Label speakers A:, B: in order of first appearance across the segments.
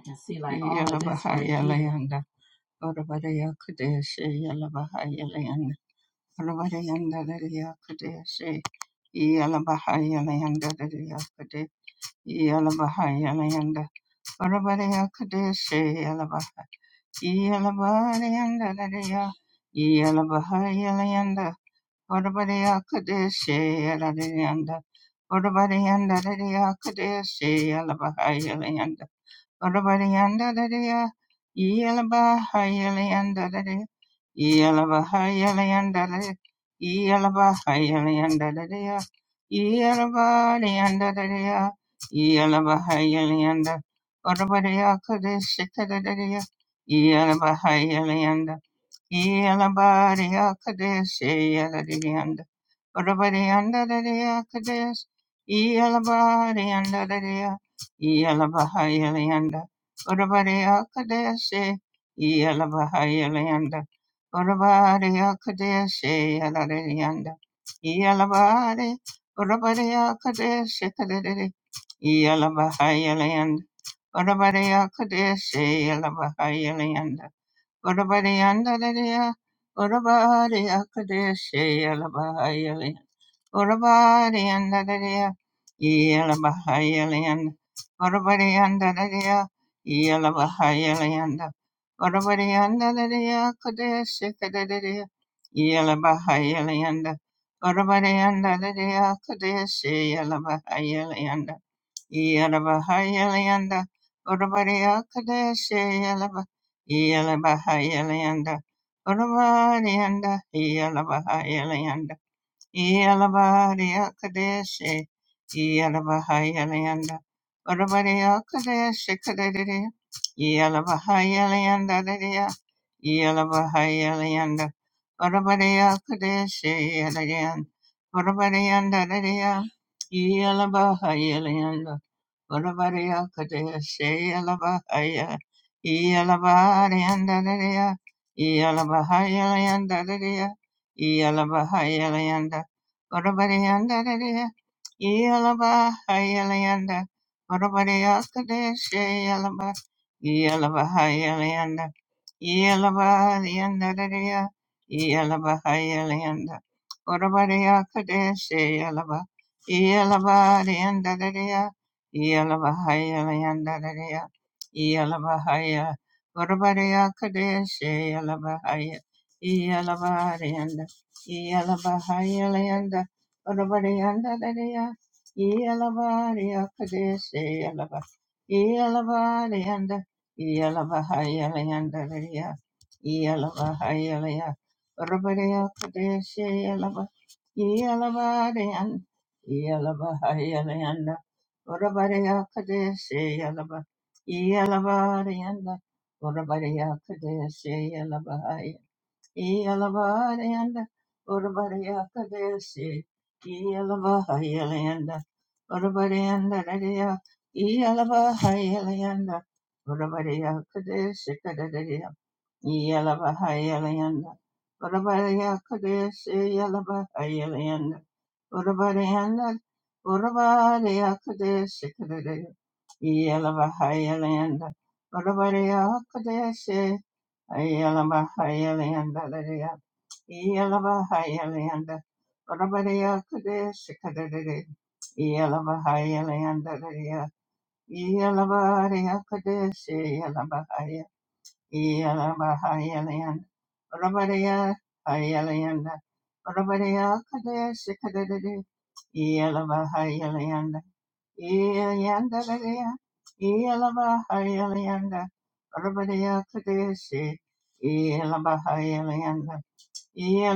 A: I Yalabahayalayanda, Orabadaya Kadeshi, Yalabahayalayanda, Orabadayanda, Dadaya Kadeshi, Yalabahayalayanda, Dadaya Kadeshi, Yalabahayalayanda, Orabadaya Kadeshi, Yalabaha, Yalabadayanda, Dadaya, Yalabahayalayanda, Orabadaya Kadeshi, Yalabayanda, Orabadayanda, Dadaya Kadeshi, Yalabahayalayanda, Orabariyandadadaya, Iyalabahayaliyandadadaya, Iyalabahayaliyandadadaya, Iyalabahayaliyandadadaya, Iyalabariyandadadaya, Iyalabahayaliyanda- Orabariyakadeshikadadadaya, Iyalabahayaliyanda. Yalabahayalanda, Urabariya Kadeshi Yalabahayalanda, Orabariyandadadaya, Orabariyakadeshayalabhayalaya, Orabariyandadadaya, Iyalabhayalayanda, Orabariyandadadaya, Iyalabhayalayanda, Orabariyandadadaya, Kadeshakadadadaya, Iyalabhayalayanda, Orabariyandadadaya, Kadeshayalavahayalanda, Yelabahayelianda, Urabadiya Kadeshi Yelaba, Yelabahayelianda, Urabadianda, Yelabahayelianda, Yalabariyakadeshe, Yalabahayalayanda, Varabariyakadeshe kadadidi, Yalabahayalayanda dadiya, Yalabahayalayanda, Varabariyakadeshe yalayan, Varabariyanda dadiya, Yalabahayalayanda, Varabariyakadeshe yalabahaya, Yalabariyanda dadiya, Yalabahayalayanda dadiya, Yalabahayalayanda, Orobariyanda rere, iyalaba hayalayanda. Orobariyaskadeshe yalaba, iyalaba hayalayanda. Iyalaba yanda rere, iyalaba hayalayanda. Orobariyakadeshe yalaba, iyalaba yanda rere, iyalaba hayalayanda rere, iyalaba haya. Orobariyakadeshe yalaba haya, iyalaba yala Bahaya Leanda, Orabari and Dadaria, Yalabari Akadesh, Yalaba, Yalabari and yala Bahaya Leanda, yala Yalabahayalayanda, Varavarayandadadaya, Yalavarayakadeshe, Yalava, Yalavarayanda, Yalabahayalayandadadaya, Yalavahayalayanda, Varavarayakadeshe, Yalava, Yalavarayanda, Yalavahayalayanda, Varavarayakadeshe, Yalava, Yalavarayanda, Varavarayakadeshe, Yalavahaya. Yelabayanda, Urabariaka Desi, Yelabayanda, Urabarianda, Radia, Yelabayanda, Urabariaka Desi, Kadadia, Yelabayanda, Urabariaka Desi, Yelabayanda, Urabarianda, Urabariaka Desi, Kadadia, Yelabayanda, Urabariaka Desi, Yelabayanda, Radia. Yelabahayalanda, Rabadaya Kudesh Kadadadi, Yelabahayalanda, Yelabahaya Kudesh, Yelabahaya, Yelabahayalanda, Rabadaya Hayalanda, Rabadaya Kudesh Kadadadi, Yelabahayalanda, Yelabahayalanda, Yelabahayalanda, Rabadaya Kudesh, Yelabahayalanda, yeah,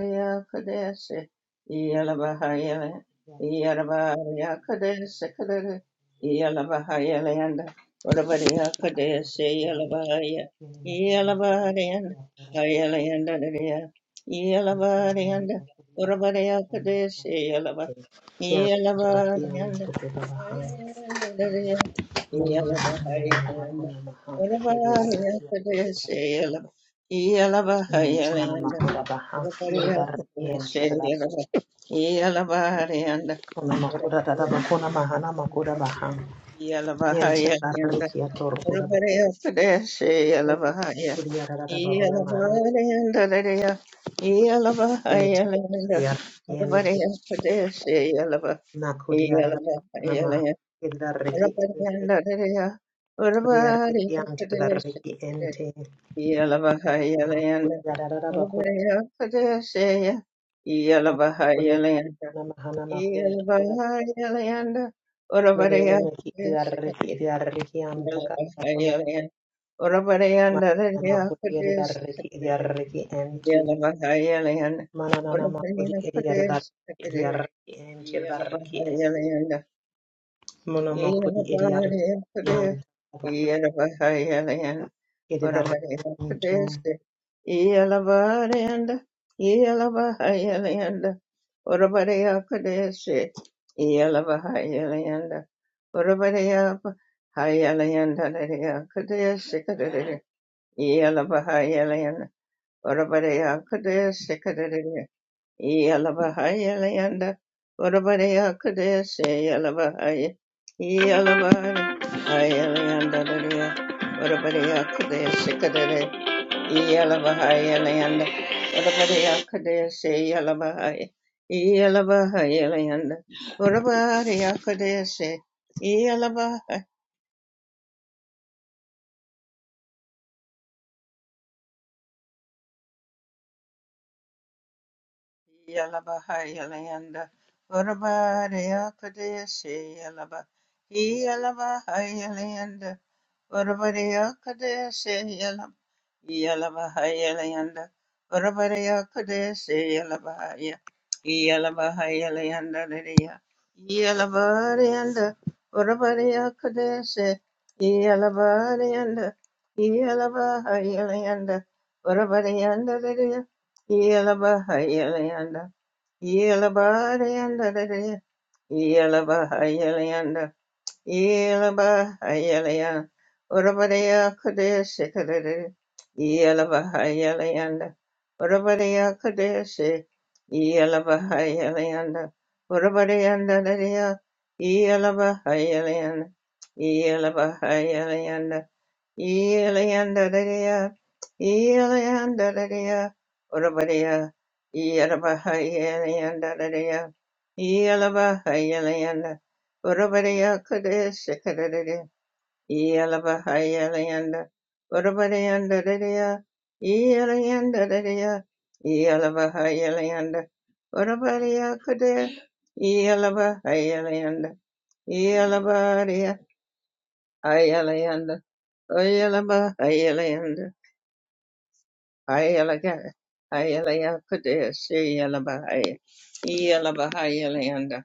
A: Ya Kadesi, Yalabahayele,
B: Yar
A: Yalabaya Kadesi Kadere, Yalabahayele and Udabadia
B: Rechi Ador
A: Kadesi,
B: Rukurama,
A: Yalabaya,
B: Yenin Kirin Kiata
A: Yalabadian,
B: Yator
A: Hayele
B: Rabahi,
A: and Adia,
B: Rechi Ador
A: Yalabadian,
B: Rukuriara
A: Udabadia
B: Rabakun
A: Kadesi,
B: Makata,
A: Yalaba,
B: Kiam Rakian
A: Yalabadian,
B: Rukurabahai,
A: Hayele and
B: Mona
A: Yalabahayele,
B: Rabakun Maha, Kiri
A: Udabadia
B: Rakia Rukurabahai.
A: Kadesi, Yalaba,
B: Nchana
A: Yalabahayele
B: makuda baha, kiri
A: Everybody else is
B: gariki
A: gonna share
B: enchira da.
A: the other- Yalabari and the-
B: Kuna makuda da
A: everybody
B: da
A: else
B: bakuna mahana
A: is
B: makuda
A: gonna-
B: baha. Yenchira
A: Yalabahaya and the- other.
B: gariki ya toru kuda baha.
A: everybody else today share
B: Kuna
A: Yalabahaya.
B: makudi ya da da bahuna maha.
A: Yalabari and the Lydia. Yalabahaya
B: Beti
A: and the- everybody else today share Yalaba-
B: Nakodiarada
A: Yalabahaya and the-
B: Namaha
A: other.
B: Kidariki
A: everybody
B: Ente
A: and the Everybody
B: Kodiariki
A: else today share.
B: Antidariki
A: the other.
B: Ente
A: Yalabahayalanda.
B: Makodiarada Bakuna
A: Orabahayakadesheya.
B: Kodiarada
A: Yalabahayalanda.
B: Namahana Makunto
A: Yalabahayalanda.
B: Menene Meki
A: Orabarayakadeshika.
B: Idariki Idariki Antaka Bakuna
A: Yalabahayalanda. Orabarayanda
B: Manama
A: rariyakadeshika.
B: Kodiariki Idariki Ente
A: Yalabahayalanda.
B: Manana Makodi Idariki
A: Orabarayakadeshika.
B: Idariki Ente Idariki Ente
A: Yalabahayalanda.
B: Monomakodi Idariki
A: Yalabahayakadeshika.
B: Anta Bakuna
A: Yalabahayalanda.
B: Idariki Ente
A: Orabariyanda, Iyalabariyanda, Iyalabahayalayanda, Orabariyakadesi, Iyalabahayalayanda, Orabariyakahayalayanda, Iyalabahayakadesi, Iyalabahayalayanda, Orabariyakadesi, Yalabahaya Leanda, Whatabaya Kadeshe, Yalabahaya, Yalabahaya, Leanda, Whatabaya Kadeshe, Kadere, Yalabahaya Leanda, Whatabaya Kadeshe, Yalabahaya, Yalabahaya Leanda, Whatabaya Kadeshe, Yalaba Hayalayanda Varabadaya Kadeshi Yalaba Yalaba Hayalayanda Varabadaya Kadeshi Yalaba Yalaba Hayalayanda Varabadaya Kadeshi Yalaba Haya Yalaba Hayalayanda Lidia Yalaba Yanda Varabadaya Kadeshi Yalaba Yanda Yalaba Hayalayanda Varabadaya Yelabahayalayanda. Yelabahayalayanda. Yelaba Hayalaya Urabadaya Kadeshi Kadadi Yelaba Hayalayanda Urabadaya Kadeshi Yelaba Hayalayanda Urabadayanda Dadaya Yelaba Hayalayanda Yelaba Hayalayanda Yelayanda Dadaya Yelayanda Dadaya Urabadaya Yelaba Hayalayanda Dadaya Yelaba Hayalayanda Urabadiyakade Shikadadada Yalabahayalayanda Urabayanda Dadaya Yalayanda Dadaya Yalabahayalayanda Urabadiyakade Yalabahayalayanda Yalabadiya Ayalayanda Oyalaba Ayalayanda Ayalaga Ayalayakade Shayalabahaya Yalabahayalanda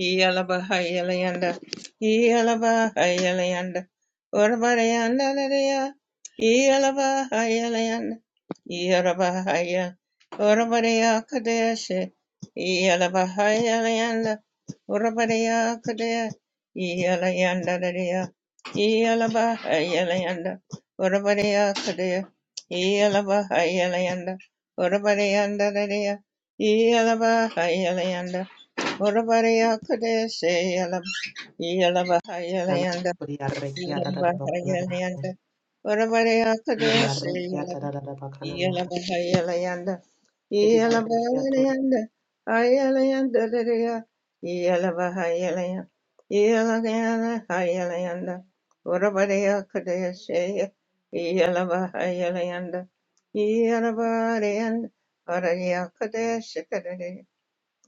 A: Yalabahayalayanda, Yalabahayalayanda, Oravareyandanarea, Yalabahayalayanda, Yarabahaya, Oravareya Kadeshe, Yalabahayalayanda, Oravareya Kadea, Yalayandanarea, Yalabahayalayanda, Oravareya Kadea, Yalabahayalayanda, Oravareyandanarea, Yalabahayalayanda,
B: Yana
A: Yalabahayalanda,
B: Makuria Rekia Dada Bakana Maha,
A: Yalabahayalanda,
B: Yeria Rekia Dada Bakana Maha, Edida Rekia Toro
A: Oraya Kadesh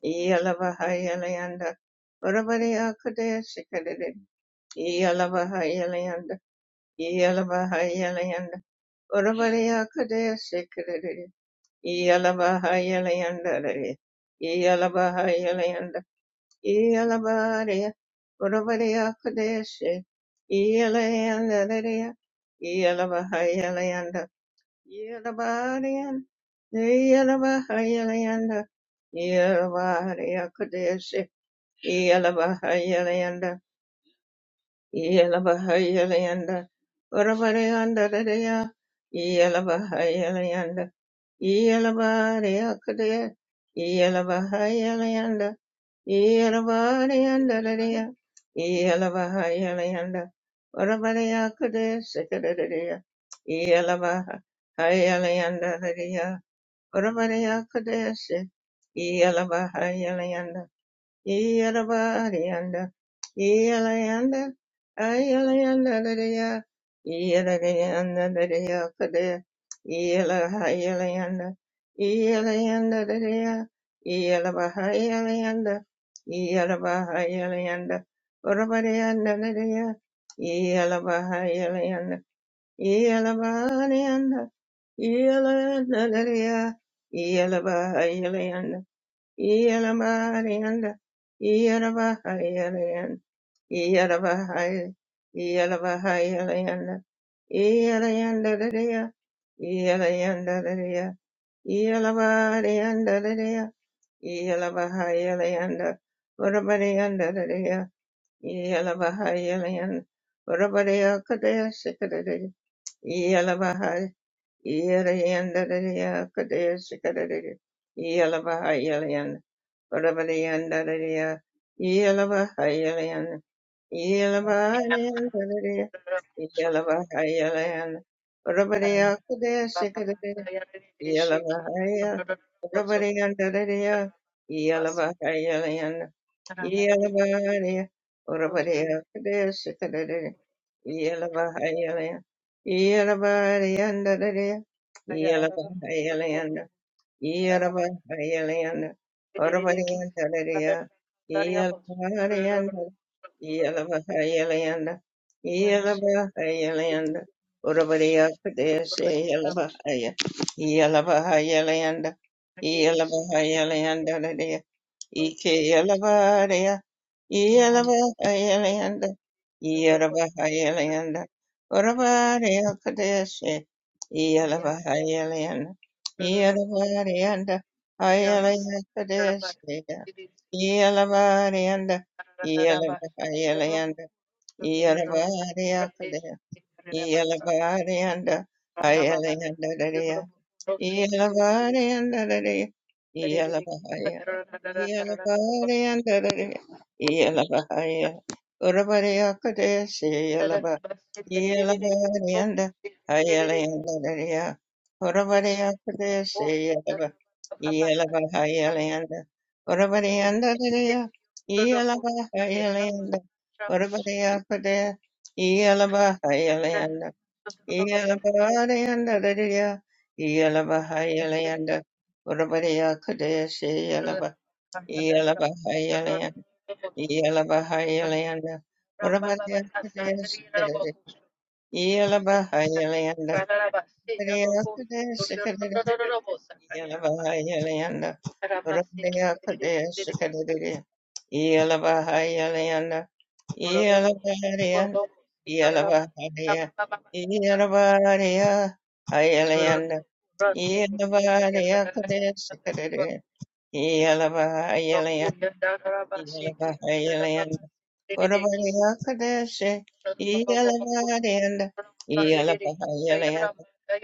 A: Yalavahayalayanda. Varavaria Kadea Sikadid. Yalavahayalayanda. Yalavahayalayanda. Varavaria Kadea Sikadid. Yalavahayalayanda. Yalavahayalayanda. Yalavaria. Varavaria Kadea Si. Yalayanda. Yalavahayalayanda. Yalavaria. Yalavahayalayanda. Yalavaria Kadea Yelabahayalayanda, Yelabahayalayanda, Urabariyandaraya, Yelabahayalayanda, Yelabariyakadaya, Yelabahayalayanda, Yelabariyandaraya, Yelabahayalayanda, Urabariyakadaya, Sikadadaya, Yelabahayalayanda, Urabariyakodaya, Yelabahayalayanda, Yalabayanda, Yalayanda, Ayalayanda, Dadaya, Yalayanda, Dadaya, Kadaya, Yalahayalayanda, Yalayanda, Dadaya, Yalabahayalayanda, Yalabahayalayanda, Orabarayanda, Dadaya, Yalabahayalayanda, Yalabayanda, Yalayanda, Dadaya, Yalabahayalayanda, Iyalabarianda, Iyalabahayalayan, Iyalabahay, Iyalabahayalayan, Iyalayanda dadaya, Iyalayanda dadaya, Iyalabarianda dadaya, Iyalabahayalayanda, Varabariyanda dadaya, Iyalabahayalayanda, Varabariya kadaya sikadadaya, Iyalabahay, Iyalayanda dadaya kadaya sikadadaya, Iyalabahayalayanda, Orabariyandararia, Iyalabahayalayan,
C: I am not
A: Iyalabariyandararia,
C: sure about it.
A: Iyalabahayalayan,
C: But I am sure
A: Orabariyakudeshikadare,
C: that I
A: Iyalabahaya, Orabariyandararia, Iyalabahayalayan, Iyalabahaya, Orabariyakudeshikadare, Iyalabahayalayan, Iyalabariyandararia,
C: am
A: Iyalabahayalayan, Iyalabayanda, Orabayandalaya,
C: not
A: Iyalabayanda, Iyalabayanda, Iyalabayanda, Orabayakadeshe, Iyalabaya, Iyalabayanda, Iyalabayandalaya,
C: a fool.
A: Ikeyalabaraya,
C: Ramba
A: Yelavahayalanda,
C: Robos
A: Yelavahayalanda, Uravariakadeshe,
C: Yar
A: Yelavahayalanda,
C: Rodoko
A: Yelavarianda,
C: Yaros Rabak
A: Hayalakadeshe,
C: Didis Itri
A: Yelavarianda,
C: Rabas Robo
A: Yelavahayalanda,
C: Toturi Roba
A: Yelavariakade,
C: Yaradesh Rabas
A: Yelavarianda,
C: Ramba Baba
A: Hayalanda,
C: Yorobo Rosho
A: yeah.
C: Turiba Rediki Rada Karada Bas Rosho Rabas Robo Robo. Yesu Bosta Raba Raba Nedidesi Rodo Kurusi Raba Raba Sotoroba Kurusi
A: Yalabarayanda Dadaya Yalabahayalayanda Urabadaya Kadesha
C: Raba
A: Yalaba
C: Rodo
A: Yalabahayalayanda
C: Kurusi
A: Yalabahayalayanda
C: Ramba Baba
A: Urabadaya
C: Kasa
A: Kadesha
C: Raba
A: Kadesha
C: Kurusi
A: Yalabahayalayanda
C: Raba Si Rodo
A: Kadesha Kadesha
C: Rodo Saka Raba
A: Yalabahayalayanda
C: Raba Siki
A: Rodaya Kadaya Shikadadaya Yalabahayalayanda
C: Rodo Rodo
A: Yalabahaya
C: Kurusi Raba
A: Yalabahaya
C: Raba Baba Kasa
A: Yalabahaya
C: Robo
A: Hayalayanda Yalabahaya Kadaya Shikadadaya Yalabahayalayanda Yalabahayalayanda Orabari akadeshe, iyalabari anda, iyalabari alayanda.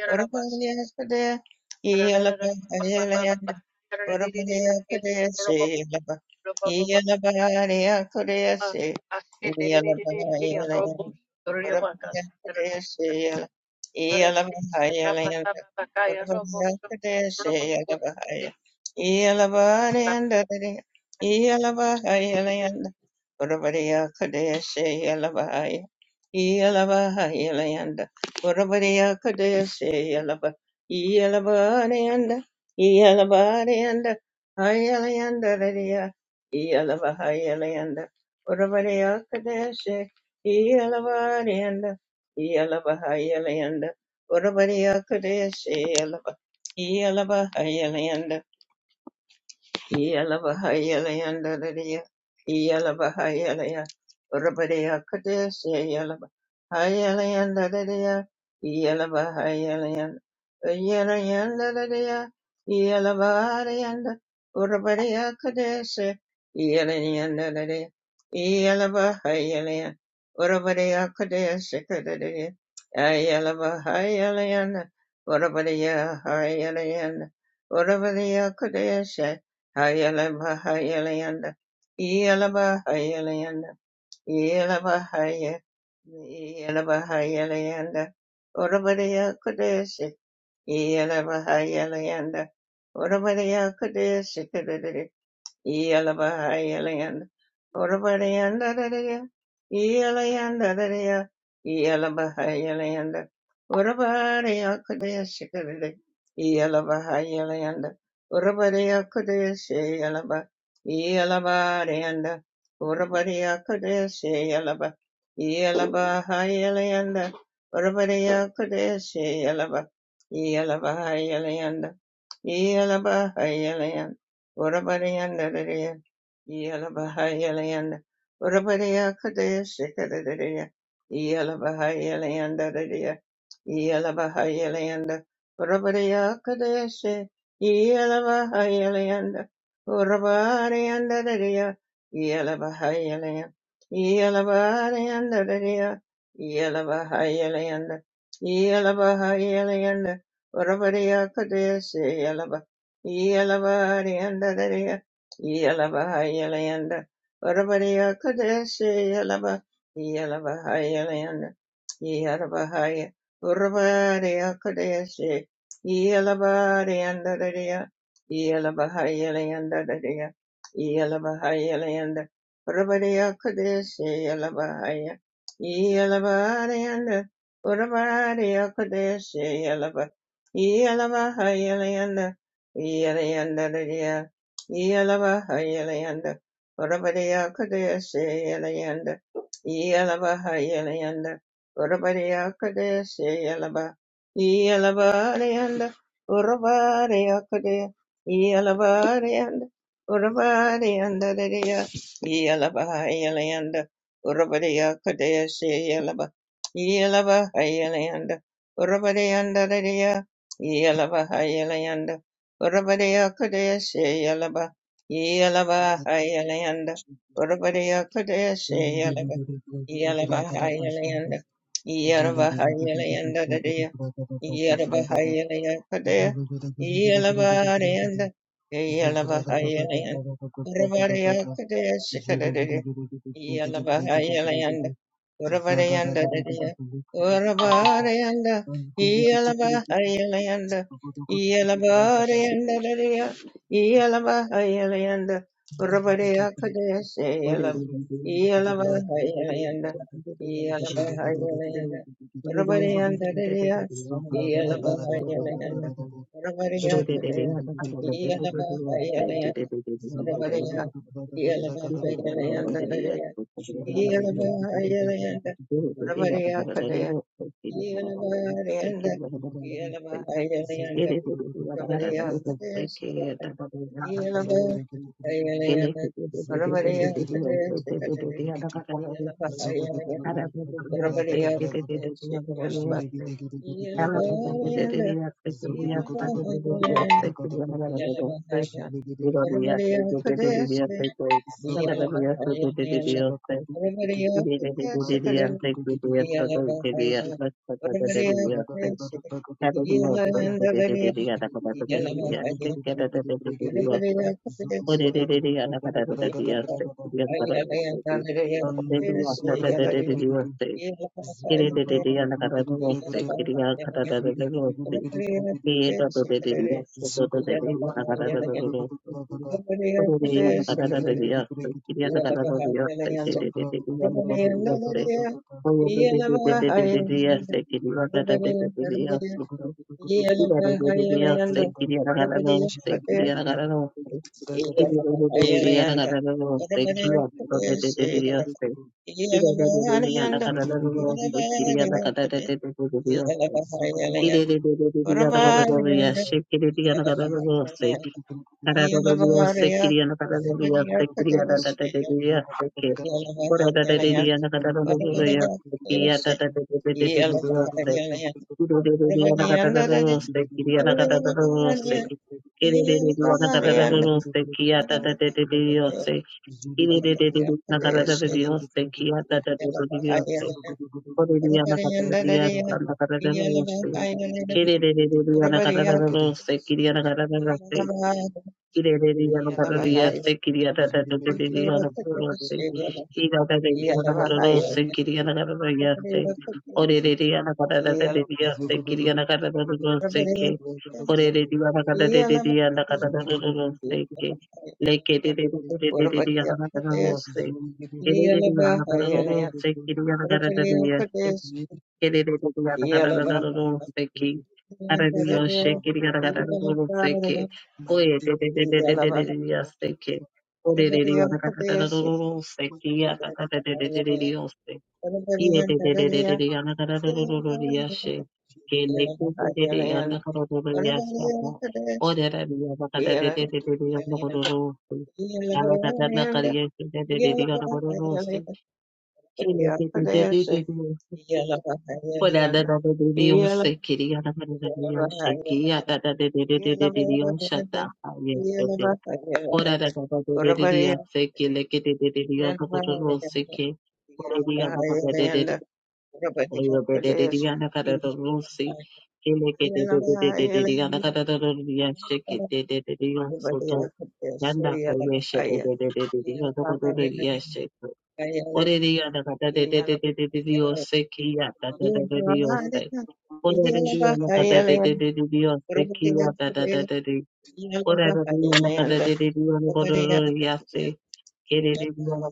A: Orabari akade, iyalabari alayanda. Orabari akadeshe, iyalaba, iyalabari akadeshe, iyalabari alayanda. Yalabahayalanda,
C: Baba Baba Shikiri.
A: Yalabahayalanda, Urabariya Kadeshi, Iyalabariyanda, Iyalabahayalayanda, Urabariya Kadeshe Yalaba, Iyalabahayalayanda, Yalabahayalayandadadiya, Yalabahayalayandadadiya, Urabadiya Kadesya Yalabahayalayandadadiya, Yalabahayalayand- Yalayandadadiya, Yalabahayanda, Urabadiya Kadesya, Yalayandadadiya, Yalabahayalayand, Urabadiya Kadesya Kadadiya, Yalabahayalayanda, Urabadiya Hayalayanda, Urabadiya Kadesya, Hayalabahayalayanda. Yalabahayalayanda. Yalabahaya. Yalabahayalayanda. Orabadaya Kudeshi. Yalabahayalayanda. Orabadaya Kudeshi. Yalabahayalayanda. Urabahayalayanda. Yalayandaraya. Yalabahayalayanda. Urabahayakudaya shikarade. Yalabahayalayanda. Urabahayakudaya shayalaba. Yalabarayanda. Urabahayakudaya shayalaba. Yalabahayalayanda. Urabahayakudaya shayalaba. Yalabahayalayanda. Yalabahayalayanda. Urabadiyandaraya, Yalabahayalayanda, Urabadiyakadaya Sikadadadaya, Yalabahayalayandaraya, Yalabahayalayanda, Urabadiyakadaya Si, Yalabahayalayanda, Urabadiyandaraya, Yalabahayalayanda, Yalabadiyandaraya, Yalabahayalayanda, Yalabahayalayanda, Urabadiyakadaya Si, Yelabariyandadariya, Yelabahayalayanda, Varabariya Kadeshi Yelaba, Yelabahayalayanda, Yerabahaya, Varabariya Kadeshi, Yelabariyandadariya, Yelabahayalayandadariya, Yelabahayalayanda, Varabariya Kadeshi Yelabahaya, Yelabariyanda, Varabariya Kadeshi Yelaba, Yelabahayalayanda, Yelayandalaya, Yelavaha Yelayanda, Urabadiya Kadesha Yelayanda, Yelavaha Yelayanda, Urabadiya Kadesha Yelava, Yelavadayanda, Urabadiya Kadesha, Yelavadayanda, Urabadiyandalaya, Yelavaha Yelayanda, Urabadiya Kadesha Yelava, Yelavaha Yelayanda, Urabadiyandalaya, Yelavaha Yelayanda, Urabadiya Kudaya Sheyalaba,
D: Zagada
A: Yalaba Yalaba Hayalayanda, Urabadiya Kudaya Sheyalaba, Yalaba Yalaba Hayalayanda, Yaraba Hayalayanda Dadaya, Yaraba Hayalaya Kudaya, Yalaba Arayanda, Yalaba Hayalayanda, Urabadiya Kudaya Iyalabahayalayanda, Uravarayanda Dadaya, Uravarayanda, Iyalabahayalayanda, Iyalabarayanda Dadaya, Iyalabahayalayanda, Uravarayakadayase,
E: Thank
A: Iyalab-
E: you.
A: Iyalabahayalayanda, Iyalabahayalayanda, Uravarayanda Dadaya, Iyalabahayalayanda, Uravarayakadaya, Iyalabahayalayanda, Uravaraya- Iyalabahayalayanda Dadaya, Everybody
E: Hallelujah.
D: Zogodogodogodogodogodogodogodogodo.
A: else, Yeah.
E: Kiri ya ya ya kara kara kara kara kara de de de boste. Kiri da do de de de yasto
D: Zugu
E: do do de de ana kara de de de boste. Do de ana kara de de de yasto. Kiri ana kara de de yasto. De de de de de ana kara Kiri Kiri Kiri ya kara de de de de yasto. Kiri de de de de yasto. Kiri ana kara de boste. Kiri ana kara de boste. Kiri do do do de de ana kara de boste. Kiri ya do de de de de yasto. いれれれれれやなかだだろろこいきりやなかだだだだだだよ。いれれれれれれやなかだだだやしきりやなかだだだせ。からだだだせきりやなかだだだやせきりやだだだだだやせき。こらだだだやなかだだだだやせきやだだだだだだだやせ。いれれれれやなかだだだせきりやなかだだだせ。いれれれれやなかだだだせきやだだだだだやせ。いれれれれやなかだだだやせきやだだだだやせ。
D: Zugu
A: Yeah. Yeah.
E: Koririana katarariya sanda karararose. Kerererereriyana karararose. Kiriyana karararose. Kirerereriyana kararariyase. Kiriyana kararareriyana karararose. Hirarareriyana karararose. Kiriyana
D: Zubra
E: kararariyase. Orereriyana kararareriyase. Kiriyana karararose ke. Korereriyana kararareriyana karararose ke. Lekerererereriyana karararose. Kerereriyana karararose. Kiriyana kararariyase. Ala
A: Yeah.
E: kadana kariye de de de de de de de de de de de Oda da da da da dio sekiri ada da da da dio sekiri ada da da da da
A: Yeah.
E: da da dio shata yes dio ora da da da da da dio sekiri leke da da da dio no koto ro seki ora dio no koto da da da dio da da da dio no koto ro ro si kele ke da da da da da dio no koto ro ro dio seki da da da dio soto yanda ko yeshe da da da da dio no koto ro dio seki ora dio no koto da da da da dio seki ada da da da dio Dios,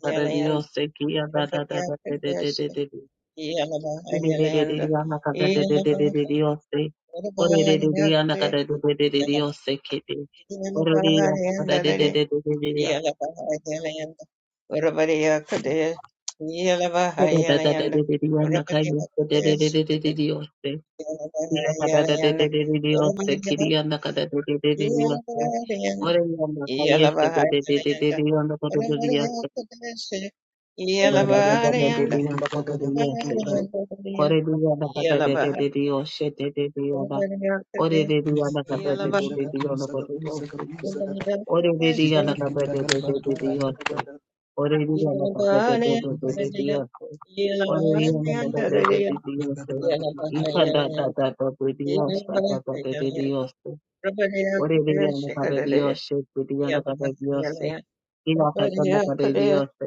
A: Yelanda, everybody after this, Yelaba, Yelanda, Yelaba, everybody after this, Yelaba, Yelanda, Yelaba, Yelanda, everybody after this, Yelaba, Yelanda, everybody after this,
E: Ila
A: Yelaba,
E: kadada de de
A: Yelanda,
E: de de Dios, se quería anda cada de de de de Dios. se Ore y anda calle este de de de de de
A: Iyalabahariyanda,
E: Dios, anda cada de Dios. se
A: Uravariyakudeshe,
E: Ore la
D: Mandele
E: la de
D: gede
E: de
D: gede
A: Iyalabariyanda,
E: de
D: gede
E: anda cada de
D: bragada
E: Dios.
D: bando
E: se
A: Uravariyanda, Uriya,
E: Ore de anda cada de de
A: Iyalabahar,
E: de Dios, se de de de anda.
A: Uravariyakudeshe,
E: Ore de de anda
D: braduza
E: cada de de
A: Iyalabahar,
D: gabuza
E: de Dios, anda
D: gaduza
E: cada de
D: gabuza
E: Dios. se
D: gabuza gada
E: Ore de de
A: Uravariyakudeshe,
D: jibre
E: anda
D: gede
E: cada
D: bragada
E: de de
D: bando
E: de
D: bragada
E: Dios.
D: gada
E: Ore iri ana patete
A: Iyalabariyanda,
E: tete tete
A: Uriya,
E: tiyase. Ore iri ana pata
A: Iyalabariyanda,
E: te te te
A: Uriya,
E: ti ase. Ifa da tete tiyase. Ipanda
A: Iyalabahariyanda,
E: tata tete tiyase patata tete
A: Iyalabahariyanda,
E: tiyase. Ore iri ana
A: Uravariyakudeshe,
E: patete
A: Kadariya,
E: tiyase tete ana patete tiyase.
A: Iyalabahariyanda,
E: Ila tata ana patete tiyase.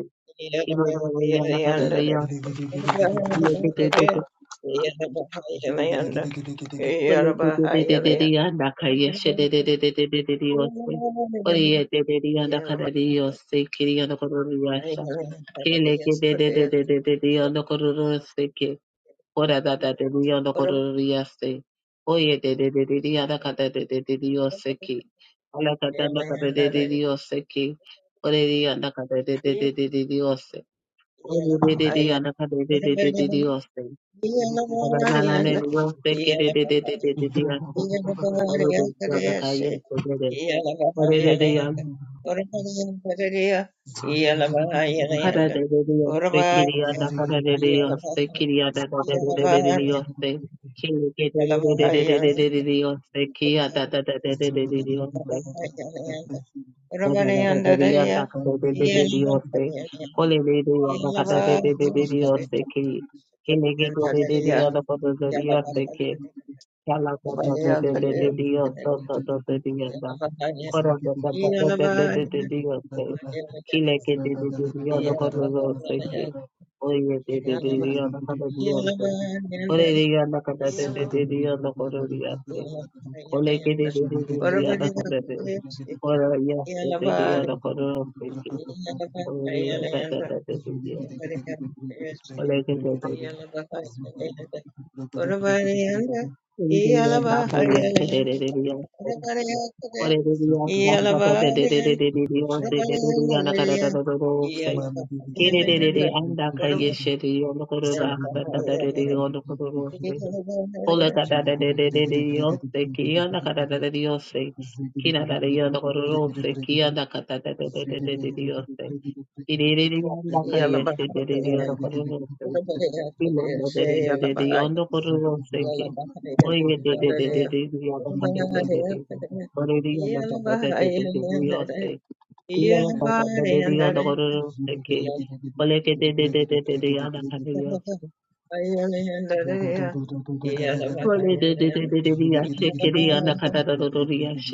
E: Kilo iri ana patete
A: Uravariyakudeshe,
E: tiyase. Ile tete tete.
D: Thank
E: Ile tete tete tete ana kayeshe tete tete tete tete tiyase. Ore iri tete tete ana patete tiyase. Kiri ana patete tiyase. Kile tete tete tete tete ana
A: Yeah.
E: patete tiyase. Ora da da de rio no koro riaste. Oye de de de de ria da kata de de de rio seki. Ola kata no kata de de rio seki. Ore ria na kata de de de de de rio se. Ore de de ria na kata de de de de rio se. Ora na na ne rio seki de de de de de de rio se.
A: Yeah.
E: Ore de ria na kaya de de. Ore de de
D: you. Thank
E: Cara de Dios, te quería la cara de Dios, te quería la cara de Dios, te quiere que de Dios, te quería la cara de Dios, te quería la cara de Dios, te aleluya, la cara de Kirianda, Kararererioste, Kirianda, Kararererioste, Kirikirererererioste, de Dadadadadadadioste, Dadadadadadianda, Kararererioste, de Kararererioste, Ki- Kirikirerererioste, Kararererioste, Ki- de Tadadadianda. Koro da da da da da da da da diyor şey. Kile ke de de de diyor
A: Yeah.
E: ne da olsa
D: you.
E: ki. O ye de
D: Zugu
E: de de diyor ne kadar diyor şey. Kore diyor ne kadar da da da diyor ne kadar diyor şey. Kole ke de de de de diyor ne kadar diyor. Koro ya de de diyor ne kadar olsa ki. O da da da da da diyor şey. Kole ke de de de. Kore diyor ne kadar yese de de de diyor şey. Kore de diyor ne kadar da da. de de diyor şey. De de diyor ne kadar da da da da şey. Kererere anda kayesheri yolukuru raksa dadadere yolukuru rose. Kola
D: Zulu
E: kadadadere yose kiyana kadadadere yose. kina Kinadare yolukuru rose kiyana kadadadere yose. Kirerere anda
A: Yeah.
E: kayesheri yolukuru rose. Kilondo dededere yolukuru rose ki. Oye dededere yolukuru rose. Orere yolukuru rose yose. Ila ba ba ba ba di yanda kororo seke. Ole ke de de de de de de yanda kade yas. Ole de de de de de de seke de yanda kada da da da yas.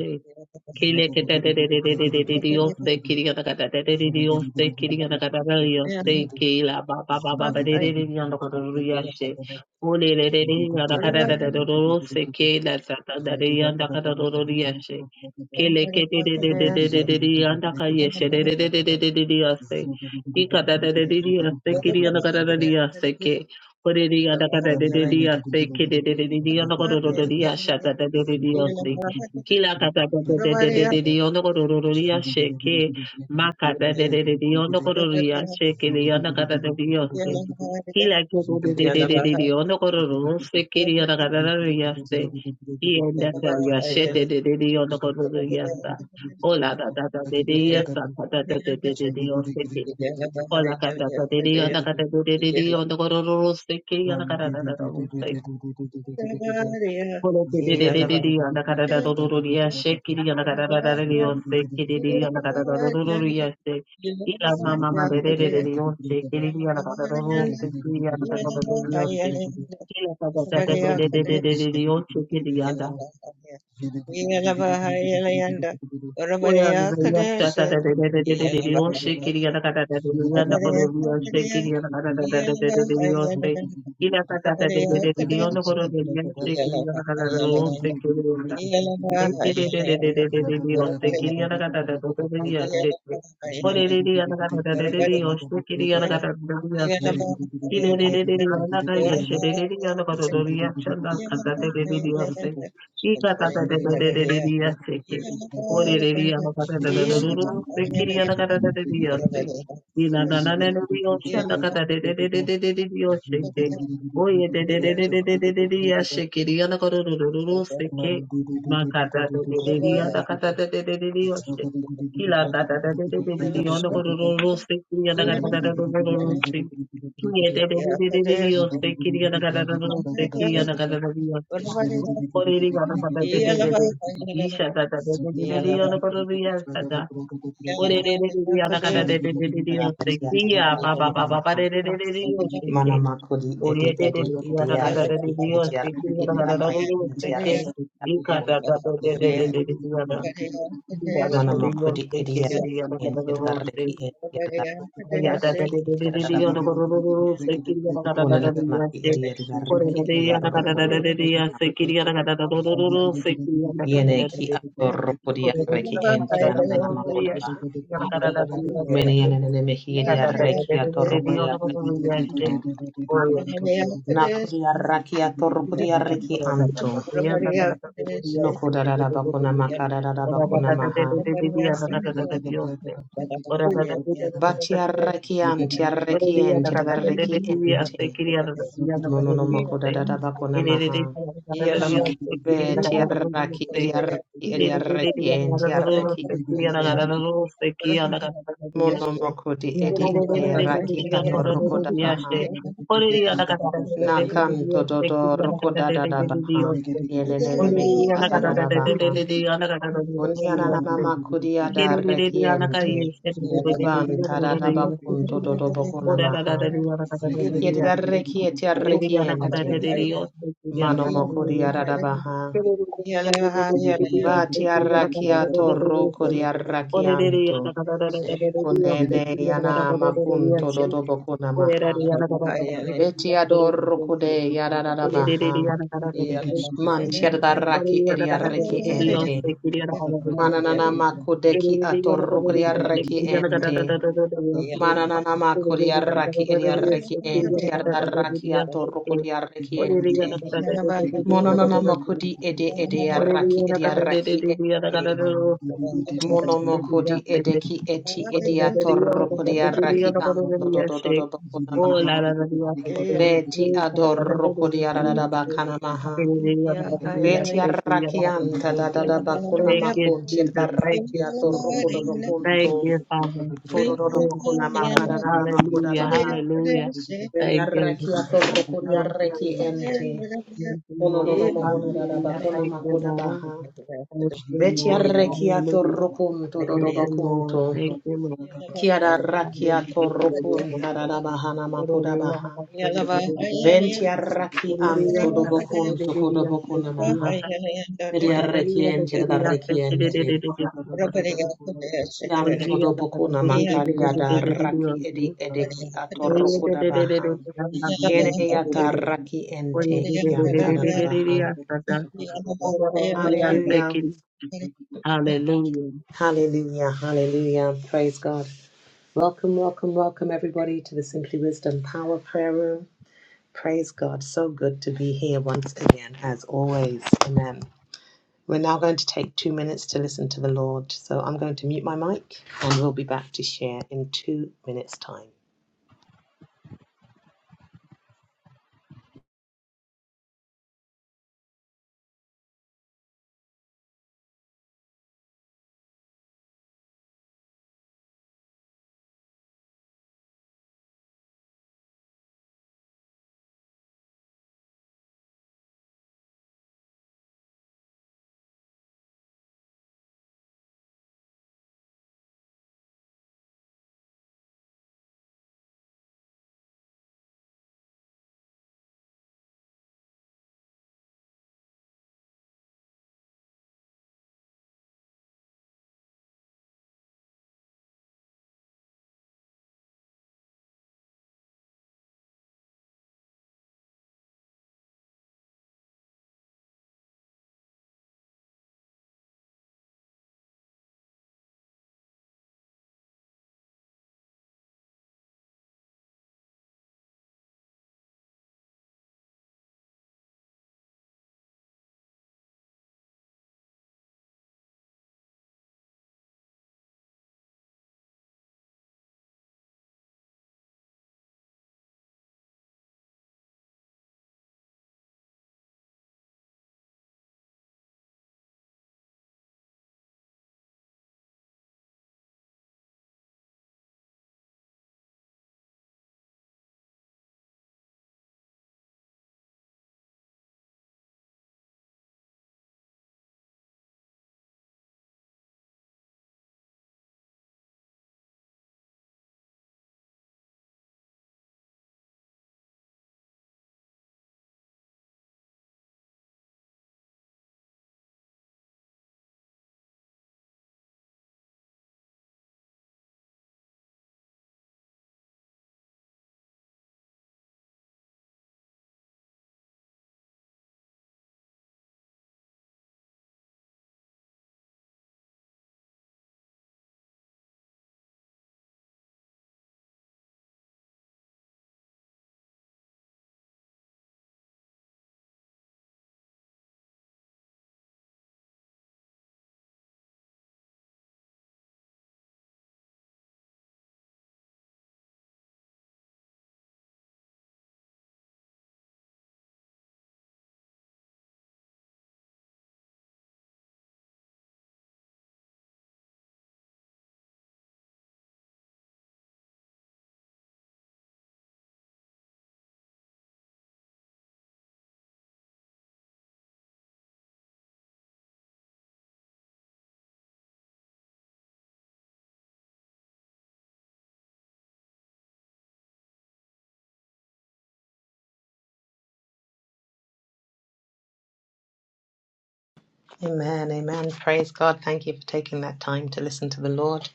D: Zugu
E: Kile kete de de de de de de de Dios te kiri gana kata de de de Dios te kiri gana kata de Dios te kila ba ba ba ba ba de de de yanda kata de yashe. Ole de de de yanda kata de de de Dios te kila kata de de yanda kata de de yashe. Kile
A: Yeah.
E: kete de de de de de de de yanda kata yeshe de de de de de de de Dios te. Ikata de de de Dios te kiri gana kata de Dios te ke. Ore de yanda kata de de Dios te kiri de de de de yanda kata de de yashe kata de de Dios te Kila kata kote de de de de de yondo kororiya sheke makata de de de de yondo kororiya sheke
D: Zugu
E: de yondo kata de biyose. Kila kote de de de de de de yondo kororo sheke de yondo kata de biyase. Yenda sa yashete de de de yondo kororiya sa. Ola da da da de de yasa kata de de de de de yose ke. Ola kata da de de yondo kata de de de de yondo kororo sheke yondo kata da da da コロケデデデデディアンダカダダドドドリアシェキリアンダカダダダレリオセキリリアンダカダダドドドリアシェイラマママデデデデリオシェキリリアンダカダダドセキリアンダカダダドリオセキラカダダデデデデデデリオシェキリアンダオヤンダヤシャタダデデデデデデリオシェキリアンダカダダデリアンダコロリアシェキリアンダカダダダデデデデリオセイラカダダデデデデリオンダコロリアシェキリアンダカダダドセキリアンダ
A: Yeah.
D: Zulu, Zugu
F: Thank you.
E: Makata de de de de yanda kata de de de de de yoste. Kila kata de de de de de de
F: have
E: yanda kodo do do se kiri yanda kata kata do do do
A: Yeah.
E: do se. Kiye de de de
A: Yeah.
E: de de de yoste kiri yanda kata do do do se kiri yanda kata do do
D: Zhili
E: yoste. Ore de yanda kata de de de de. Isha kata de de de de de yanda kodo do yanda kata. Ore de de de de yanda kata de de de de de
B: Dada
E: yoste.
B: Rekia
E: Kiya
B: Dada
E: ba ba
B: Bakana
E: ba ba ba
B: Maha,
E: de de de de de
F: to you have to do it,
E: yoste.
B: Mana Makudi
E: Oye,
B: Edi
E: te te te
B: Edi
E: te ata
B: Edia
E: kata te te
B: Reki
E: Dios
B: Intia
E: te quiero ata
B: Edia
E: kata te
B: Reki
E: Dios te
B: Intia
E: que y kata ta te te te
B: Bakana
E: te te te te ata
B: Maha,
E: y kata
B: Mana
E: te te Dios
B: Makudi
E: te que
B: Edia
E: te
F: you
E: te ata kata te
B: Intia da
E: Dios te
B: Reki Intia da
E: ay ata te
B: Reki
E: te te
B: Intia
E: te te
B: Dada
E: te ata kata te Dios no
B: Bakana
E: corro no no te quiero ata kata te te
B: Maki
E: Dios te
B: Edia da
E: por el
B: Reki
E: te
B: Edia
E: ata kata te te
B: Rokodo
E: te Dios te quiero ata kata te
D: Ziggy
E: Dios te quiero ata kata
B: Yene
E: te te
B: ki
E: te
B: atorro
E: y por
B: kodia
E: el te
B: reki
E: ata
B: enti
E: kata te
B: anana makoda
E: Dios te
B: baha.
E: quiero ata kata
A: Yeah.
E: te Dios te
B: Mene
E: que
B: yene nene
E: y
B: mehiria
E: kata te te
B: reki
E: te te te te te ata kata te
B: atorro
E: Dios
B: kodia
E: no corro
B: reki
E: no ya te
B: anto.
E: Oh yes,
B: Nakodia raki
F: have
B: atorro
F: to do it, you have to do it,
B: kodia
E: Dios,
B: reki anto. Noko da dada bakona makada da da bakona maha.
F: you
B: Batia reki anti arreki enti dada
F: have
B: reki enti. Nonono
F: to
B: makoda da
F: do
B: da
F: it.
B: bakona maha.
F: Not mine. But it's
B: Betia
F: all
B: raki edia reki edia
F: right.
B: reki enti
F: You have to do
B: arreki enti.
D: Ziggy,
F: it, you
B: Monomokodi
E: Orerere yanda kadar da da
B: edi edi raki
F: have
B: adorro
F: to do it, you have to do
B: koda
F: it,
B: baha. Nakanto dodo roko da da da baha.
F: you
B: Yenene mehi ada da da
F: have to do it, you have to do it, you have to do it, you have
B: baha.
F: to do
B: Unyanana makudia
F: it.
B: da rekiente. Vanta da da bakunto dodo bokuna maha. Yedi da rekieti a rekiente. Mano mokudia da da baha. Vati arrakiato roko di arrakianto.
F: But
E: da
F: yeah,
E: da
B: Unene yana
E: da da
B: makunto
E: yaptı.
B: dodo bokuna maha.
D: Thank
F: I get
B: Veti ador roko de yada da da
F: to
B: baha.
F: do it, yes.
B: Man tiadaraki ediaraki ente. Mananana makudeki atorukriaraki ente.
E: Ore
B: Mananana makuriaraki ediaraki ente. Tiadaraki atorukriaraki ente. Mononana makudi ede ediaraki ediaraki ente. Monomokudi edeki eti
E: Oh, la la la la
B: ediatorukriaraki anto dodododo bakunamaha.
E: la
B: Beti
E: la
B: adorukriarada bakanamaha.
E: la
D: you.
B: Betia rakianta
D: Thank
B: da da
E: la
B: da bakuna
E: Thank you,
B: makun et
E: Jesus. Thank you,
B: barrakia
E: Jesus.
B: torruko da
E: Thank
B: bakunto.
E: you, Father.
B: Toro do do
E: Thank you,
B: bakuna
E: Father.
B: makara da da bakuda
E: Hallelujah.
B: baha.
E: Hallelujah.
A: Yeah.
B: Betia
E: Thank you,
A: Yeah.
B: rakia
E: Lord.
B: torruko dia
E: Thank you,
B: reki
E: Lord.
B: ente.
E: Thank you,
B: Uno no no
E: Lord.
B: mohoda da da
E: Hallelujah.
B: bakuna
E: Thank you,
B: makuda
E: Lord.
B: baha.
E: Thank you,
B: Betia
E: Lord.
B: rekia
E: Hallelujah.
B: torrukunto do
E: Thank
B: do
E: you, Lord.
B: bakunto.
E: Thank you, Lord.
B: Kia da rakia torrukunta da
E: Hallelujah.
B: da bahana makuda
E: Hallelujah.
B: baha. Bentia raki anto do bakunto kodo bakuna maha. Betia rekiente da rekiente. Yam
D: you.
B: todo boko namakari adaraki
D: Thank
B: edi edeki atoroko dabaha. Yene
D: you.
B: yataraki ente kiam tadadabaha. Hallelujah. Hallelujah. Hallelujah. Praise God. Welcome, welcome, welcome everybody to the Simply Wisdom Power Prayer Room. Praise God. So good to be here once again, as always. Amen. We're now going to take two minutes to listen to the Lord. So I'm going to mute my mic and we'll be back to share in two minutes' time. Amen, amen. Praise God. Thank you for taking that time to listen to the Lord.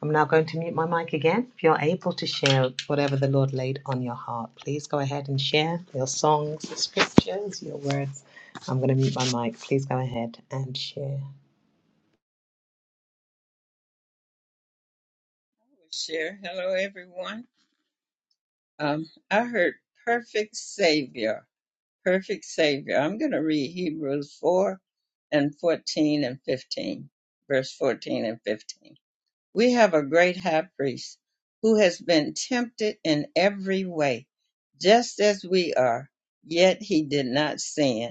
B: I'm now going to mute my mic again. If you're able to share whatever the Lord laid on your heart, please go ahead and share your songs, your scriptures, your words. I'm going to mute my mic. Please go ahead and share.
A: share. Hello, everyone. Um, I heard perfect Savior, perfect Savior. I'm going to read Hebrews 4 and 14 and 15, verse 14 and 15. We have a great high priest who has been tempted in every way, just as we are, yet he did not sin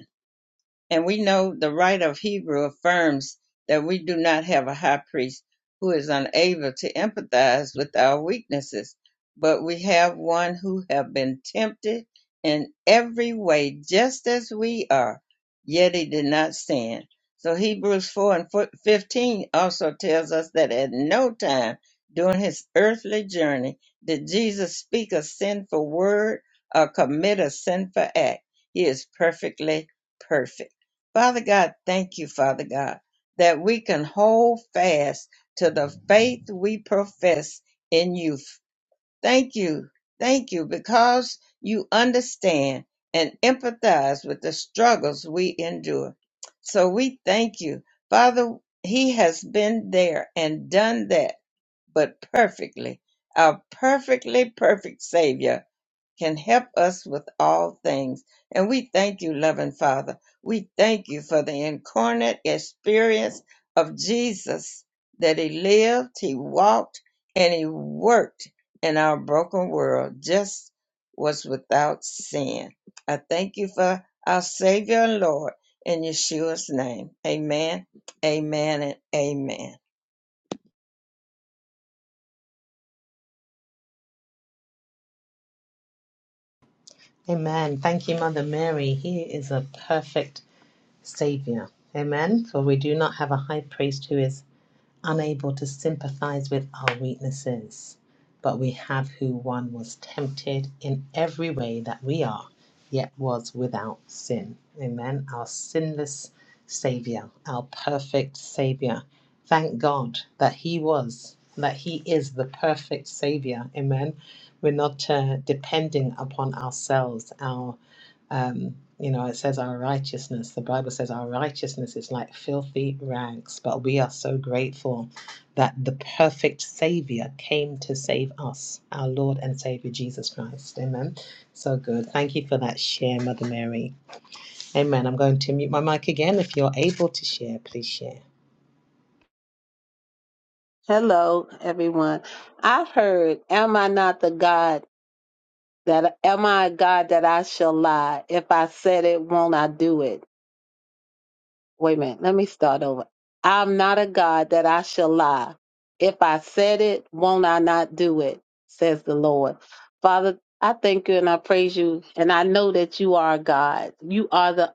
A: and we know the writer of Hebrew affirms that we do not have a high priest who is unable to empathize with our weaknesses, but we have one who have been tempted in every way just as we are, yet he did not sin. So Hebrews 4 and fo- 15 also tells us that at no time during his earthly journey did Jesus speak a sinful word or commit a sinful act. He is perfectly perfect. Father God, thank you, Father God, that we can hold fast to the faith we profess in you. Thank you. Thank you because you understand and empathize with the struggles we endure. So we thank you. Father, he has been there and done that, but perfectly. Our perfectly perfect Savior can help us with all things. And we thank you, loving Father. We thank you for the incarnate experience of Jesus that he lived, he walked, and he worked in our broken world, just was without sin. I thank you for our Savior and Lord in Yeshua's name. Amen, amen, and amen.
B: Amen. Thank you, Mother Mary. He is a perfect Savior. Amen. For we do not have a high priest who is unable to sympathize with our weaknesses, but we have who one was tempted in every way that we are, yet was without sin. Amen. Our sinless Savior, our perfect Savior. Thank God that He was, that He is the perfect Savior. Amen. We're not uh, depending upon ourselves, Our um, you know, it says our righteousness, the Bible says our righteousness is like filthy rags, but we are so grateful that the perfect Savior came to save us, our Lord and Savior Jesus Christ. Amen. So good. Thank you for that share, Mother Mary. Amen. I'm going to mute my mic again. If you're able to share, please share.
E: Hello, everyone. I've heard, Am I not the God that, am I a God that I shall lie? If I said it, won't I do it? Wait a minute. Let me start over. I'm not a God that I shall lie. If I said it, won't I not do it? Says the Lord. Father, I thank you and I praise you. And I know that you are God. You are the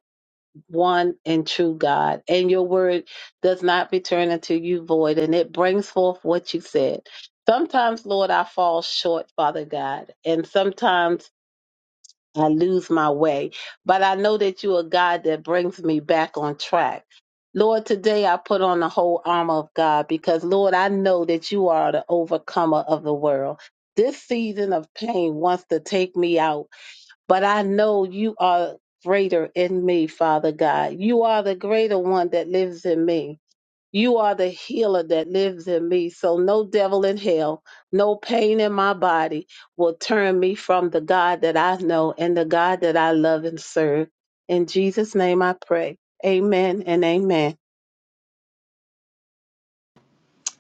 E: one and true God. And your word does not return unto you void, and it brings forth what you said. Sometimes, Lord, I fall short, Father God. And sometimes I lose my way, but I know that you are God that brings me back on track. Lord, today I put on the whole armor of God because, Lord, I know that you are the overcomer of the world. This season of pain wants to take me out, but I know you are greater in me, Father God. You are the greater one that lives in me. You are the healer that lives in me. So no devil in hell, no pain in my body will turn me from the God that I know and the God that I love and serve. In Jesus' name I pray. Amen and amen.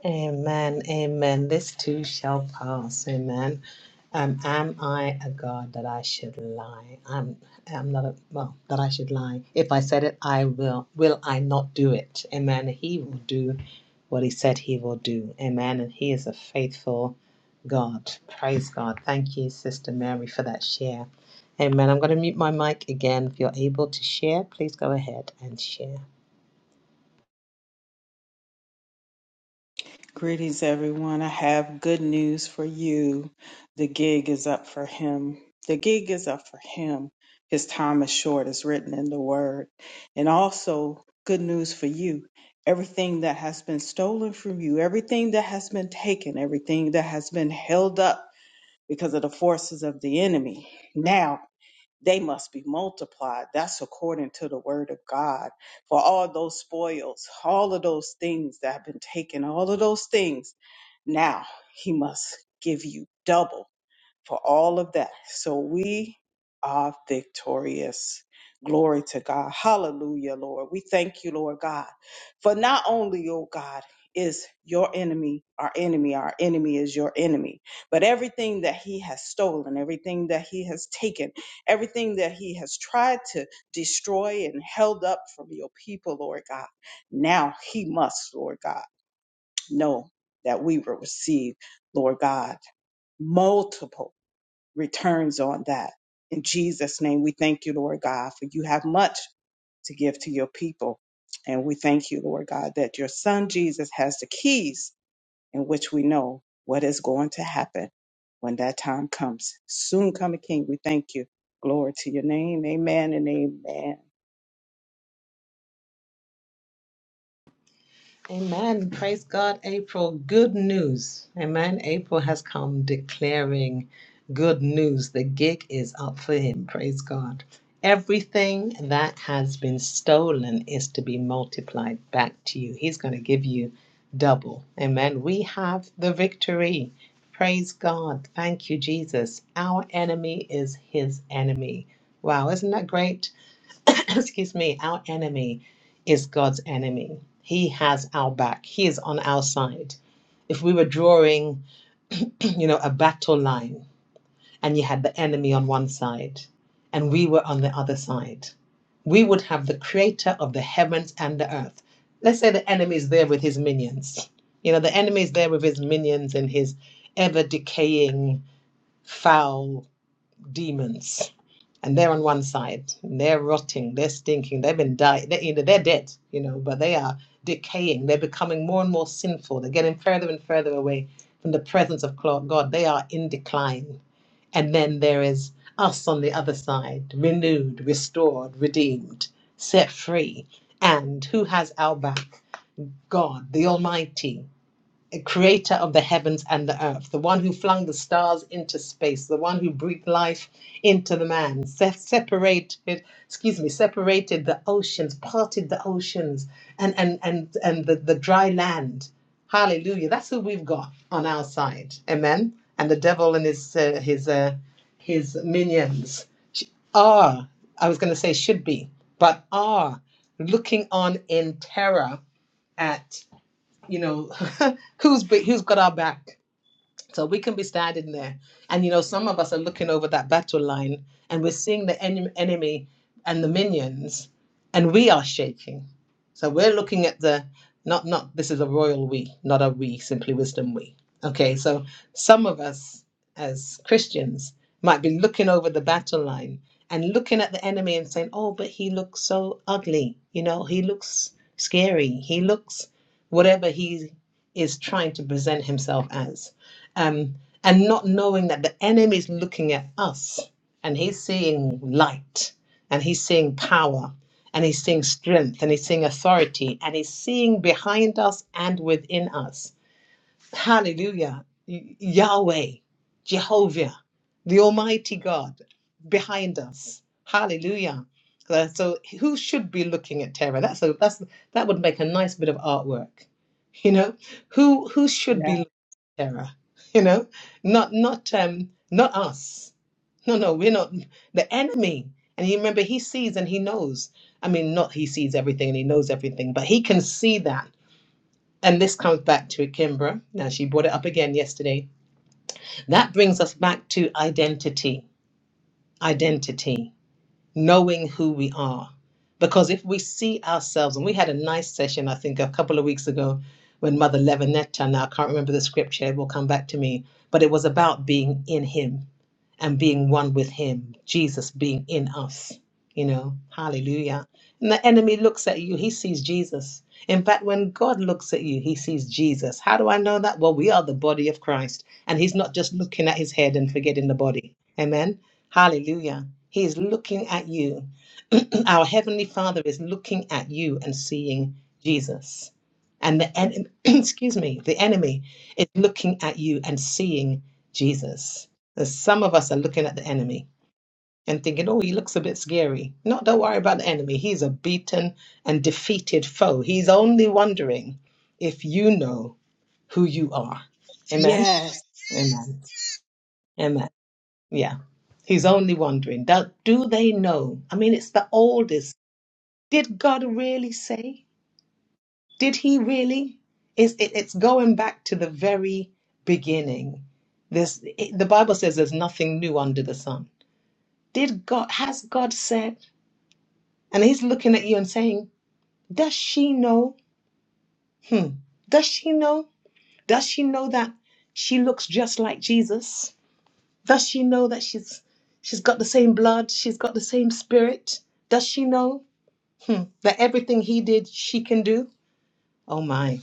B: Amen, amen. This too shall pass. Amen. Um, am I a God that I should lie? I'm, I'm not a, well, that I should lie. If I said it, I will. Will I not do it? Amen. He will do what he said he will do. Amen. And he is a faithful God. Praise God. Thank you, Sister Mary, for that share. Amen. I'm going to mute my mic again. If you're able to share, please go ahead and share.
F: Greetings, everyone. I have good news for you. The gig is up for him. The gig is up for him. His time is short, is written in the word. And also, good news for you. Everything that has been stolen from you, everything that has been taken, everything that has been held up because of the forces of the enemy. Now, they must be multiplied. That's according to the word of God. For all those spoils, all of those things that have been taken, all of those things, now he must give you double for all of that. So we are victorious. Glory to God. Hallelujah, Lord. We thank you, Lord God, for not only, oh God, is your enemy our enemy, our enemy is your enemy, but everything that he has stolen, everything that he has taken, everything that he has tried to destroy and held up from your people, Lord God, now he must, Lord God, know that we will receive, Lord God, multiple returns on that. In Jesus' name, we thank you, Lord God, for you have much to give to your people. And we thank you, Lord God, that your son Jesus has the keys in which we know what is going to happen when that time comes. Soon coming King, we thank you. Glory to your name. Amen and amen.
B: Amen. Praise God, April. Good news. Amen. April has come declaring good news. The gig is up for him. Praise God. Everything that has been stolen is to be multiplied back to you. He's going to give you double. Amen. We have the victory. Praise God. Thank you, Jesus. Our enemy is his enemy. Wow, isn't that great? excuse me, our enemy is God's enemy. He has our back. He is on our side. If we were drawing, you know, a battle line and you had the enemy on one side and we were on the other side, we would have the creator of the heavens and the earth. Let's say the enemy is there with his minions. You know, the enemy is there with his minions and his ever decaying, foul demons and they're on one side and they're rotting they're stinking they've been died they, you know, they're dead you know but they are decaying they're becoming more and more sinful they're getting further and further away from the presence of clo- god they are in decline and then there is us on the other side renewed restored redeemed set free and who has our back god the almighty creator of the heavens and the earth, the one who flung the stars into space, the one who breathed life into the man, se- separated, excuse me, separated the oceans, parted the oceans and and and, and the, the dry land. Hallelujah. That's who we've got on our side. Amen. And the devil and his uh, his uh, his minions sh- are I was going to say should be, but are looking on in terror at you know, who's who's got our back so we can be standing there. And, you know, some of us are looking over that battle line and we're seeing the en- enemy and the minions and we are shaking. So we're looking at the, not, not, this is a royal we, not a we, simply wisdom we. Okay. So some of us as Christians might be looking over the battle line and looking at the enemy and saying, oh, but he looks so ugly. You know, he looks scary. He looks whatever he is trying to present himself as um, and not knowing that the enemy is looking at us and he's seeing light and he's seeing power and he's seeing strength and he's seeing authority and he's seeing behind us and within us Hallelujah. Y- Yahweh, Jehovah, the Almighty God behind us. Hallelujah. Uh, So who should be looking at terror? That's a that's that would make a nice bit of artwork. You know? Who who should
F: Yeah.
B: be looking at terror? You know? Not not um not us. No, no, we're not the enemy. And you remember he sees and he knows. I mean, not he sees everything and he knows everything, but he can see that and this comes back to Kimbra. Now, she brought it up again yesterday. That brings us back to identity. Identity knowing who we are. Because if we see ourselves, and we had a nice session, I think, a couple of weeks ago when Mother Levinetta, now I can't remember the scripture, it will come back to me, but it was about being in Him and being one with Him, Jesus being in us, you know, hallelujah. And the enemy looks at you, he sees Jesus. In fact, when God looks at you, he sees Jesus. How do I know that? Well, we are the body of Christ, and he's not just looking at his head and forgetting the body. Amen. Hallelujah. He is looking at you. Our Heavenly Father is looking at you and seeing Jesus. And the en excuse me, the enemy is looking at you and seeing Jesus. As some of us are looking at the enemy and thinking, oh, he looks a bit scary. No, don't worry about the enemy. He's a beaten and defeated foe. He's only wondering if you know who you are. Amen.
F: Yes,
B: Amen. Amen. Yeah. He's only wondering, do, do they know? I mean, it's the oldest. Did God really say? Did he really? It's, it, it's going back to the very beginning. There's, it, the Bible says there's nothing new under the sun. Did God, has God said? And he's looking at you and saying, does she know? Hmm. Does she know? Does she know that she looks just like Jesus? Does she know that she's, she's got the same blood? She's got the same spirit? Does she know? that everything he did, she can do. Oh my.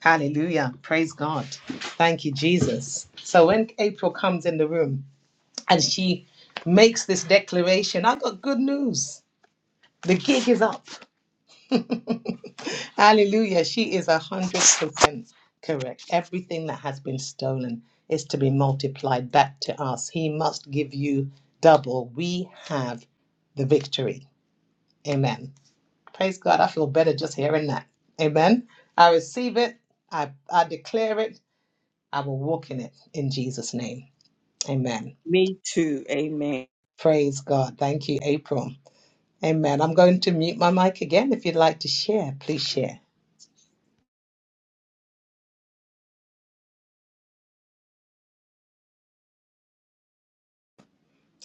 B: Hallelujah. Praise God. Thank you, Jesus. So when April comes in the room and she makes this declaration, I got good news. The gig is up. Hallelujah. She is 100% correct. Everything that has been stolen is to be multiplied back to us. He must give you double. We have the victory. Amen. Praise God. I feel better just hearing that. Amen. I receive it. I, I declare it. I will walk in it in Jesus' name. Amen.
F: me too. Amen.
B: Praise God. Thank you, April. Amen. I'm going to mute my mic again. If you'd like to share, please share.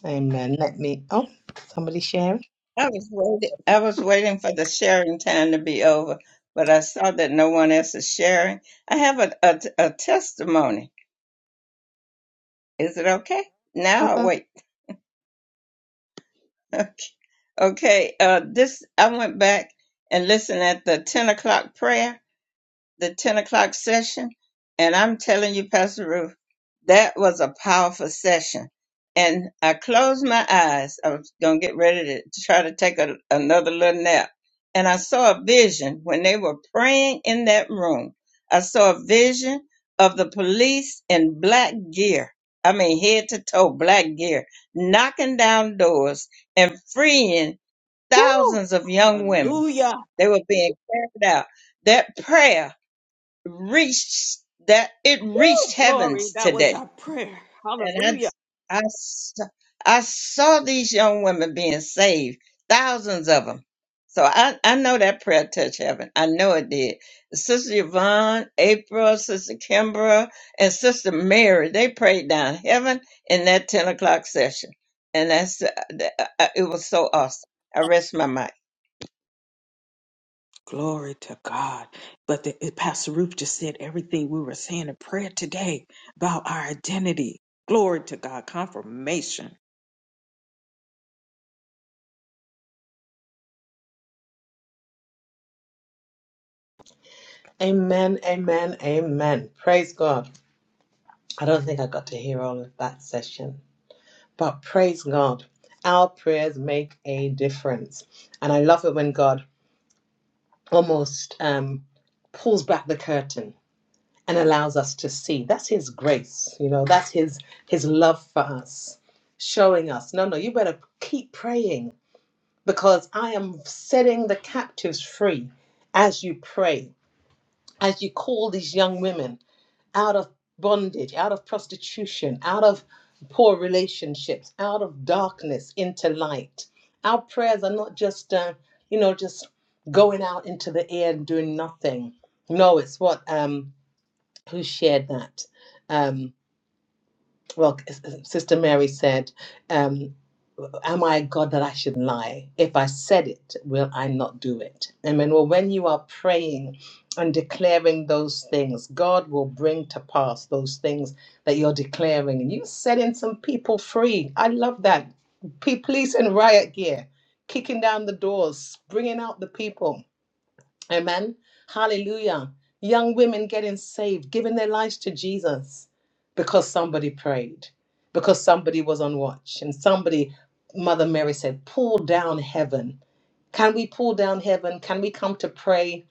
B: Amen. Let me, oh, somebody share.
A: I was waiting. I was waiting for the sharing time to be over, but I saw that no one else is sharing. I have a a, a testimony. Is it okay? Now I
B: Uh-huh.
A: wait. Okay. Okay. Uh, this I went back and listened at the ten o'clock prayer, the 10 o'clock session. And I'm telling you, Pastor Ruth, that was a powerful session. And I closed my eyes. I was going to get ready to try to take a, another little nap. And I saw a vision when they were praying in that room. I saw a vision of the police in black gear. I mean, head to toe, black gear, knocking down doors and freeing
F: Woo!
A: thousands of young women.
F: Hallelujah.
A: They were being carried out. That prayer reached that it
F: Woo!
A: reached
F: Glory.
A: heavens
F: That was
A: today
F: our prayer.
A: and
F: Hallelujah.
A: I, I s- I saw these young women being saved thousands of them so i i know that prayer touched heaven i know it did sister yvonne april sister kimbra and sister mary they prayed down heaven in that 10 o'clock session and that's uh, that, uh, uh, it was so awesome i rest my mic
F: Glory to God. But the, it- Pastor Ruth just said everything we were saying in prayer today about our identity. Glory to God. Confirmation.
B: Amen, amen, amen. Praise God. I don't think I got to hear all of that session, but praise God. Our prayers make a difference. And I love it when God almost um, pulls back the curtain and allows us to see. That's His grace, you know. That's His His love for us, showing us, no, no, you better keep praying because I am setting the captives free as you pray, as you call these young women out of bondage, out of prostitution, out of poor relationships, out of darkness into light. Our prayers are not just, uh, you know, just going out into the air and doing nothing. No, it's what um, who shared that. Um, well, S- S- Sister Mary said. um, am I God that I should lie? If I said it, will I not do it? Amen. Well, when you are praying and declaring those things, God will bring to pass those things that you're declaring. And you setting some people free. I love that. P- Police in riot gear, kicking down the doors, bringing out the people. Amen. Hallelujah. Young women getting saved, giving their lives to Jesus because somebody prayed, because somebody was on watch, and somebody, Mother Mary said, pull down heaven. Can we pull down heaven? Can we come to pray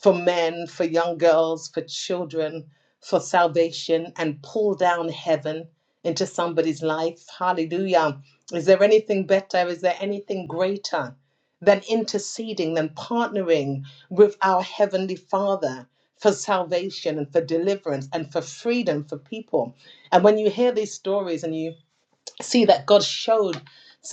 B: for men, for young girls, for children, for salvation, and pull down heaven into somebody's life? Hallelujah. Is there anything better? Is there anything greater than interceding, than partnering? with our Heavenly Father for salvation and for deliverance and for freedom for people. And when you hear these stories and you see that God showed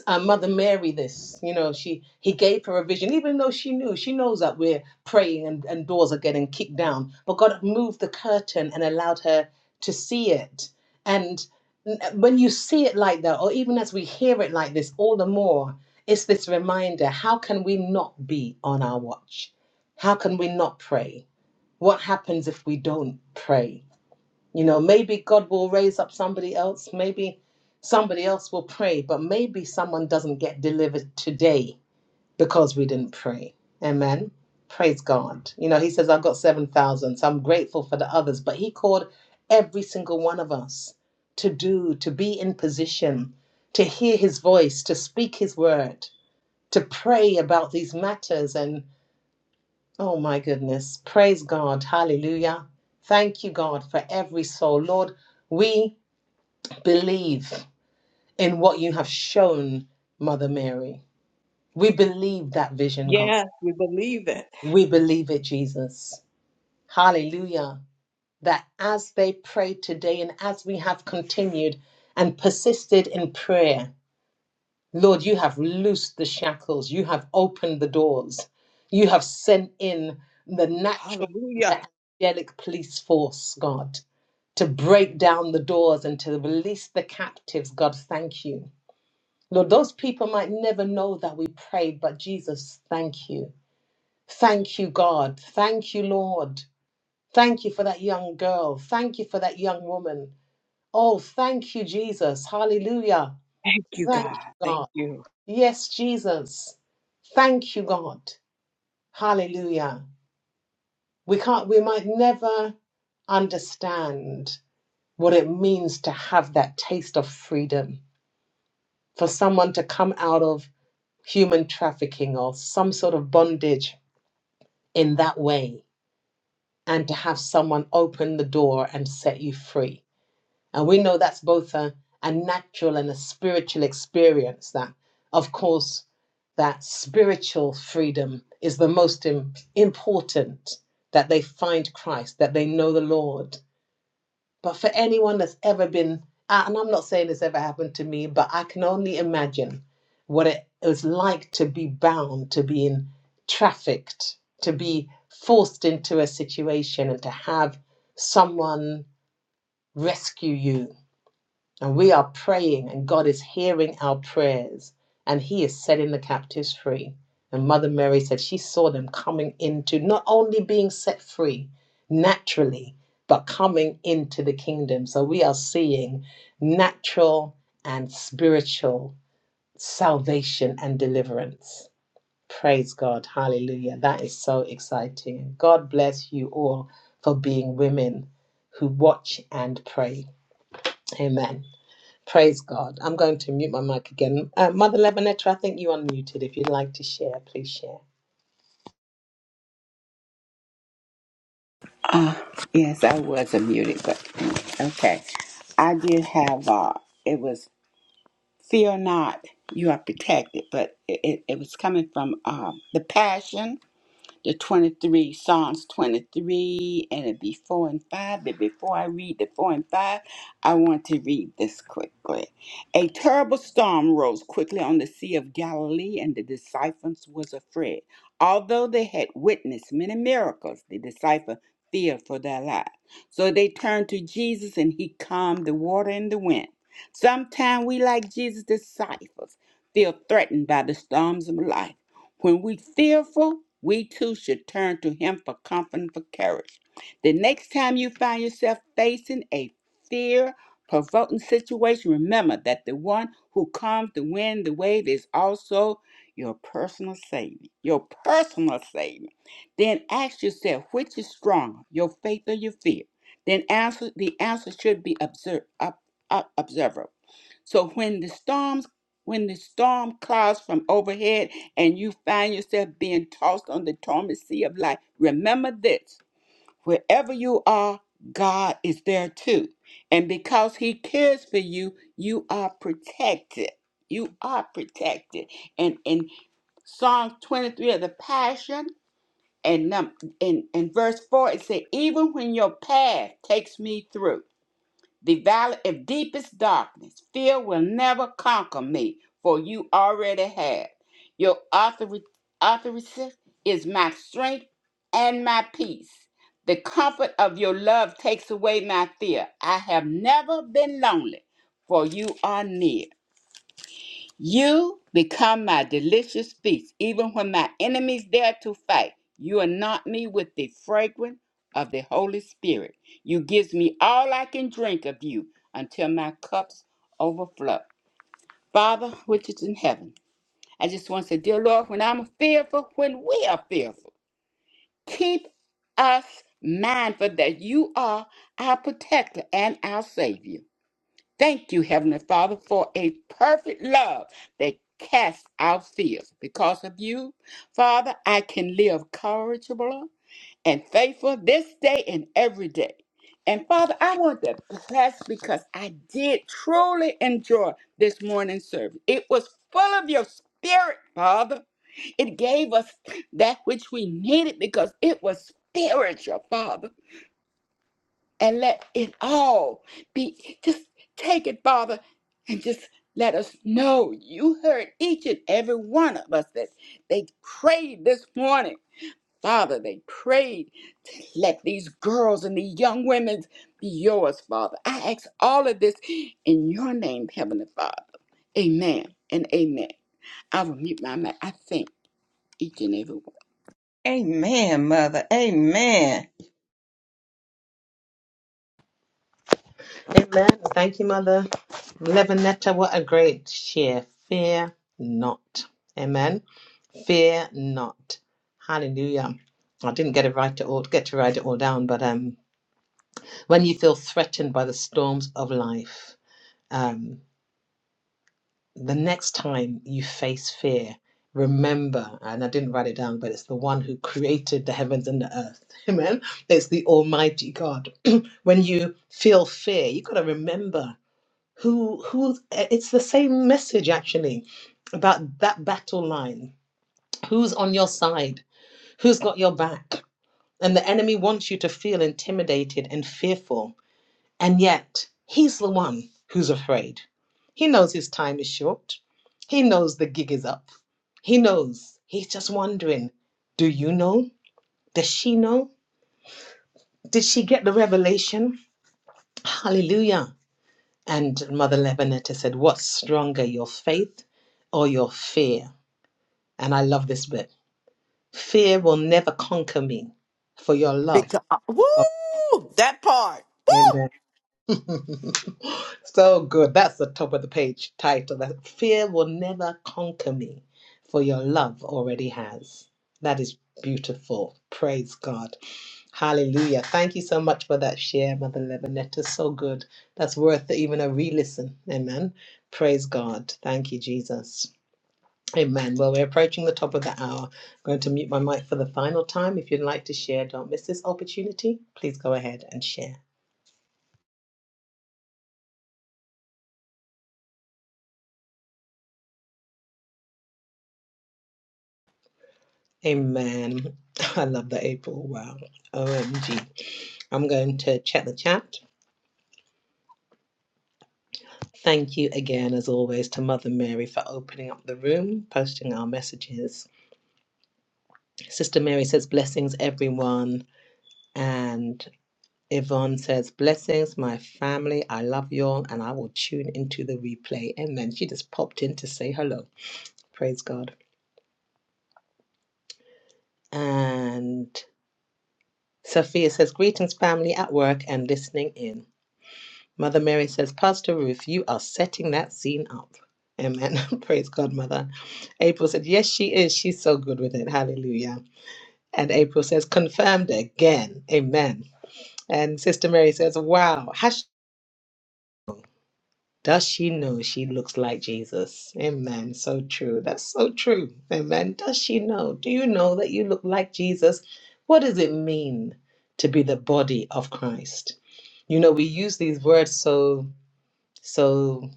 B: uh, Mother Mary this. You know, she he gave her a vision, even though she knew she knows that we're praying and, and doors are getting kicked down. But God moved the curtain and allowed her to see it. And n- when you see it like that, or even as we hear it like this, all the more it's this reminder: how can we not be on our watch? How can we not pray? What happens if we don't pray? You know, maybe God will raise up somebody else. Maybe somebody else will pray, but maybe someone doesn't get delivered today because we didn't pray. Amen. Praise God. You know, He says, I've got 7,000, so I'm grateful for the others. But He called every single one of us to do, to be in position, to hear His voice, to speak His word, to pray about these matters and. Oh my goodness. Praise God. Hallelujah. Thank you, God, for every soul. Lord, we believe in what you have shown, Mother Mary. We believe that vision, God.
F: Yes, we believe it.
B: We believe it, Jesus. Hallelujah. That as they prayed today and as we have continued and persisted in prayer, Lord, you have loosed the shackles, you have opened the doors, you have sent in the natural, the
F: Hallelujah.
B: angelic police force, God, to break down the doors and to release the captives. God, thank you. Lord, those people might never know that we prayed, but Jesus, thank you. Thank you, God. Thank you, Lord. Thank you for that young girl. Thank you for that young woman. Oh, thank you, Jesus. Hallelujah.
F: Thank you,
B: Thank
F: God.
B: you, God.
F: Thank you.
B: Yes, Jesus. Thank you, God. Hallelujah. We can't, we might never understand what it means to have that taste of freedom for someone to come out of human trafficking or some sort of bondage in that way and to have someone open the door and set you free And we know that's both a, a natural and a spiritual experience that, of course, that spiritual freedom is the most im- important that they find Christ, that they know the Lord. But for anyone that's ever been, uh, and I'm not saying this ever happened to me, but I can only imagine what it was like to be bound, to being trafficked, to be forced into a situation and to have someone rescue you and we are praying, and God is hearing our prayers, and He is setting the captives free. And Mother Mary said she saw them coming into not only being set free naturally, but coming into the kingdom. So we are seeing natural and spiritual salvation and deliverance. Praise God. Hallelujah. That is so exciting. God bless you all for being women who watch and pray. Amen. Praise God. I'm going to mute my mic again. Uh, Mother Lebanetra, I think you unmuted. If you'd like to share, please share.
G: Uh, yes, I was muted, but okay. I did have, uh, it was fear not, you are protected, but it, it, it was coming from um, the passion the 23, Psalms 23, and it'd be 4 and 5. But before I read the 4 and 5, I want to read this quickly. A terrible storm rose quickly on the Sea of Galilee, and the disciples was afraid. Although they had witnessed many miracles, the disciples feared for their lives. So they turned to Jesus, and he calmed the water and the wind. Sometimes we, like Jesus' disciples, feel threatened by the storms of life when we fearful, we too should turn to him for comfort and for courage. The next time you find yourself facing a fear provoking situation, remember that the one who comes to win the wave is also your personal savior. Your personal savior. Then ask yourself which is stronger, your faith or your fear. Then answer the answer should be observ ob, ob- observable. So when the storms when the storm clouds from overhead and you find yourself being tossed on the torment sea of life, remember this wherever you are, God is there too. And because He cares for you, you are protected. You are protected. And in Psalm 23 of the Passion, and num- in, in verse 4, it says, Even when your path takes me through. The valley of deepest darkness, fear will never conquer me, for you already have. Your authority authority is my strength and my peace. The comfort of your love takes away my fear. I have never been lonely, for you are near. You become my delicious feast, even when my enemies dare to fight. You anoint me with the fragrance of the Holy Spirit. You gives me all I can drink of you until my cups overflow. Father, which is in heaven, I just want to say, dear Lord, when I'm fearful, when we are fearful, keep us mindful that you are our protector and our savior. Thank you, Heavenly Father, for a perfect love that casts out fears. Because of you, Father, I can live courageable and faithful this day and every day. And Father, I want to bless because I did truly enjoy this morning's service. It was full of your spirit, Father. It gave us that which we needed because it was spiritual, Father and let it all be just take it, Father, and just let us know you heard each and every one of us that they prayed this morning. Father, they prayed to let these girls and the young women be yours, Father. I ask all of this in your name, Heavenly Father. Amen and amen. I will meet my man. I thank each and every one.
A: amen mother amen
B: Amen. Thank you, Mother Lebanetta. What a great share. Fear not. Amen. Fear not. Hallelujah. I didn't get it right to all, get to write it all down, but um, when you feel threatened by the storms of life, um, the next time you face fear, remember, and I didn't write it down, but it's the one who created the heavens and the earth. Amen. It's the Almighty God. when you feel fear, you got to remember who who. It's the same message actually about that battle line. Who's on your side? Who's got your back? And the enemy wants you to feel intimidated and fearful. And yet, he's the one who's afraid. He knows his time is short. He knows the gig is up. He knows. He's just wondering do you know? Does she know? Did she get the revelation? Hallelujah. And Mother Lebanetta said, What's stronger, your faith or your fear? And I love this bit. Fear will never conquer me, for your love.
H: Because woo,
B: Oh,
H: that part.
B: amen. so good. That's the top of the page title. That fear will never conquer me, for your love already has. That is beautiful. Praise God. Hallelujah. Thank you so much for that share, Mother Lebanetta. So good. That's worth even a re listen. Amen. Praise God. Thank you, Jesus. Amen. Well, we're approaching the top of the hour. I'm going to mute my mic for the final time. If you'd like to share, don't miss this opportunity. Please go ahead and share. Amen. I love that, April. Wow. OMG. I'm going to check the chat. Thank you again, as always, to Mother Mary for opening up the room, posting our messages. Sister Mary says, Blessings, everyone. And Yvonne says, Blessings, my family. I love you all, and I will tune into the replay. Amen. She just popped in to say hello. Praise God. And Sophia says, Greetings, family at work and listening in. Mother Mary says, Pastor Ruth, you are setting that scene up. Amen. Praise God, Mother. April said, Yes, she is. She's so good with it. Hallelujah. And April says, Confirmed again. Amen. And Sister Mary says, Wow. Hash- does she know she looks like Jesus? Amen. So true. That's so true. Amen. Does she know? Do you know that you look like Jesus? What does it mean to be the body of Christ? You know, we use these words so, so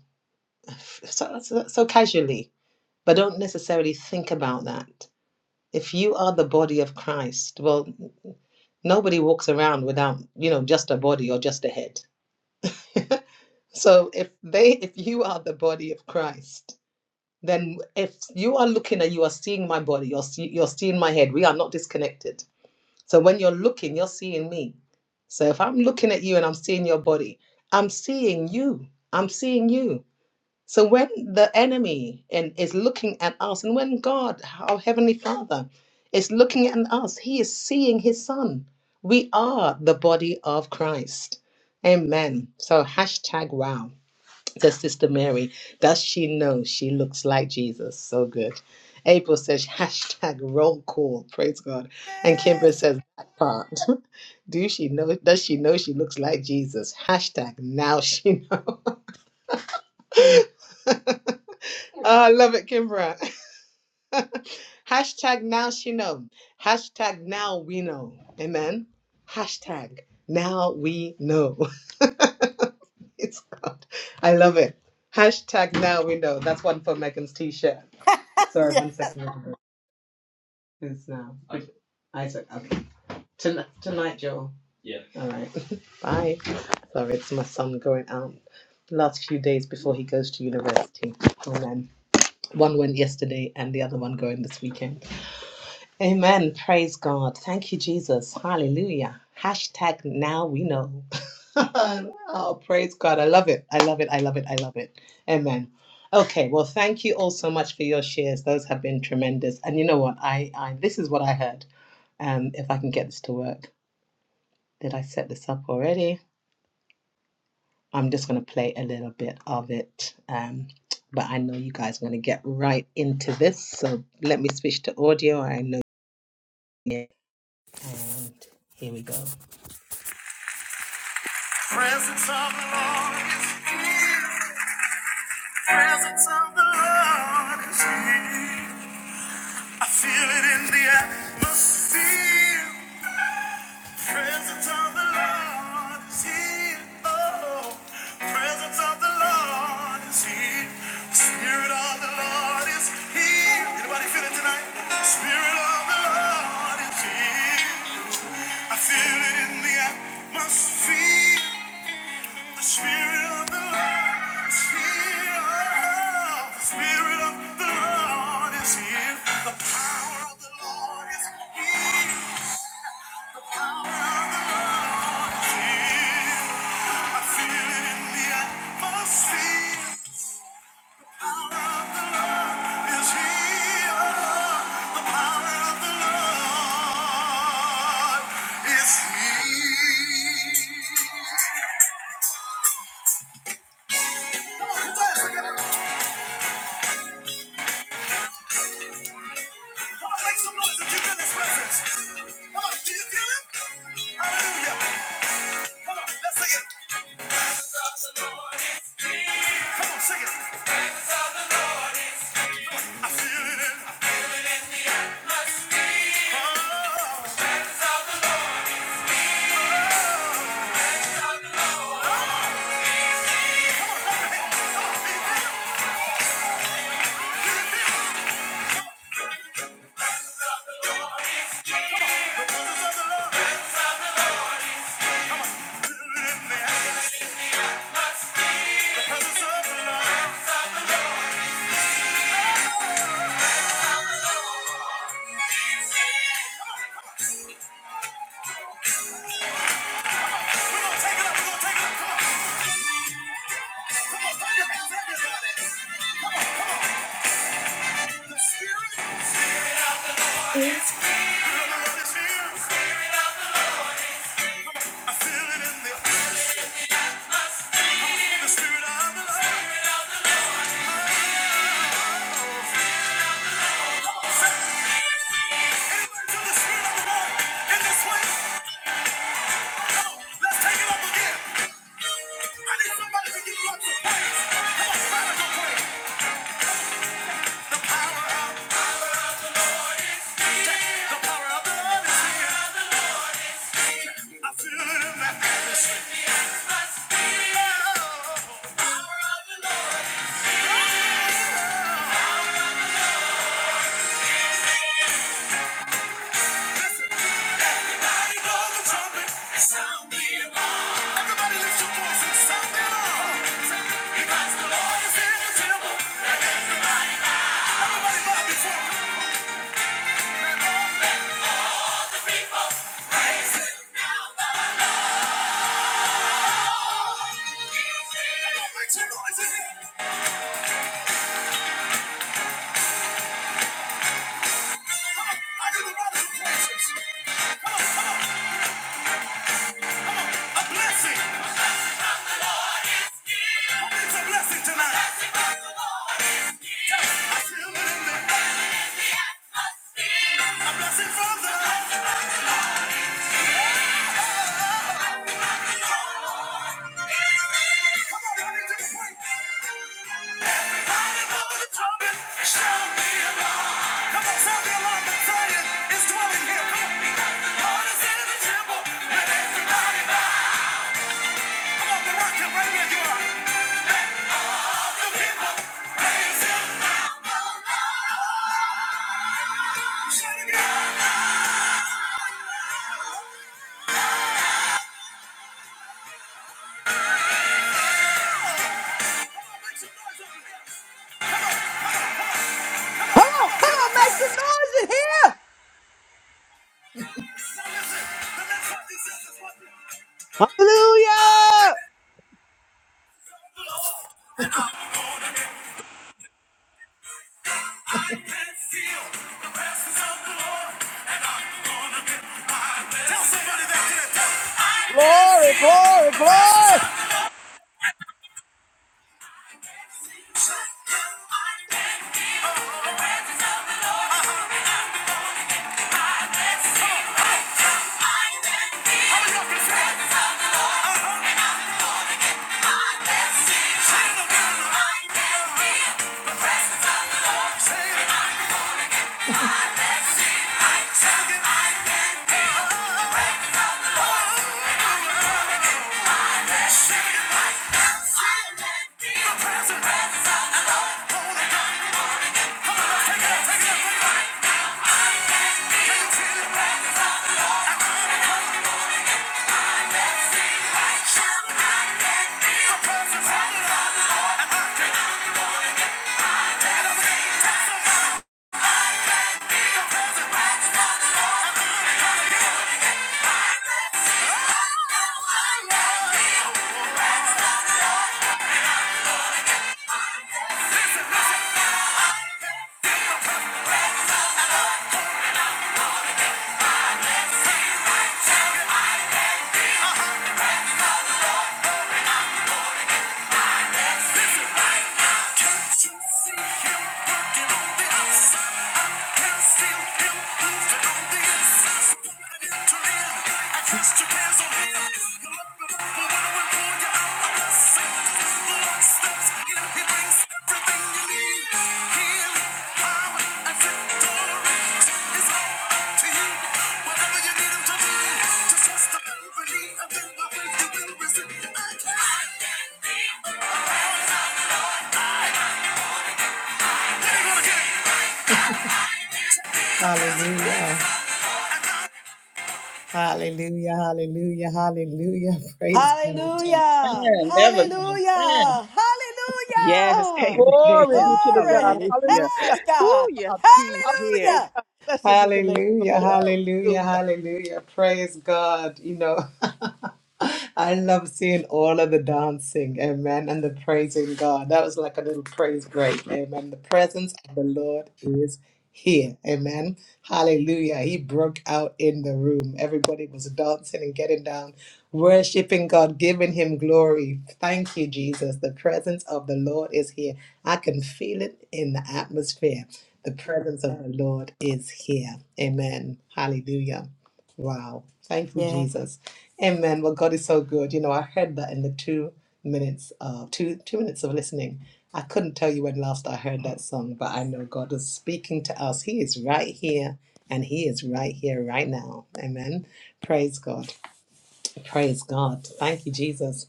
B: so, so, so casually, but don't necessarily think about that. If you are the body of Christ, well, nobody walks around without, you know, just a body or just a head. So if they, if you are the body of Christ, then if you are looking and you are seeing my body, you're see, you're seeing my head. We are not disconnected. So when you're looking, you're seeing me. So if I'm looking at you and I'm seeing your body, I'm seeing you. I'm seeing you. So when the enemy and is looking at us, and when God, our heavenly Father, is looking at us, He is seeing His Son. We are the body of Christ. Amen. So hashtag wow. To Sister Mary, does she know she looks like Jesus? So good. April says hashtag roll call. Praise God. And Kimber says that part. Do she know? Does she know she looks like Jesus? Hashtag now she knows. oh, I love it, Kimbra. Hashtag now she know. Hashtag now we know. Amen. Hashtag now we know. it's God. I love it. Hashtag now we know. That's one for Megan's t-shirt. Sorry,
H: Yeah.
B: one second. Who's now? Isaac. Okay. Tonight, tonight, Joel. All right. Bye. Sorry, it's my son going out. Last few days before he goes to university. Amen. One went yesterday and the other one going this weekend. Amen. Praise God. Thank you, Jesus. Hallelujah. Hashtag now we know. oh, praise God. I love it. I love it. I love it. I love it. Amen. Okay, well, thank you all so much for your shares. Those have been tremendous. And you know what? I, I this is what I heard. Um, if I can get this to work. Did I set this up already? I'm just gonna play a little bit of it. Um, but I know you guys are gonna get right into this. So let me switch to audio. I know and here we go. Presence of the Lord is here. Presence of the Lord is here. I feel it in the atmosphere. Presence of the Lord is here. Oh, presence of the Lord is here. Spirit of the Lord is here. Anybody feel it tonight? Spirit of the Lord is here. I feel it in the atmosphere. Oh, the Spirit of the Lord is here. The power of the Lord is here. I feel it in, oh, feel it in the atmosphere. The presence of the Lord. We're to take it up, we're take it up. Come on. Come on, put your hands everybody. The Spirit of the Lord is here. I feel it in the the Spirit of the Lord. Anybody the Spirit of the Lord in this place? Come on, let's take it up again. I need somebody to give you up some praise. Come on, somebody go praise. The power of the Lord is here. I feel it in the atmosphere. Oh, power of the Lord. Everybody blow the trumpet. Sound the alarm. Everybody lift your voice and sound the alarm. Because the Lord is in the temple. Let everybody bow. Everybody bow before him. Let all the people praise him. Now the Lord is here. Don't make some noise I A blessing. Who a blessing tonight? I feel it in the A blessing from Come on, you need to pray. Everybody blow the trumpet. Shout the alarm. Come on, sound the alarm. The Zion is dwelling here. Come on. The Lord is the temple. Let everybody bow. Come on, then rock it right where you are. Shout it again. Come on, make some noise over here.
H: Come on, come on, make some noise in here.
B: Thank
I: Hallelujah! Glory, glory, glory!
B: Hallelujah. Hallelujah. Hallelujah. Hallelujah. Praise God.
A: on
H: Hallelujah.
A: time. that was on time
H: Hallelujah.
F: Yes,
H: Hallelujah.
I: Glory be
F: amen.
I: to the
H: Glory.
I: God.
H: Hey
F: Hallelujah.
I: Hallelujah,
F: Woo,
H: God.
F: yes,
I: Father.
F: he's here.
H: Hallelujah.
I: Hallelujah. Blessed be the name of the
B: Hallelujah,
I: Lord.
B: hallelujah,
I: Hallelujah.
B: hallelujah. Praise God. You know, I love seeing all of the dancing, amen, and the praising God. That was like a little praise break, amen. The presence of the Lord is here, amen. Hallelujah. He broke out in the room. Everybody was dancing and getting down, worshiping God, giving Him glory. Thank you, Jesus. The presence of the Lord is here. I can feel it in the atmosphere. The presence of the Lord is here. Amen. Hallelujah. Wow. Thank you,
H: Yeah.
B: Jesus. Amen. Well, God is so good. You know, I heard that in the two minutes of two two minutes of listening. I couldn't tell you when last I heard that song, but I know God is speaking to us. He is right here and He is right here right now. Amen. Praise God. Praise God. Thank you, Jesus.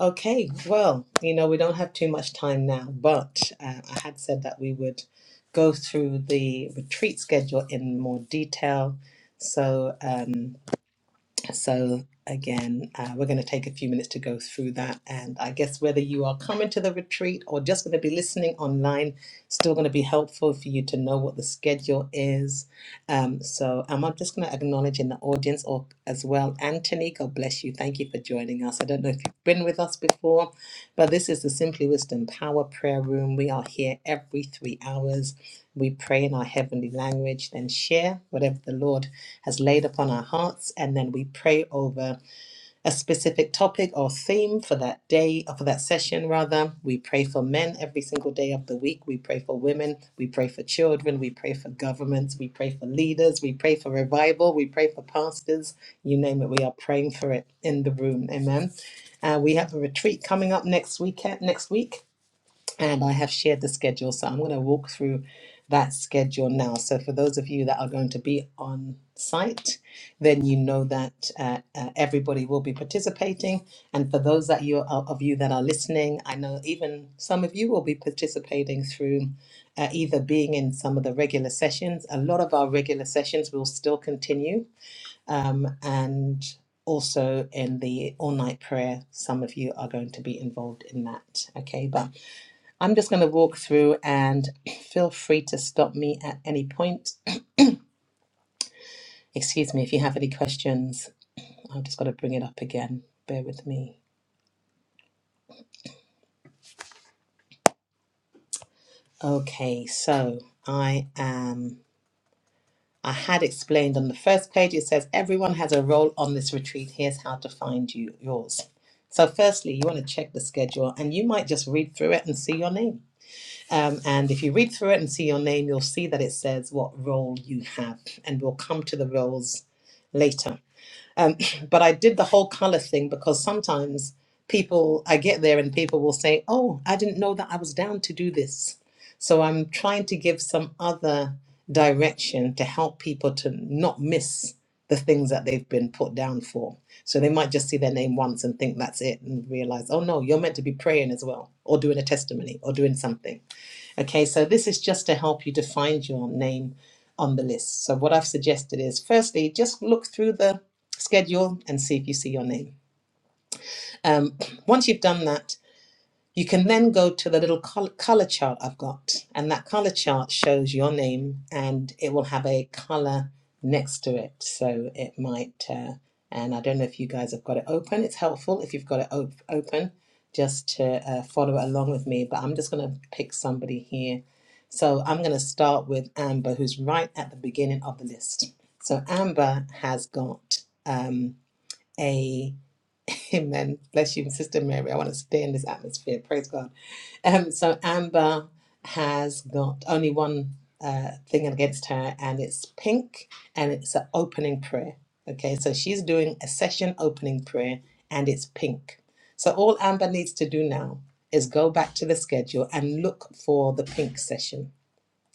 B: Okay, well, you know, we don't have too much time now, but uh, I had said that we would go through the retreat schedule in more detail. So, um, so, again, uh, we're going to take a few minutes to go through that. And I guess whether you are coming to the retreat or just going to be listening online, still going to be helpful for you to know what the schedule is. Um, so, um, I'm just going to acknowledge in the audience or as well, Anthony, God bless you. Thank you for joining us. I don't know if you've been with us before, but this is the Simply Wisdom Power Prayer Room. We are here every three hours. We pray in our heavenly language, then share whatever the Lord has laid upon our hearts, and then we pray over a specific topic or theme for that day or for that session rather. We pray for men every single day of the week. We pray for women. We pray for children. We pray for governments. We pray for leaders. We pray for revival. We pray for pastors. You name it, we are praying for it in the room. Amen. Uh, we have a retreat coming up next weekend. Next week and I have shared the schedule. So I'm going to walk through that schedule now. So for those of you that are going to be on site, then you know that uh, uh, everybody will be participating. And for those that you are, of you that are listening, I know even some of you will be participating through uh, either being in some of the regular sessions. A lot of our regular sessions will still continue, um, and also in the all night prayer. Some of you are going to be involved in that. Okay, but I'm just going to walk through and feel free to stop me at any point. Excuse me if you have any questions. I've just got to bring it up again. Bear with me. Okay, so I am. I had explained on the first page, it says everyone has a role on this retreat. Here's how to find you yours. So, firstly, you want to check the schedule and you might just read through it and see your name. Um, and if you read through it and see your name, you'll see that it says what role you have. And we'll come to the roles later. Um, but I did the whole color thing because sometimes people, I get there and people will say, Oh, I didn't know that I was down to do this. So I'm trying to give some other direction to help people to not miss the things that they've been put down for. So they might just see their name once and think that's it and realize, Oh, no, you're meant to be praying as well, or doing a testimony, or doing something. Okay, so this is just to help you to find your name on the list. So, what I've suggested is firstly, just look through the schedule and see if you see your name. Um, once you've done that, you can then go to the little col- color chart I've got, and that color chart shows your name and it will have a color next to it. So it might, uh, and I don't know if you guys have got it open. It's helpful if you've got it op- open just to uh, follow along with me, but I'm just going to pick somebody here. So I'm going to start with Amber, who's right at the beginning of the list. So Amber has got um, a Amen. Bless you, Sister Mary. I want to stay in this atmosphere. Praise God. Um, so Amber has got only one uh, thing against her, and it's pink, and it's an opening prayer. Okay, so she's doing a session opening prayer, and it's pink. So all Amber needs to do now is go back to the schedule and look for the pink session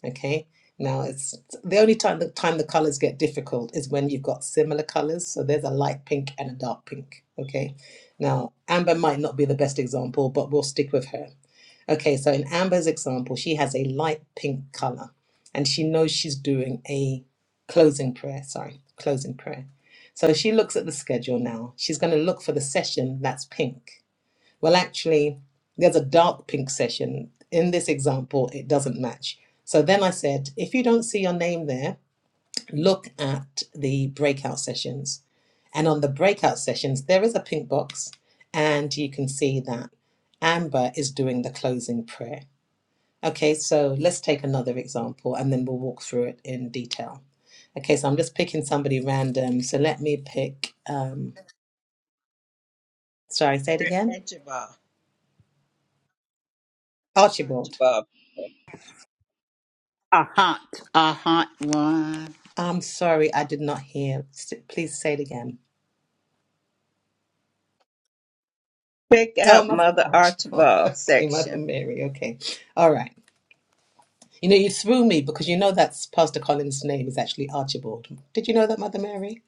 B: Okay. Now it's the only time the time the colors get difficult is when you've got similar colors. So there's a light pink and a dark pink. Okay. Now amber might not be the best example, but we'll stick with her. Okay, so in Amber's example, she has a light pink color and she knows she's doing a closing prayer. Sorry, closing prayer. So she looks at the schedule now. She's going to look for the session that's pink well, actually, there's a dark pink session. In this example, it doesn't match. So then I said, if you don't see your name there, look at the breakout sessions. And on the breakout sessions, there is a pink box, and you can see that Amber is doing the closing prayer. Okay, so let's take another example and then we'll walk through it in detail. Okay, so I'm just picking somebody random. So let me pick, um, sorry, say it
A: Mary
B: again.
A: Archibald.
B: Archibald.
A: Archibald.
G: A hot, a hot one.
B: I'm sorry, I did not hear. S- Please say it again.
A: Pick
B: Oh,
A: out
B: my
A: Mother
B: Archibald.
A: Archibald
B: Okay, Mother
A: section.
B: Mary. Okay. All right. You know, you threw me because you know that's Pastor Collins' name is actually Archibald. Did you know that, Mother Mary?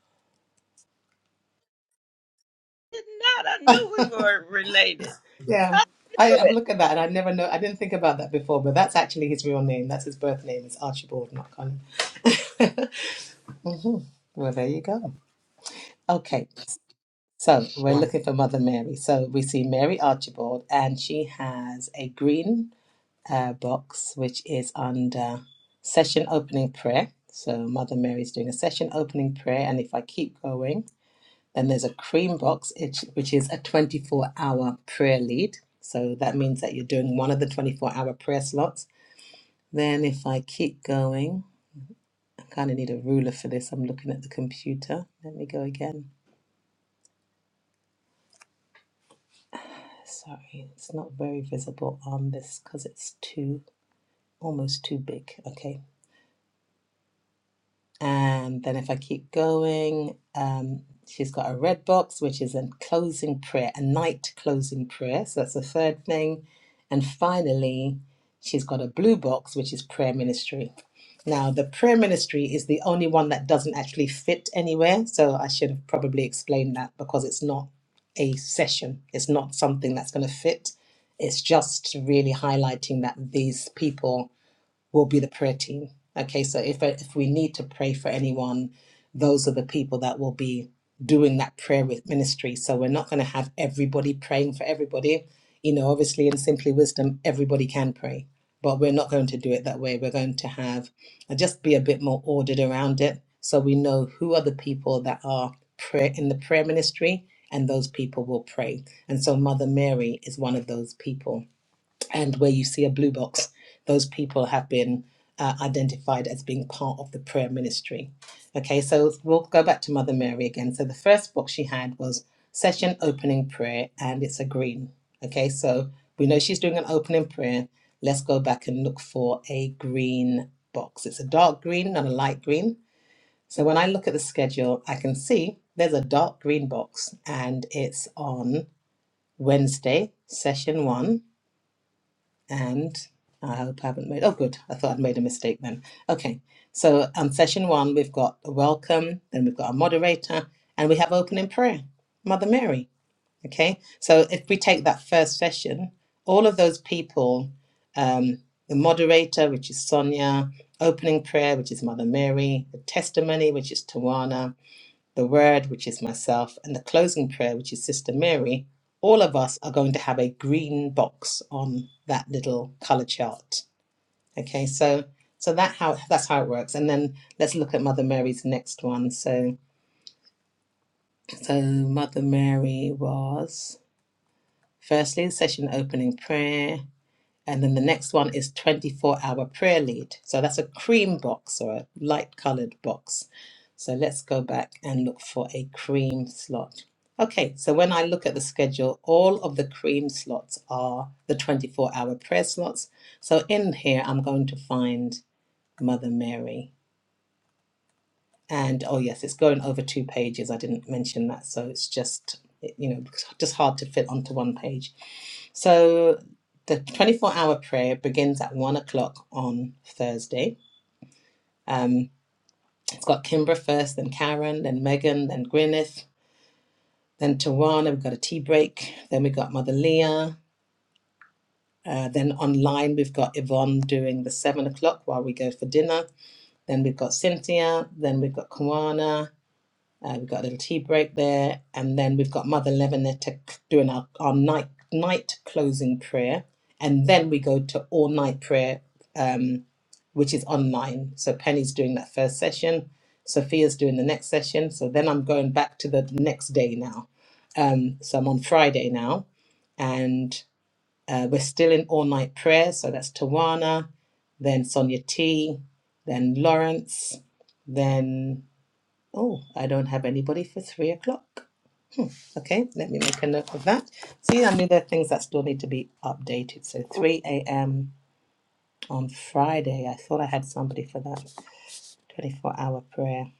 A: Did not. I knew we were related.
B: Yeah. I, I'm
A: Knew it.
B: looking at that and I never know, I didn't think about that before, but that's actually his real name. That's his birth name. It's Archibald, not Collins. hmm Well, there you go. Okay. So we're looking for Mother Mary. So we see Mary Archibald and she has a green uh, box, which is under session opening prayer. So Mother Mary's doing a session opening prayer, and if I keep going, then there's a cream box, it- which is a 24 hour prayer lead. So that means that you're doing one of the 24 hour prayer slots. Then if I keep going, I kind of need a ruler for this. I'm looking at the computer. Let me go again. Sorry, it's not very visible on this because it's too almost too big. Okay, And then if I keep going, um, she's got a red box, which is a closing prayer, a night closing prayer. So that's the third thing. And finally, she's got a blue box, which is prayer ministry. Now, the prayer ministry is the only one that doesn't actually fit anywhere. So I should have probably explained that because it's not a session, it's not something that's going to fit. It's just really highlighting that these people will be the prayer team. Okay, so if if we need to pray for anyone, those are the people that will be doing that prayer with ministry. So we're not going to have everybody praying for everybody. You know, obviously in Simply Wisdom, everybody can pray, but we're not going to do it that way. We're going to have uh, just be a bit more ordered around it, so we know who are the people that are prayer in the prayer ministry, and those people will pray. And so Mother Mary is one of those people and where you see a blue box, those people have been uh, identified as being part of the prayer ministry. Okay, so we'll go back to Mother Mary again. So the first box she had was session opening prayer, and it's a green. Okay, so we know she's doing an opening prayer. Let's go back and look for a green box. It's a dark green, not a light green. So when I look at the schedule, I can see there's a dark green box, and it's on Wednesday, session one and I hope I haven't made. Oh, good. I thought I'd made a mistake then. Okay. So on session one, we've got a welcome, then we've got a moderator, and we have opening prayer, Mother Mary. Okay. So if we take that first session, all of those people, um, the moderator, which is Sonia, opening prayer, which is Mother Mary, the testimony, which is Tawana, the Word, which is myself, and the closing prayer, which is Sister Mary, all of us are going to have a green box on that little color chart. Okay, so so that how that's how it works. And then let's look at Mother Mary's next one. So so Mother Mary was firstly session opening prayer. And then the next one is 24 hour prayer lead. So that's a cream box or a light colored box. So let's go back and look for a cream slot. Okay, so when I look at the schedule, all of the cream slots are the 24 hour prayer slots. So in here, I'm going to find Mother Mary. And oh, yes, it's going over two pages. I didn't mention that. So it's just, you know, just hard to fit onto one page. So the 24 hour prayer begins at one o'clock on Thursday. Um, it's got Kimbra first, then Karen, then Megan, then Gwyneth. then Tawana, we've got a tea break, then we got Mother Leah. Uh, then online, we've got Yvonne doing the seven o'clock while we go for dinner. Then we've got Cynthia, then we've got Kawana, uh, we've got a little tea break there. And then we've got Mother Levinetta doing our, our night, night closing prayer. And then we go to all night prayer um, which is online. So Penny's doing that first session, Sophia's doing the next session. So then I'm going back to the next day now. Um, so I'm on Friday now, and uh, we're still in all night prayer. So that's Tawana, then Sonia T, then Lawrence, then oh, I don't have anybody for three o'clock. Okay, let me make a note of that. See, I mean, there are things that still need to be updated. So 3 a.m. on Friday. I thought I had somebody for that. 24 hour prayer.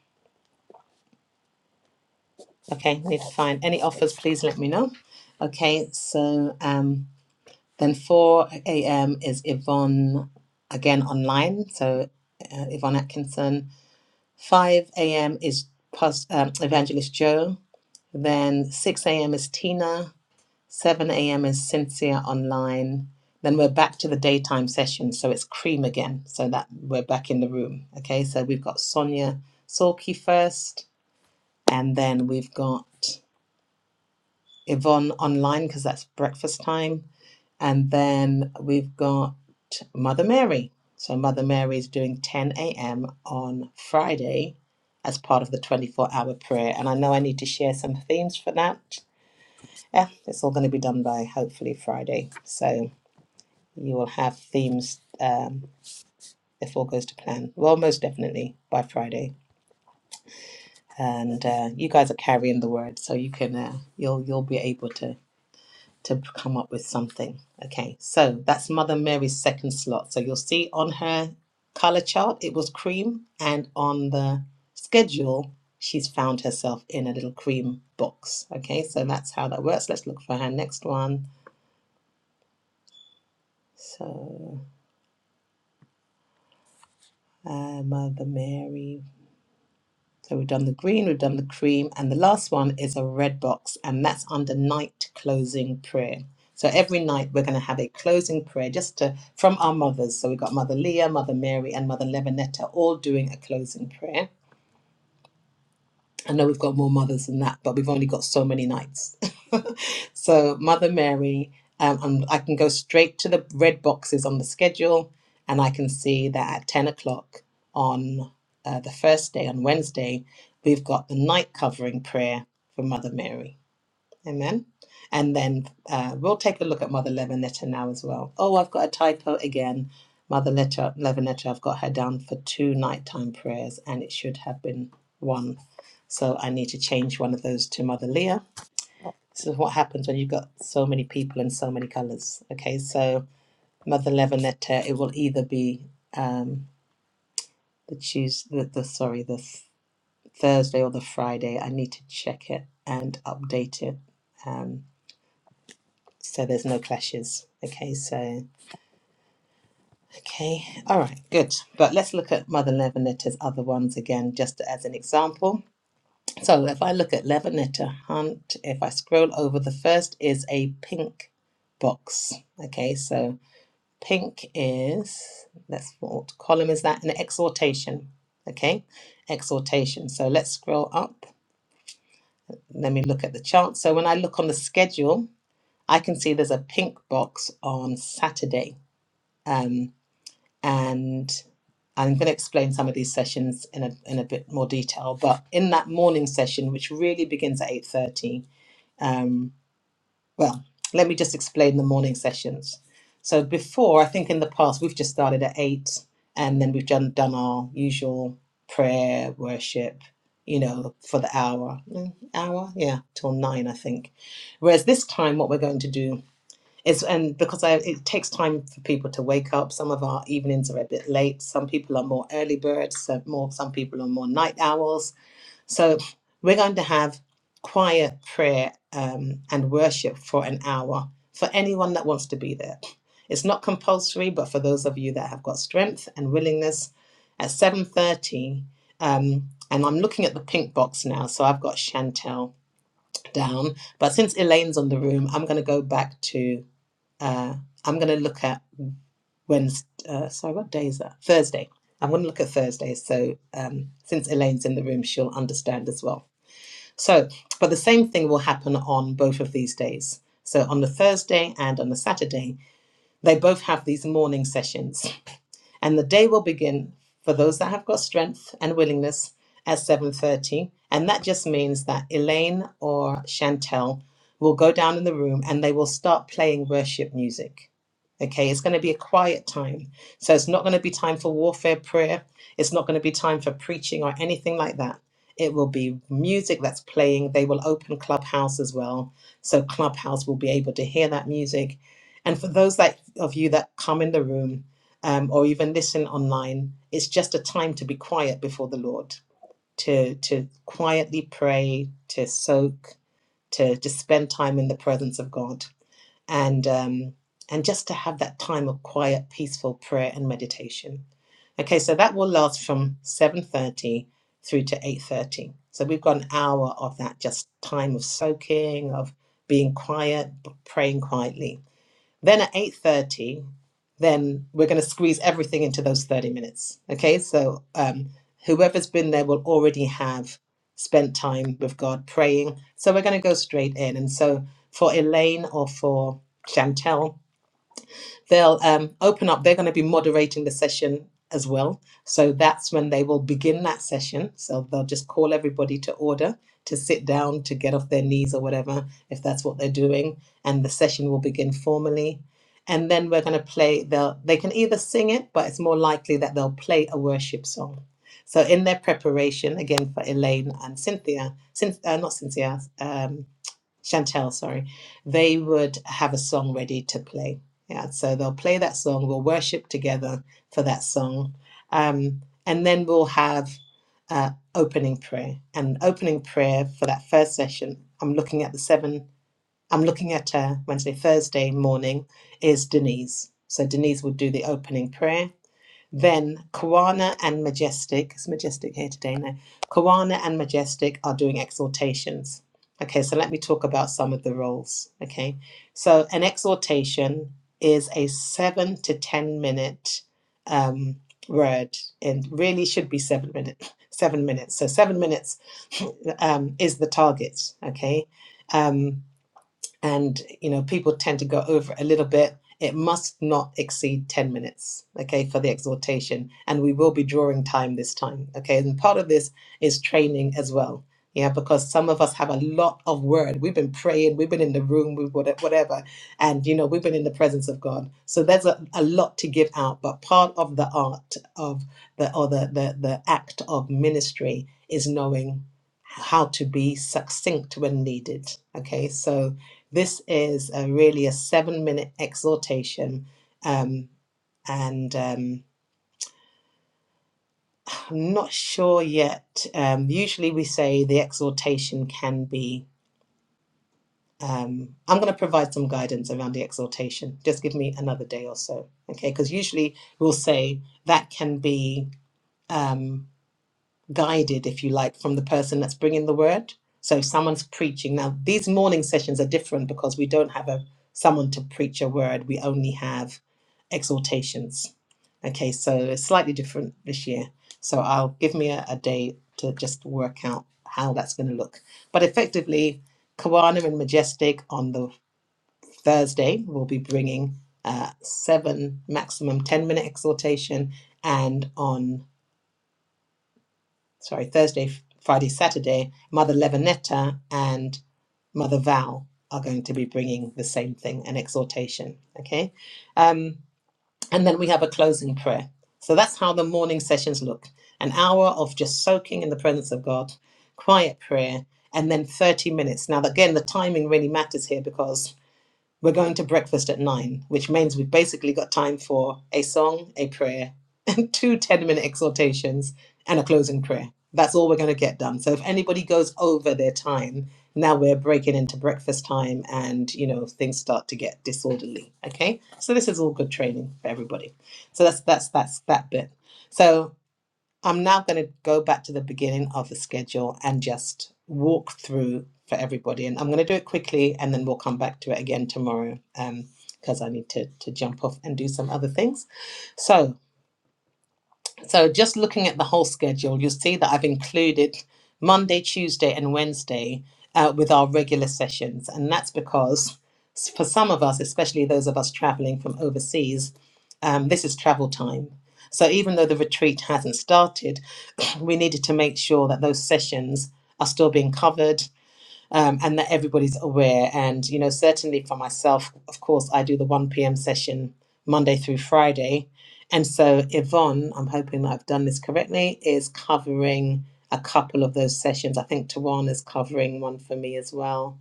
B: Okay, need to find any offers, please let me know. Okay, so um, then 4 a.m. is Yvonne again online. So uh, Yvonne Atkinson. 5 a.m. is Past um, Evangelist Joe. Then 6 a.m. is Tina. 7 a.m. is Cynthia online. Then we're back to the daytime session. So it's cream again. So that we're back in the room. Okay, so we've got Sonia Sorky first And then we've got Yvonne online because that's breakfast time. And then we've got Mother Mary. So Mother Mary is doing 10 a.m. on Friday as part of the 24 hour prayer. And I know I need to share some themes for that. Yeah, it's all going to be done by hopefully Friday. So you will have themes um, if all goes to plan. Well, most definitely by Friday. And uh, you guys are carrying the word, so you can uh, you'll you'll be able to to come up with something. Okay, so that's Mother Mary's second slot. So you'll see on her color chart it was cream, and on the schedule she's found herself in a little cream box. Okay, so that's how that works. Let's look for her next one. So uh, Mother Mary So we've done the green, we've done the cream, and the last one is a red box, and that's under night closing prayer. So every night we're going to have a closing prayer just to, from our mothers. So we've got Mother Leah, Mother Mary, and Mother Levinetta all doing a closing prayer. I know we've got more mothers than that, but we've only got so many nights. so, Mother Mary, um, and I can go straight to the red boxes on the schedule, and I can see that at 10 o'clock on uh, the first day, on Wednesday, we've got the night covering prayer for Mother Mary. Amen. And then uh, we'll take a look at Mother Levinetta now as well. Oh, I've got a typo again. Mother Letta- Levinetta, I've got her down for two nighttime prayers, and it should have been one. So I need to change one of those to Mother Leah. This is what happens when you've got so many people and so many colors. Okay, so Mother Levinetta, it will either be um, the Tuesday, the, the sorry, the Thursday or the Friday. I need to check it and update it. Um, so there's no clashes. Okay, so okay, all right, good. But let's look at Mother Levinetta's other ones again, just as an example. So if I look at Levinetta Hunt, if I scroll over, the first is a pink box. Okay, so pink is that's what column is that? An exhortation. Okay, exhortation. So let's scroll up. Let me look at the chart. So when I look on the schedule, I can see there's a pink box on Saturday. Uh, and I'm going to explain some of these sessions in a in a bit more detail. But in that morning session, which really begins at eight thirty, um, well, let me just explain the morning sessions. So before, I think in the past we've just started at eight, and then we've done done our usual prayer, worship, you know, for the hour, Mm, hour, yeah, till nine, I think. Whereas this time, what we're going to do it's and because I, it takes time for people to wake up. Some of our evenings are a bit late. Some people are more early birds. So more some people are more night owls. So we're going to have quiet prayer um, and worship for an hour for anyone that wants to be there. It's not compulsory, but for those of you that have got strength and willingness, at seven thirty. Um, and I'm looking at the pink box now, so I've got Chantel down. But since Elaine's on the room, I'm going to go back to uh, I'm going to look at Wednesday. Uh, sorry, what day is that? Thursday. I'm going to look at Thursday. So um, since Elaine's in the room, she'll understand as well. So, but the same thing will happen on both of these days. So on the Thursday and on the Saturday, they both have these morning sessions and the day will begin for those that have got strength and willingness at 7.30 and that just means that elaine or chantel will go down in the room and they will start playing worship music okay it's going to be a quiet time so it's not going to be time for warfare prayer it's not going to be time for preaching or anything like that it will be music that's playing they will open clubhouse as well so clubhouse will be able to hear that music and for those that of you that come in the room um, or even listen online. It's just a time to be quiet before the Lord, to to quietly pray, to soak, to just spend time in the presence of God, and um, and just to have that time of quiet, peaceful prayer and meditation. Okay, so that will last from seven thirty through to eight thirty. So we've got an hour of that just time of soaking, of being quiet, praying quietly. Then at 8.30, then we're going to squeeze everything into those 30 minutes. Okay, so um, whoever's been there will already have spent time with God praying. So we're going to go straight in. And so for Elaine or for Chantel, They'll um, open up. They're going to be moderating the session as well. So that's when they will begin that session. So they'll just call everybody to order, to sit down, to get off their knees or whatever, if that's what they're doing. And the session will begin formally. And then we're going to play. They'll they can either sing it, but it's more likely that they'll play a worship song. So in their preparation, again for Elaine and Cynthia, Cyn- uh, not Cynthia, um, Chantel, sorry, they would have a song ready to play. Yeah, so they'll play that song. We'll worship together for that song, um, and then we'll have uh, opening prayer. And opening prayer for that first session, I'm looking at the seven. I'm looking at her Wednesday, Thursday morning is Denise. So Denise will do the opening prayer. Then Kawana and Majestic, is Majestic here today? No. Kawana and Majestic are doing exhortations. Okay, so let me talk about some of the roles. Okay, so an exhortation is a seven to 10 minute um, word and really should be seven minutes. Seven minutes. So seven minutes um, is the target. Okay. um, and you know people tend to go over a little bit it must not exceed 10 minutes okay for the exhortation and we will be drawing time this time okay and part of this is training as well yeah because some of us have a lot of word we've been praying we've been in the room we have whatever and you know we've been in the presence of god so there's a, a lot to give out but part of the art of the or the, the the act of ministry is knowing how to be succinct when needed okay so this is a, really a seven minute exhortation. Um, and um, I'm not sure yet. Um, usually we say the exhortation can be. Um, I'm going to provide some guidance around the exhortation. Just give me another day or so. Okay. Because usually we'll say that can be. Um, guided, if you like, from the person that's bringing the word. So if someone's preaching, now these morning sessions are different because we don't have a someone to preach a word. We only have exhortations. Okay, so it's slightly different this year. So I'll give me a, a day to just work out how that's going to look. But effectively, Kawana and Majestic on the Thursday will be bringing uh, seven maximum ten minute exhortation, and on sorry, Thursday, Friday, Saturday, Mother Levinetta and Mother Val are going to be bringing the same thing, an exhortation. Okay. Um, and then we have a closing prayer. So that's how the morning sessions look an hour of just soaking in the presence of God, quiet prayer, and then 30 minutes. Now, again, the timing really matters here because we're going to breakfast at nine, which means we've basically got time for a song, a prayer, and two minute exhortations and a closing prayer. That's all we're going to get done. So if anybody goes over their time, now we're breaking into breakfast time and you know things start to get disorderly okay so this is all good training for everybody so that's that's that's that bit so I'm now going to go back to the beginning of the schedule and just walk through for everybody. And I'm going to do it quickly and then we'll come back to it again tomorrow um, because I need to, to jump off and do some other things. So. So just looking at the whole schedule, you'll see that I've included Monday, Tuesday, and Wednesday uh, with our regular sessions. And that's because s- for some of us, especially those of us traveling from overseas, um, this is travel time. So even though the retreat hasn't started, we needed to make sure that those sessions are still being covered um, and that everybody's aware. And, you know, certainly for myself, of course, I do the 1 p.m. session Monday through Friday. And so Yvonne, I'm hoping that I've done this correctly, is covering a couple of those sessions. I think Tawan is covering one for me as well.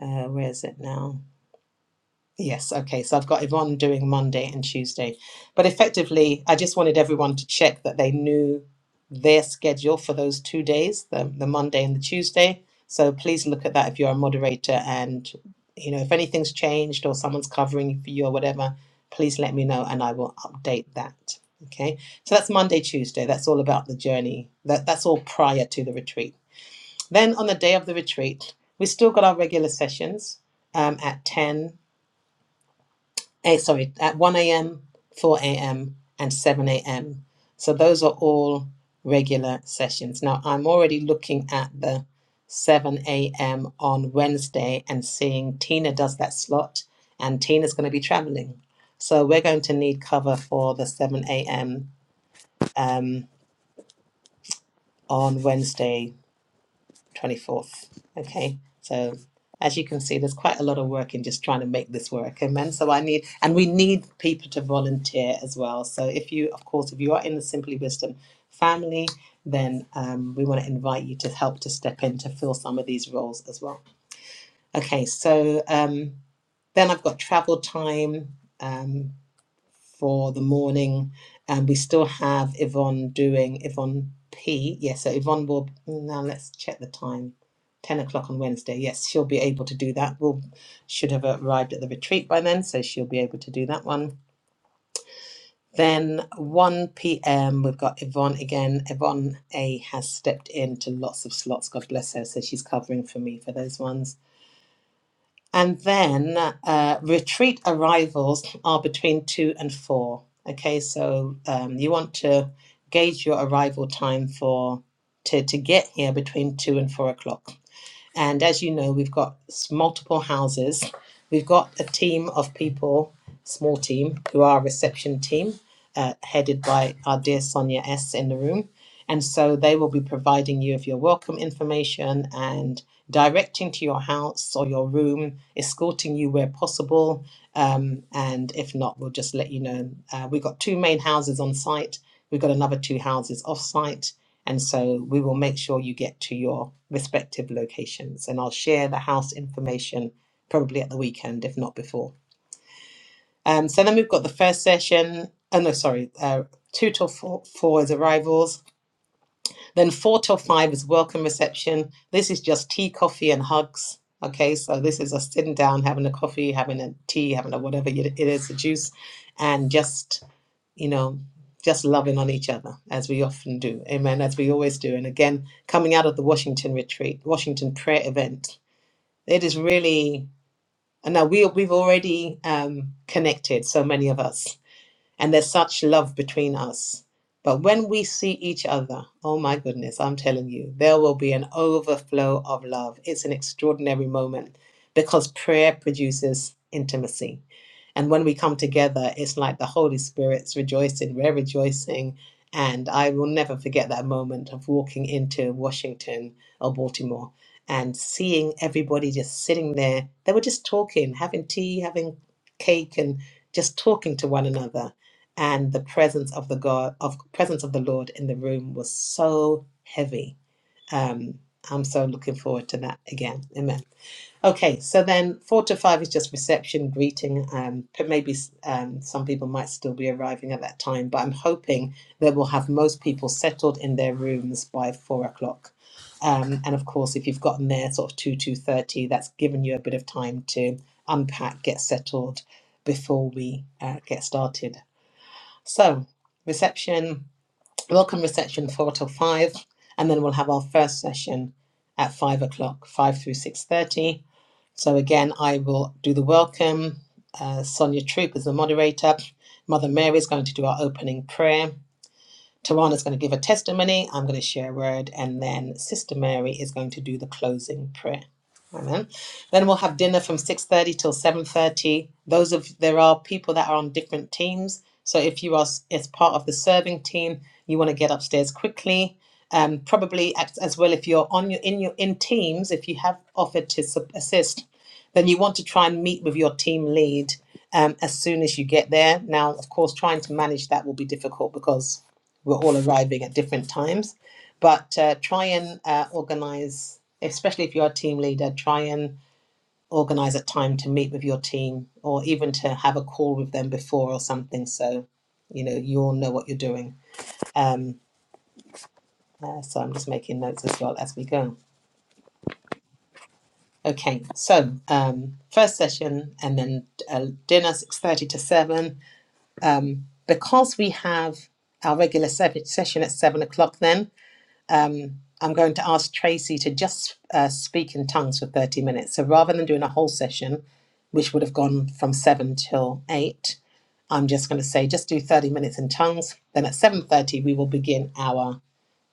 B: Uh, where is it now? Yes, okay. So I've got Yvonne doing Monday and Tuesday. But effectively, I just wanted everyone to check that they knew their schedule for those two days, the, the Monday and the Tuesday. So please look at that if you're a moderator and, you know, if anything's changed or someone's covering for you or whatever, please let me know and I will update that. Okay. So that's Monday, Tuesday. That's all about the journey. That that's all prior to the retreat. Then on the day of the retreat, we still got our regular sessions um, at 10 eh, sorry, at 1 a.m., 4 a.m., and 7 a.m. So those are all regular sessions. Now, I'm already looking at the 7 a.m. on Wednesday and seeing Tina does that slot, and Tina's going to be traveling. So we're going to need cover for the 7 a.m. Um, on Wednesday 24th. Okay, so as you can see, there's quite a lot of work in just trying to make this work. Amen. So I need, and we need people to volunteer as well. So if you, of course, if you are in the Simply Wisdom family, then um, we want to invite you to help to step in to fill some of these roles as well. Okay, so um, then I've got travel time. Um, for the morning, and we still have Yvonne doing Yvonne P. Yes, so Yvonne will now let's check the time. 10 o'clock on Wednesday. Yes, she'll be able to do that. We'll should have arrived at the retreat by then, so she'll be able to do that one. Then 1 p.m. we've got Yvonne again. Yvonne A has stepped into lots of slots. God bless her. So she's covering for me for those ones. And then uh, retreat arrivals are between two and four. Okay, so um, you want to gauge your arrival time for to, to get here between two and four o'clock. And as you know, we've got s- multiple houses We've got a team of people, small team, who are a reception team, uh, headed by our dear Sonia S. in the room. And so they will be providing you with your welcome information and directing to your house or your room, escorting you where possible. Um, and if not, we'll just let you know. Uh, we've got two main houses on site, we've got another two houses off site. And so we will make sure you get to your respective locations. And I'll share the house information probably at the weekend, if not before. Um, so then we've got the first session. Oh no, sorry, uh, two till four, four is arrivals. Then four till five is welcome reception. This is just tea, coffee, and hugs. Okay, so this is us sitting down, having a coffee, having a tea, having a whatever it is, a juice, and just you know, just loving on each other as we often do. Amen. As we always do. And again, coming out of the Washington retreat, Washington prayer event, it is really. And now we we've already um, connected, so many of us. And there's such love between us. But when we see each other, oh my goodness, I'm telling you, there will be an overflow of love. It's an extraordinary moment because prayer produces intimacy. And when we come together, it's like the Holy Spirit's rejoicing. We're rejoicing. And I will never forget that moment of walking into Washington or Baltimore and seeing everybody just sitting there. They were just talking, having tea, having cake, and just talking to one another and the presence of the God of presence of the Lord in the room was so heavy. Um, I'm so looking forward to that again. Amen. Okay, so then four to five is just reception, greeting. Um, but maybe um, some people might still be arriving at that time, but I'm hoping that we'll have most people settled in their rooms by four o'clock. Um, and of course, if you've gotten there sort of two two thirty, that's given you a bit of time to unpack, get settled before we uh, get started. So, reception, welcome reception four till five, and then we'll have our first session at five o'clock, five through six thirty. So again, I will do the welcome. Uh, Sonia Troop is the moderator. Mother Mary is going to do our opening prayer. Tarana's going to give a testimony. I'm going to share a word. And then Sister Mary is going to do the closing prayer. Amen. Then we'll have dinner from 6.30 till 7.30. Those of, there are people that are on different teams. So if you are s- as part of the serving team, you want to get upstairs quickly. Um, probably as, as well, if you're on your, in your, in teams, if you have offered to sup- assist, then you want to try and meet with your team lead um, as soon as you get there. Now, of course, trying to manage that will be difficult because we're all arriving at different times but uh, try and uh, organize especially if you're a team leader try and organize a time to meet with your team or even to have a call with them before or something so you know you all know what you're doing um, uh, so i'm just making notes as well as we go okay so um, first session and then uh, dinner 6.30 to 7 because we have our regular se- session at 7 o'clock then I'm going to ask Tracy to just uh, speak in tongues for 30 minutes. So rather than doing a whole session, which would have gone from 7 till 8, I'm just going to say just do 30 minutes in tongues. Then at 7.30, we will begin our,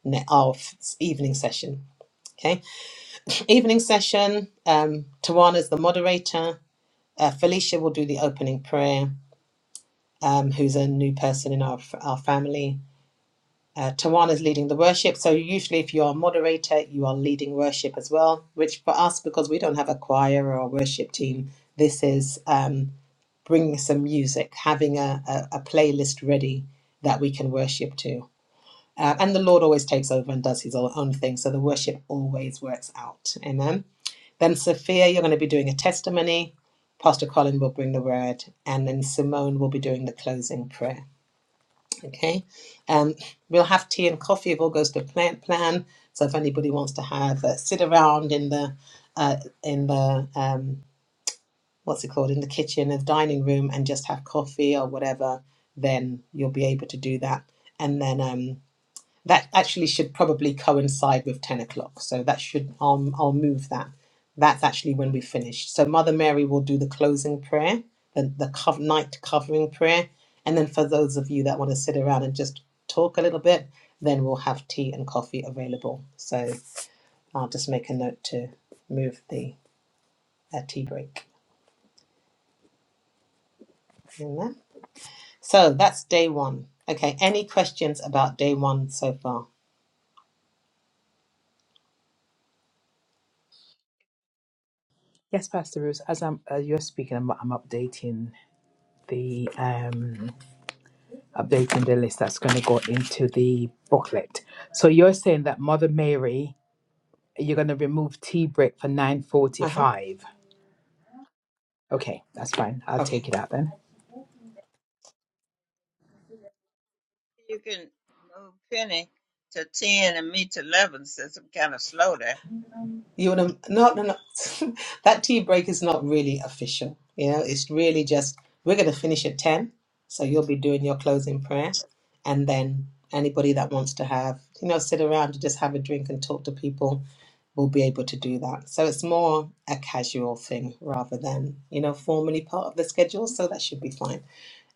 B: ne- our f- evening session. Okay, evening session, um, Tawana's the moderator. Uh, Felicia will do the opening prayer, um, who's a new person in our, our family Uh, Tawana is leading the worship. So, usually, if you're a moderator, you are leading worship as well, which for us, because we don't have a choir or a worship team, this is um, bringing some music, having a, a, a playlist ready that we can worship to. Uh, and the Lord always takes over and does his own thing. So, the worship always works out. Amen. Then, Sophia, you're going to be doing a testimony. Pastor Colin will bring the word. And then Simone will be doing the closing prayer. Okay. Um, we'll have tea and coffee if all goes to plan. plan. So if anybody wants to have uh, sit around in the uh, in the um, what's it called in the kitchen the dining room and just have coffee or whatever, then you'll be able to do that. And then um, that actually should probably coincide with 10 o'clock so that should um, i'll move that that's actually when we finish so mother mary will do the closing prayer the, the cov- night covering prayer and then for those of you that want to sit around and just talk a little bit then we'll have tea and coffee available so i'll just make a note to move the uh, tea break Amen. so that's day one okay any questions about day one so far
J: Yes, Pastor Ruth. As I'm, uh, you're speaking, I'm, I'm updating the um, updating the list that's going to go into the booklet. So you're saying that Mother Mary, you're going to remove tea break for nine
B: uh-huh
J: forty-five. Okay, that's fine. I'll
B: okay
J: take it out then.
A: You can move Penny to 10 and me to 11 since I'm kind of slow there.
B: You would have no, no, no. that tea break is not really official. You know, it's really just we're going to finish at ten, so you'll be doing your closing prayer, and then anybody that wants to have you know sit around and just have a drink and talk to people will be able to do that. So it's more a casual thing rather than you know formally part of the schedule. So that should be fine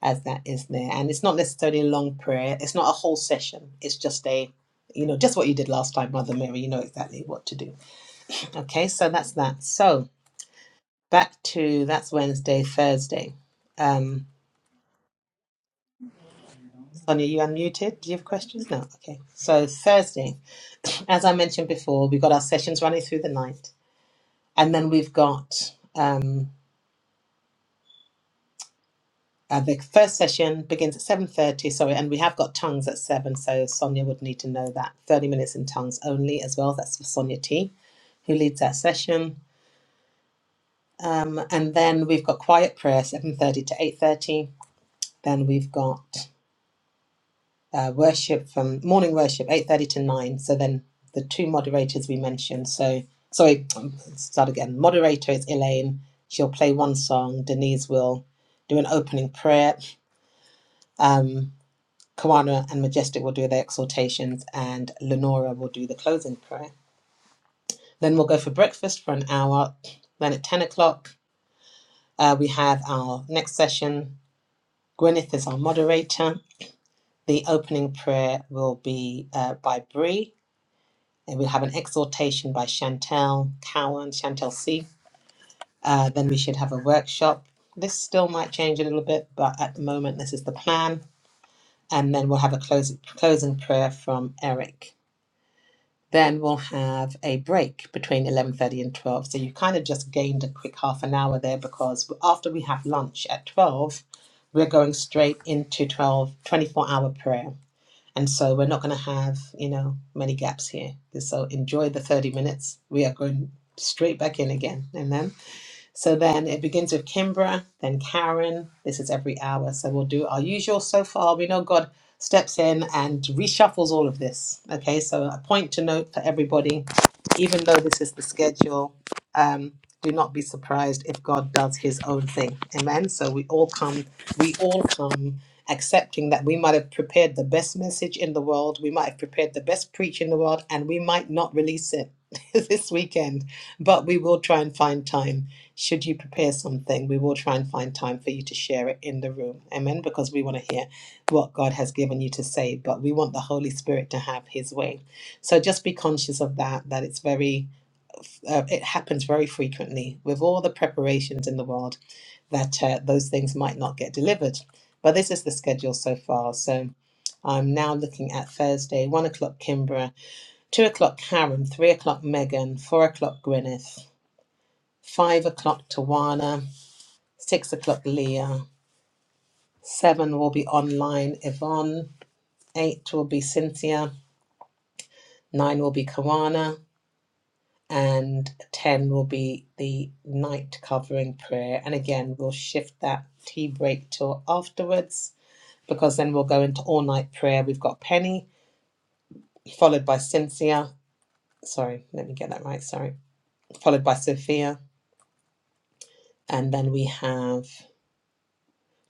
B: as that is there. And it's not necessarily a long prayer. It's not a whole session. It's just a, you know, just what you did last time, Mother Mary. You know exactly what to do. Okay, so that's that. So back to that's Wednesday, Thursday. Um, Sonia, you unmuted. Do you have a question? No. Okay. So Thursday, as I mentioned before, we've got our sessions running through the night, and then we've got um, uh, the first session begins at seven thirty. Sorry, and we have got tongues at seven. So Sonia would need to know that thirty minutes in tongues only as well. That's for Sonia T who leads that session. Um, and then we've got quiet prayer, 7.30 to 8.30. Then we've got uh, worship from morning worship 8.30 to 9 so then the two moderators we mentioned so sorry let start again moderator is elaine she'll play one song denise will do an opening prayer um, kawana and majestic will do their exhortations and lenora will do the closing prayer then we'll go for breakfast for an hour then at 10 o'clock uh, we have our next session gwyneth is our moderator the opening prayer will be uh, by Bree, And we'll have an exhortation by Chantel Cowan, Chantel C. Uh, then we should have a workshop. This still might change a little bit, but at the moment, this is the plan. And then we'll have a close, closing prayer from Eric. Then we'll have a break between 11.30 and 12. So you kind of just gained a quick half an hour there because after we have lunch at 12, we're going straight into 12, 24-hour prayer. And so we're not going to have, you know, many gaps here. So enjoy the 30 minutes. We are going straight back in again. Amen. So then it begins with Kimbra, then Karen. This is every hour. So we'll do our usual so far. We know God steps in and reshuffles all of this. Okay, so a point to note for everybody, even though this is the schedule, um, do not be surprised if God does his own thing. Amen. So we all come, we all come accepting that we might have prepared the best message in the world, we might have prepared the best preach in the world, and we might not release it this weekend, but we will try and find time should you prepare something, we will try and find time for you to share it in the room. Amen. Because we want to hear what God has given you to say, but we want the Holy Spirit to have His way. So just be conscious of that, that it's very, uh, it happens very frequently with all the preparations in the world that uh, those things might not get delivered. But this is the schedule so far. So I'm now looking at Thursday, one o'clock Kimbra, two o'clock Karen, three o'clock Megan, four o'clock Gwyneth, five o'clock Tawana Six o'clock, Leah. Seven will be online, Yvonne. Eight will be Cynthia. Nine will be Kawana. And 10 will be the night covering prayer. And again, we'll shift that tea break till afterwards because then we'll go into all night prayer. We've got Penny, followed by Cynthia. Sorry, let me get that right. Sorry. Followed by Sophia. And then we have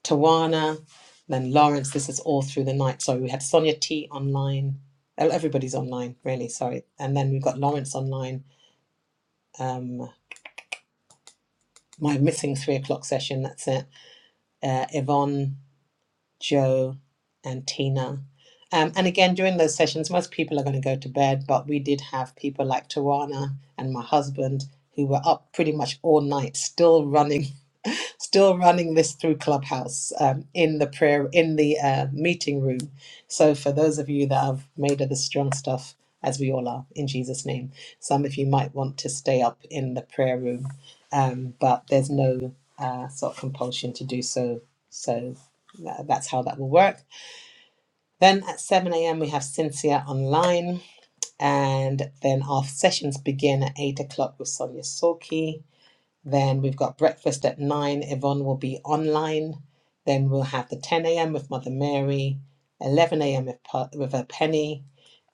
B: Tawana, then Lawrence. This is all through the night. Sorry, we had Sonia T online. Oh, Everybody's online, really. Sorry, and then we've got Lawrence online. Um, my missing three o'clock session. That's it. Uh, Yvonne, Joe, and Tina. Um, and again, during those sessions, most people are going to go to bed, but we did have people like Tawana and my husband who were up pretty much all night, still running still running this through clubhouse um, in the prayer in the uh, meeting room so for those of you that have made of the strong stuff as we all are in jesus name some of you might want to stay up in the prayer room um, but there's no uh, sort of compulsion to do so so tha- that's how that will work then at 7 a.m we have cynthia online and then our sessions begin at 8 o'clock with sonia sorki then we've got breakfast at nine. Yvonne will be online. Then we'll have the 10 a.m. with Mother Mary, 11 a.m. with, Pa- with a Penny,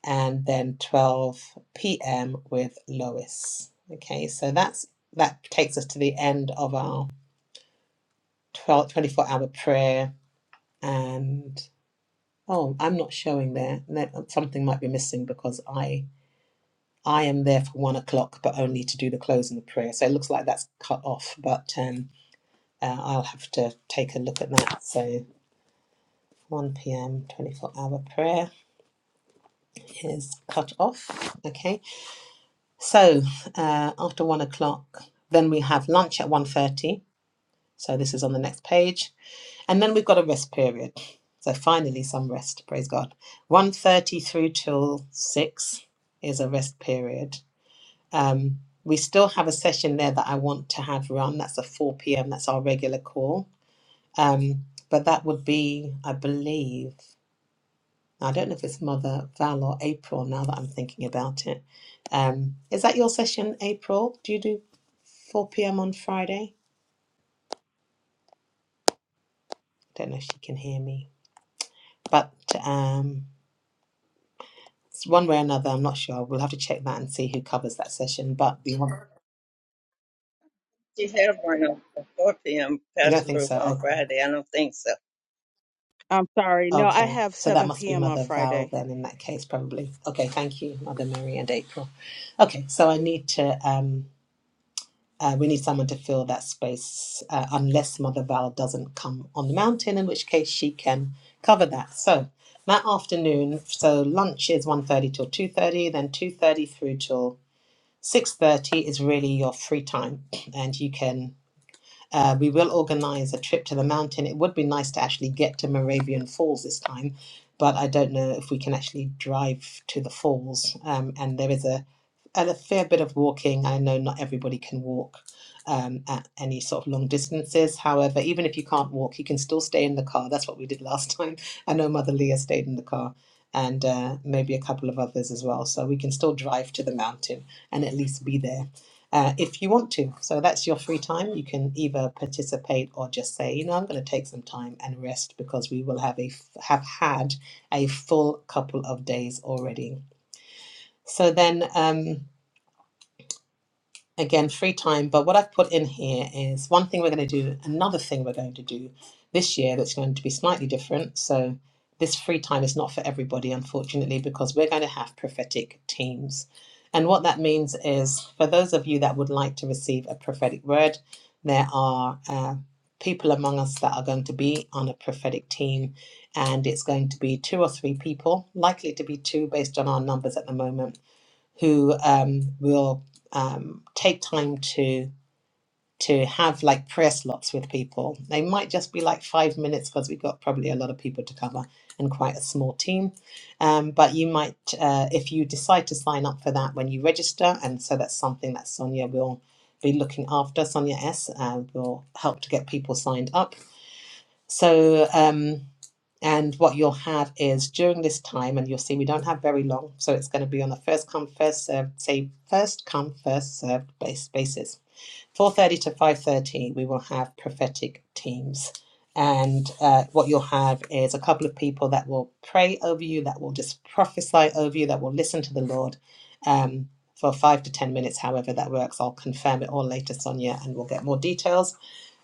B: and then 12 p.m. with Lois. Okay, so that's that takes us to the end of our 12 24 hour prayer. And oh, I'm not showing there. No, Something might be missing because I I am there for one o'clock, but only to do the closing of prayer. So it looks like that's cut off, but. Um, Uh, I'll have to take a look at that. So 1 p.m. 24 hour prayer is cut off. Okay. So uh, after one o'clock, then we have lunch at 1.30. So this is on the next page. And then we've got a rest period. So finally some rest, praise God. 1.30 through till 6 is a rest period. Um, we still have a session there that I want to have run. That's a 4 p.m. That's our regular call. Um, but that would be, I believe. I don't know if it's Mother Val or April now that I'm thinking about it. Um, is that your session, April? Do you do 4 p.m. on Friday? I don't know if she can hear me. But um, it's one way or another, I'm not sure. We'll have to check that and see who covers that session. But the one,
A: She had one on at 4 p.m.
B: you
A: past
B: don't
A: the
B: think
A: roof
B: so?
A: on
B: Okay.
A: Friday. I don't think so.
F: I'm sorry. No, I
B: Okay.
F: have
B: So that
F: 7
B: must be
F: p.m. on
B: Mother
F: Friday.
B: Val then in that case, probably. Okay. Thank you, Mother Mary and April. Okay. So I need to. um Uh, we need someone to fill that space uh, unless Mother Val doesn't come on the mountain, in which case she can cover that. So that afternoon, so lunch is one thirty till 2.30, then 2.30 through till 6.30 is really your free time. And you can uh, we will organize a trip to the mountain. It would be nice to actually get to Moravian Falls this time, but I don't know if we can actually drive to the falls. Um, and there is a, a fair bit of walking. I know not everybody can walk um, at any sort of long distances. However, even if you can't walk, you can still stay in the car. That's what we did last time. I know Mother Leah stayed in the car. And uh, maybe a couple of others as well. So we can still drive to the mountain and at least be there uh, if you want to. So that's your free time. You can either participate or just say, you know, I'm going to take some time and rest because we will have a have had a full couple of days already. So then. Um, again free time but what i've put in here is one thing we're going to do another thing we're going to do this year that's going to be slightly different so this free time is not for everybody unfortunately because we're going to have prophetic teams and what that means is for those of you that would like to receive a prophetic word there are uh, people among us that are going to be on a prophetic team and it's going to be two or three people likely to be two based on our numbers at the moment who um, will um, take time to to have like prayer slots with people. They might just be like five minutes because we've got probably a lot of people to cover and quite a small team. Um, but you might, uh, if you decide to sign up for that when you register, and so that's something that Sonia will be looking after. Sonia S uh, will help to get people signed up. So. Um, and what you'll have is during this time, and you'll see we don't have very long, so it's going to be on a first come first served, say first come first served base, basis. 4:30 to 5:30, we will have prophetic teams, and uh, what you'll have is a couple of people that will pray over you, that will just prophesy over you, that will listen to the Lord. Um, for five to ten minutes, however that works, I'll confirm it all later, Sonia, and we'll get more details.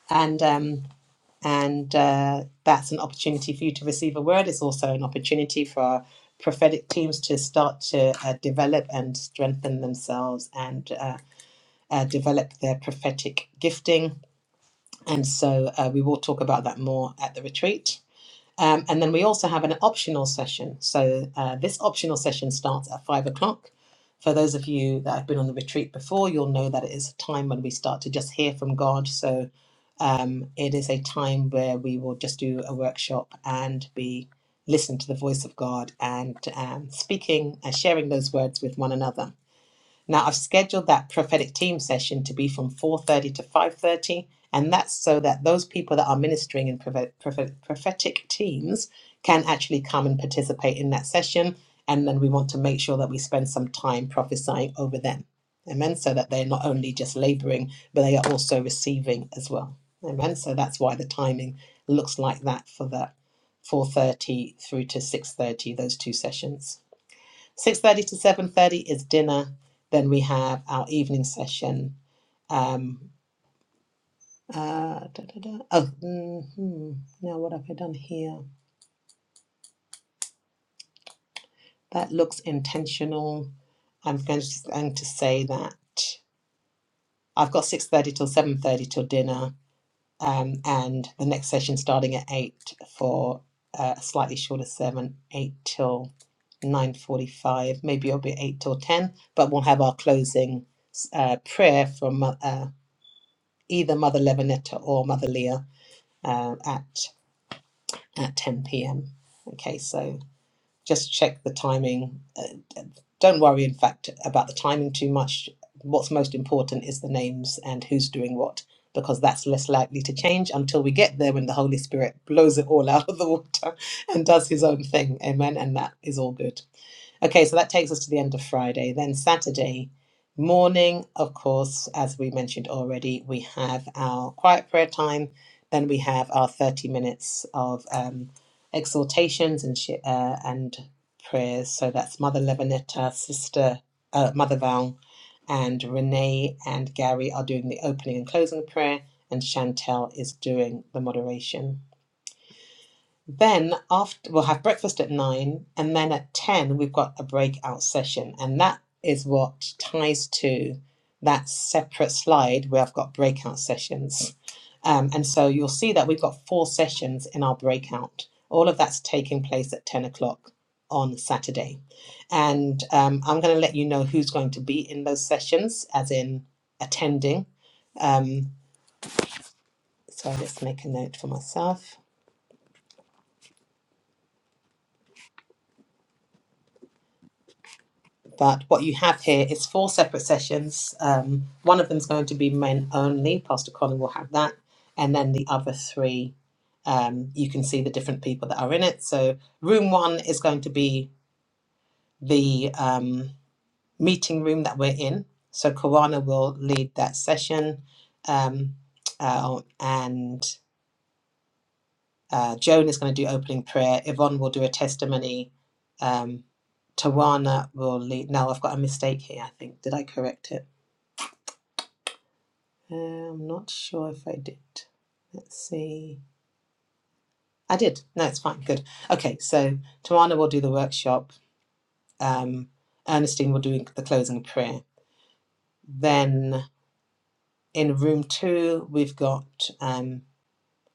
B: And um, and uh, that's an opportunity for you to receive a word. It's also an opportunity for our prophetic teams to start to uh, develop and strengthen themselves and uh, uh, develop their prophetic gifting. And so uh, we will talk about that more at the retreat. Um, and then we also have an optional session. So uh, this optional session starts at five o'clock. For those of you that have been on the retreat before, you'll know that it is a time when we start to just hear from God. So um, it is a time where we will just do a workshop and be listen to the voice of God and um, speaking and sharing those words with one another. Now I've scheduled that prophetic team session to be from 4:30 to 5:30 and that's so that those people that are ministering in prophet, prophet, prophetic teams can actually come and participate in that session and then we want to make sure that we spend some time prophesying over them. Amen so that they're not only just laboring but they are also receiving as well. Amen so that's why the timing looks like that for that 4:30 through to 6:30 those two sessions. 6.30 to 7.30 is dinner then we have our evening session um uh da, da, da. oh mhm. now what have i done here that looks intentional i'm going to, going to say that i've got 6.30 till 7.30 till dinner um, and the next session starting at 8 for uh, slightly shorter 7 8 till 9.45 maybe it'll be 8 till 10 but we'll have our closing uh, prayer from uh, either Mother Levinetta or Mother Leah uh, at at 10 p.m. Okay, so just check the timing. uh, don't worry, in fact, about the timing too much. What's most important is the names and who's doing what, because that's less likely to change until we get there when the Holy Spirit blows it all out of the water and does his own thing. Amen. And that is all good. Okay, so that takes us to the end of Friday. Then Saturday morning, of course, as we mentioned already, we have our quiet prayer time. Then we have our 30 minutes of um, exhortations and, shi- uh, and prayers. So that's Mother Lebanetta, Sister uh, Mother Val, and Renee and Gary are doing the opening and closing prayer, and Chantel is doing the moderation. Then after we'll have breakfast at nine, and then at ten we've got a breakout session, and that is what ties to that separate slide where I've got breakout sessions. Um, and so you'll see that we've got four sessions in our breakout. All of that's taking place at ten o'clock on Saturday, and um, I'm going to let you know who's going to be in those sessions, as in attending. Um, so let's make a note for myself. But what you have here is four separate sessions. Um, one of them is going to be men only. Pastor Colin will have that. And then the other three, um, you can see the different people that are in it. So, room one is going to be the um, meeting room that we're in. So, Kawana will lead that session. Um, uh, and uh, Joan is going to do opening prayer. Yvonne will do a testimony. Um, Tawana will lead. No, I've got a mistake here, I think. Did I correct it? Uh, I'm not sure if I did. Let's see. I did. No, it's fine. Good. Okay, so Tawana will do the workshop. Um, Ernestine will do the closing prayer. Then in room two, we've got um,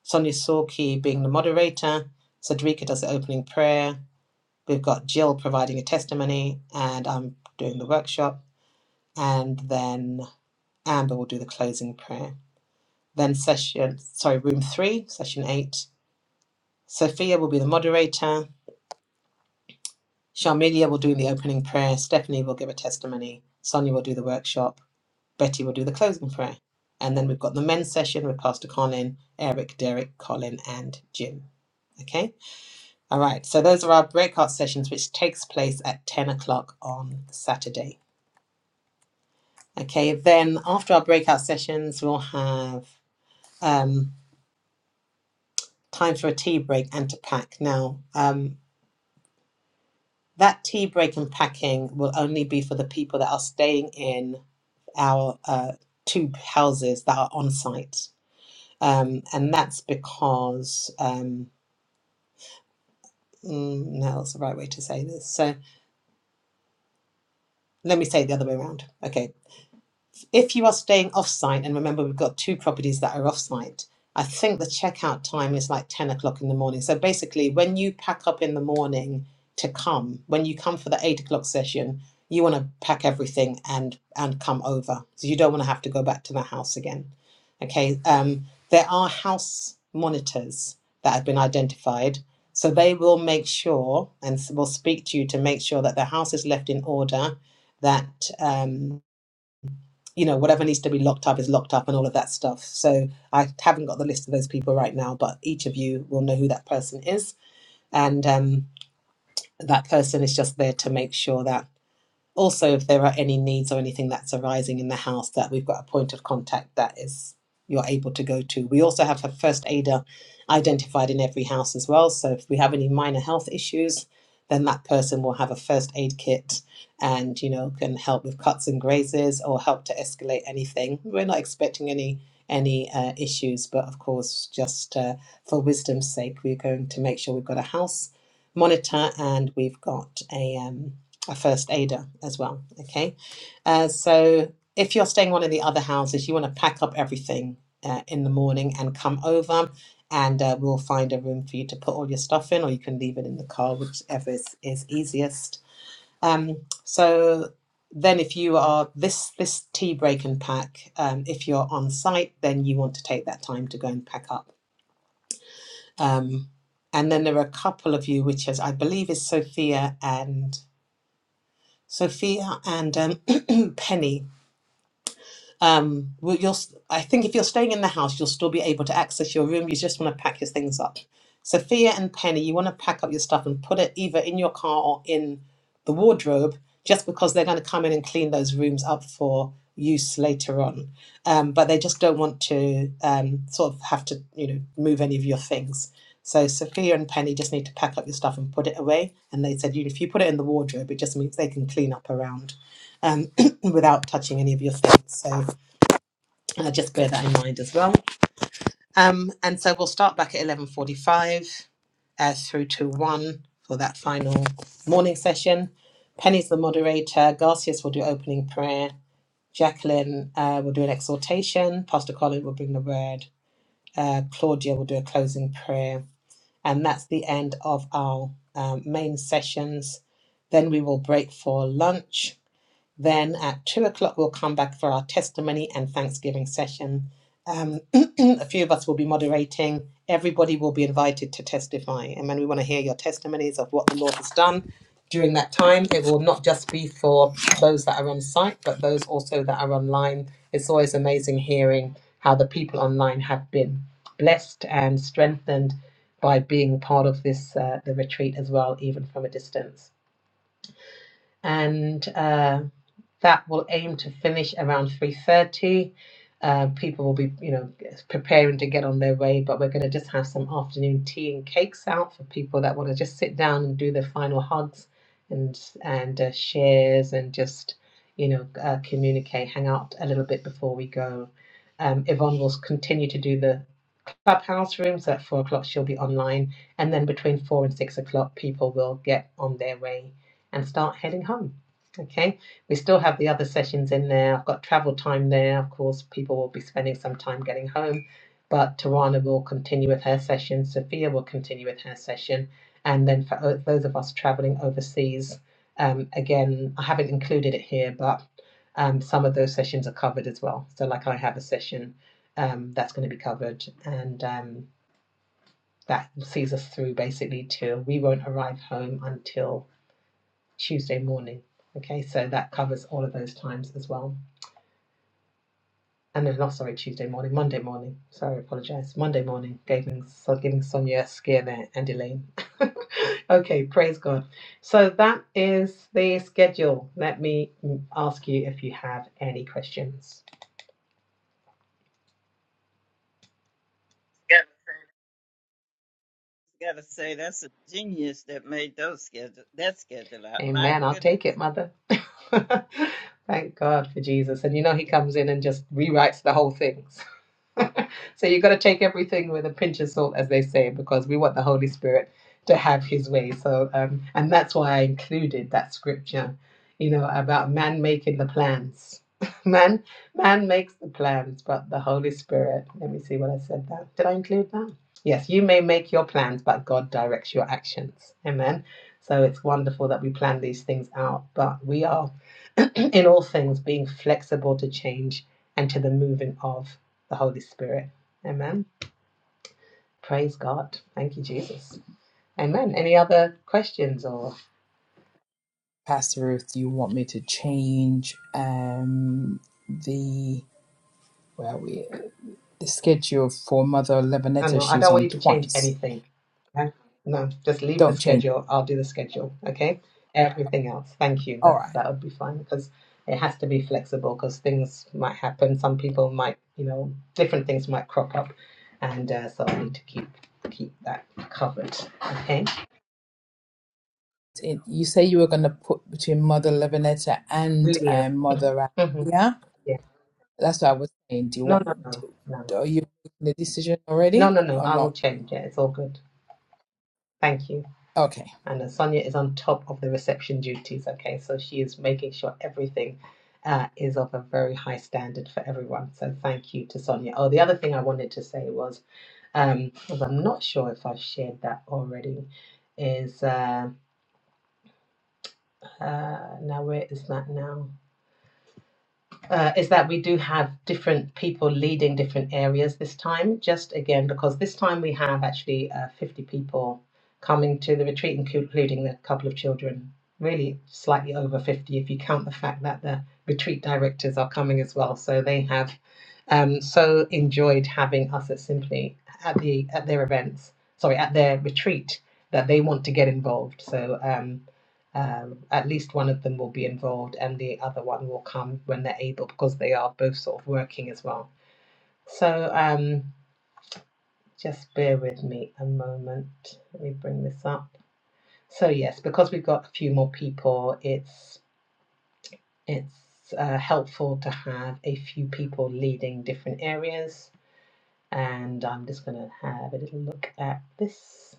B: Sonia Sorki being the moderator. Cedrica does the opening prayer. We've got Jill providing a testimony, and I'm doing the workshop. And then Amber will do the closing prayer. Then session, sorry, room three, session eight. Sophia will be the moderator. Sharmilia will do the opening prayer. Stephanie will give a testimony. Sonia will do the workshop. Betty will do the closing prayer. And then we've got the men's session with Pastor Colin, Eric, Derek, Colin, and Jim. Okay? All right. So those are our breakout sessions, which takes place at 10 o'clock on Saturday. Okay. Then after our breakout sessions, we'll have um, time for a tea break and to pack. Now, um, That tea break and packing will only be for the people that are staying in our uh, two houses that are on site. Um, and that's because, um, mm, no, that's the right way to say this. So let me say it the other way around. Okay, if you are staying off-site, and remember we've got two properties that are off-site, I think the checkout time is like 10 o'clock in the morning. So basically, when you pack up in the morning to come, when you come for the eight o'clock session, you want to pack everything and and come over. So you don't want to have to go back to the house again. Okay. Um, there are house monitors that have been identified. So they will make sure and s- will speak to you to make sure that the house is left in order, that um, you know, whatever needs to be locked up is locked up and all of that stuff. So I haven't got the list of those people right now, but each of you will know who that person is. And um, that person is just there to make sure that also, if there are any needs or anything that's arising in the house, that we've got a point of contact that is you're able to go to. We also have a first aider identified in every house as well. So if we have any minor health issues, then that person will have a first aid kit and you know can help with cuts and grazes or help to escalate anything. We're not expecting any any uh, issues, but of course, just uh, for wisdom's sake, we're going to make sure we've got a house monitor and we've got a um, a first aider as well. Okay. Uh, so if you're staying one of the other houses, you want to pack up everything uh, in the morning and come over, and uh, we'll find a room for you to put all your stuff in, or you can leave it in the car, whichever is, is easiest. Um, so then if you are this this tea break and pack um, if you're on site then you want to take that time to go and pack up um, and then there are a couple of you which is i believe is sophia and Sophia and um, Penny. Um, well, you'll, s- I think if you're staying in the house, you'll still be able to access your room. You just want to pack your things up. Sophia and Penny, you want to pack up your stuff and put it either in your car or in the wardrobe, just because they're going to come in and clean those rooms up for use later on. Um, but they just don't want to um, sort of have to, you know, move any of your things. So Sophia and Penny just need to pack up your stuff and put it away. And they said, you if you put it in the wardrobe, it just means they can clean up around um, without touching any of your things. So uh, just bear that in mind as well. Um, and so we'll start back at 11.45 uh, through to 1 for that final morning session. Penny's the moderator. Garcias will do opening prayer. Jacqueline uh, will do an exhortation. Pastor Colin will bring the word. Uh, Claudia will do a closing prayer. And that's the end of our um, main sessions. Then we will break for lunch then at two o'clock, we'll come back for our testimony and Thanksgiving session. Um, a few of us will be moderating. Everybody will be invited to testify. And then we want to hear your testimonies of what the Lord has done during that time. It will not just be for those that are on site, but those also that are online. It's always amazing hearing how the people online have been blessed and strengthened by being part of this uh, the retreat as well, even from a distance. And uh, that will aim to finish around 3.30 uh, people will be you know preparing to get on their way but we're going to just have some afternoon tea and cakes out for people that want to just sit down and do their final hugs and and uh, shares and just you know uh, communicate hang out a little bit before we go um, yvonne will continue to do the clubhouse rooms at four o'clock she'll be online and then between four and six o'clock people will get on their way and start heading home okay we still have the other sessions in there i've got travel time there of course people will be spending some time getting home but tarana will continue with her session sophia will continue with her session and then for o- those of us traveling overseas um, again i haven't included it here but um, some of those sessions are covered as well so like i have a session um, that's going to be covered, and um, that sees us through basically till we won't arrive home until Tuesday morning. Okay, so that covers all of those times as well. And then, not sorry, Tuesday morning, Monday morning. Sorry, apologize. Monday morning, giving so giving Sonia a scare there and Elaine. okay, praise God. So that is the schedule. Let me mm, ask you if you have any questions.
A: gotta say that's a genius that made those schedule that schedule out. My
B: Amen. I'll
A: goodness.
B: take it, mother. Thank God for Jesus. And you know, he comes in and just rewrites the whole thing. so you've got to take everything with a pinch of salt, as they say, because we want the Holy Spirit to have his way. So, um, and that's why I included that scripture, you know, about man making the plans. man, man makes the plans, but the Holy Spirit, let me see what I said that. Did I include that? Yes, you may make your plans, but God directs your actions. Amen. So it's wonderful that we plan these things out, but we are in all things being flexible to change and to the moving of the Holy Spirit. Amen. Praise God. Thank you, Jesus. Amen. Any other questions or
J: Pastor Ruth, do you want me to change um, the where are we the schedule for Mother
B: No,
J: Lebanetta?
B: no, I
J: She's
B: don't want
J: on
B: you to change
J: twice.
B: anything. Okay? No, just leave the
J: Don't change.
B: schedule. I'll do the schedule. Okay. Everything else. Thank you.
J: All
B: That's
J: right.
B: that would be fine because it has to be flexible because things might happen. Some people might, you know, different things might crop up, and uh, so I need to keep keep that covered. Okay.
J: it, you say you were going to put between Mother Levinetta and
B: Leah.
J: um, Mother
B: hmm
J: Ania.
B: Yeah.
J: That's what I was saying. Do you
B: No, no,
J: want?
B: no, no,
J: Do, are you making the decision
B: no,
J: already
B: no, no.
J: or
B: I will
J: not?
B: change it. It's all good. Thank you.
J: Okay.
B: and Sonia is on top of the reception duties. Okay, so she is making sure everything uh, is of a very high standard for everyone. So thank you to Sonia. Oh, the other thing I wanted to say was, um, was I'm not sure if I've shared that already. Is uh, uh, now where is that now? uh, is that we do have different people leading different areas this time, just again because this time we have actually uh, 50 people coming to the retreat, including a couple of children, really slightly over 50 if you count the fact that the retreat directors are coming as well. So they have um, so enjoyed having us at Simply at the at their events, sorry, at their retreat that they want to get involved. So um, um, at least one of them will be involved, and the other one will come when they're able because they are both sort of working as well. So um, just bear with me a moment. Let me bring this up. So yes, because we've got a few more people, it's it's uh, helpful to have a few people leading different areas. And I'm just going to have a little look at this.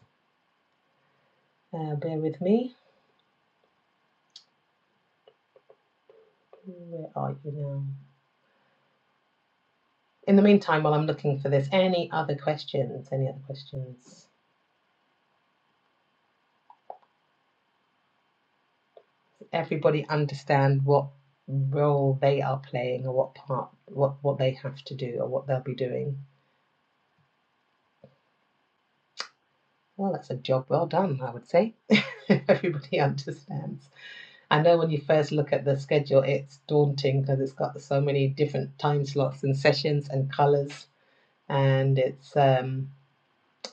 B: Uh, bear with me. Where are you now? In the meantime, while I'm looking for this, any other questions? Any other questions? Does Everybody understand what role they are playing or what part, what, what they have to do or what they'll be doing? Well, that's a job well done, I would say. Everybody understands. I know when you first look at the schedule, it's daunting because it's got so many different time slots and sessions and colors, and it's um,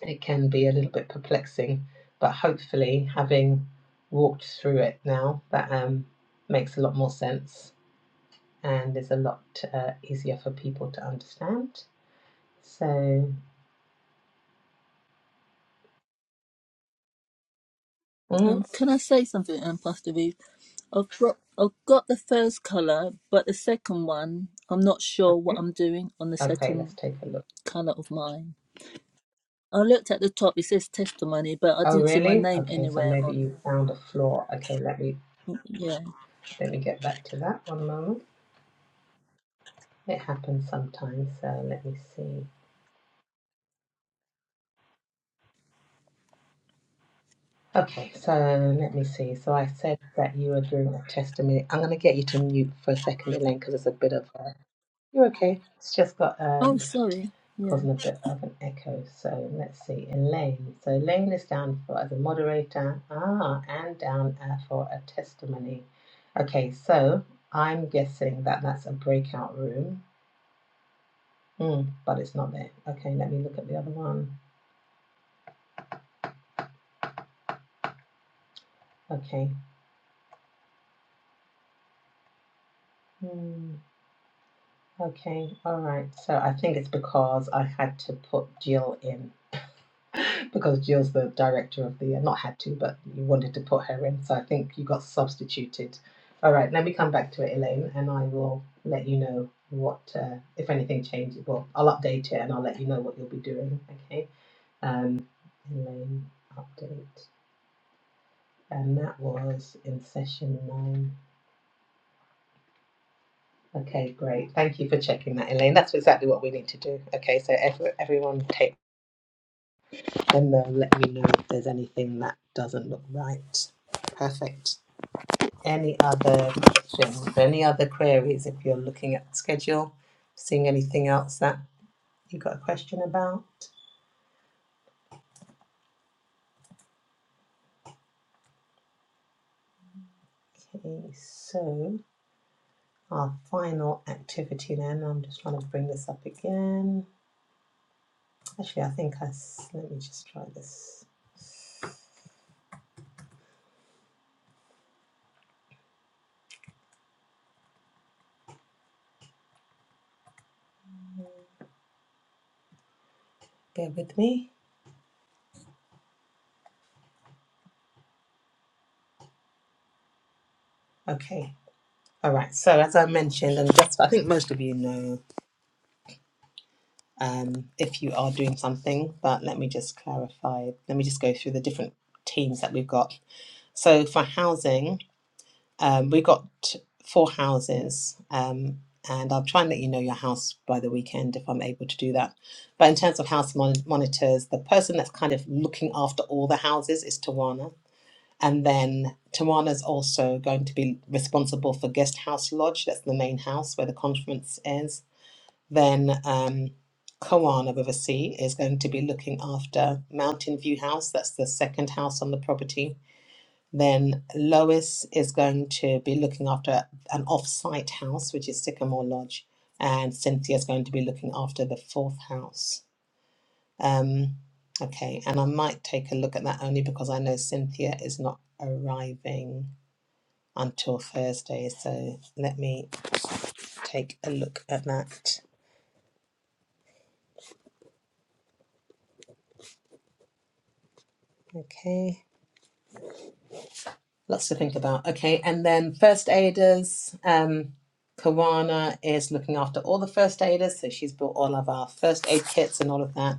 B: it can be a little bit perplexing, but hopefully, having walked through it now, that um, makes a lot more sense and is a lot uh, easier for people to understand. So, mhm,
K: Um, can I say something, um, Pastor V? I've got, I've got the first colour, but the second one, I'm not sure what
B: okay,
K: I'm doing on the
B: okay, let's
K: second
B: take a look.
K: colour of mine. I looked at the top, it says testimony, but I
B: Oh,
K: didn't see my
B: really?
K: name
B: Okay, so
K: anywhere
B: maybe
K: on.
B: you found a flaw. Okay, let me
K: Yeah.
B: let me get back to that one moment. It happens sometimes. So let me see. Okay, so let me see. So I said that you were doing a testimony. I'm going to get you to mute for a second, Elaine, because it's a bit of a You're okay. It's just got
K: Oh,
B: um
K: sorry. yeah.
B: causing a bit of an echo. So let's see. Elaine. So Elaine is down for as a moderator. Ah, and down uh, for a testimony. Okay, so I'm guessing that that's a breakout room. Hmm, but it's not there. Okay, let me look at the other one. Okay. Hmm. Okay, all right. So I think it's because I had to put Jill in because Jill's the director of the, not had to, but you wanted to put her in. So I think you got substituted. All right, let me come back to it, Elaine, and I will let you know what, uh, if anything changes. Well, I'll update it and I'll let you know what you'll be doing. Okay. Um, Elaine, update. And that was in session nine. Okay, great. Thank you for checking that, Elaine. That's exactly what we need to do. Okay, so every, everyone take them. They'll let me know if there's anything that doesn't look right. Perfect. Any other questions? Any other queries? If you're looking at the schedule, seeing anything else that you got a question about? Okay, so our final activity then. I'm just trying to bring this up again. Actually, I think I s- let me just try this. Bear with me. Okay. All right. So as I mentioned, and just I think most of you know um, if you are doing something, but let me just clarify. Let me just go through the different teams that we've got. So for housing, um, we got four houses, um, and I'll try and let you know your house by the weekend if I'm able to do that. But in terms of house mon- monitors, the person that's kind of looking after all the houses is Tawana and then Tawana is also going to be responsible for Guest House Lodge, that's the main house where the conference is. Then um, Koan of Oversea is going to be looking after Mountain View House, that's the second house on the property. Then Lois is going to be looking after an off site house, which is Sycamore Lodge. And Cynthia is going to be looking after the fourth house. Um, okay, and I might take a look at that only because I know Cynthia is not arriving until Thursday. So let me take a look at that. Okay, lots to think about. Okay, and then first aiders. Um, Kawana is looking after all the first aiders, so she's bought all of our first aid kits and all of that.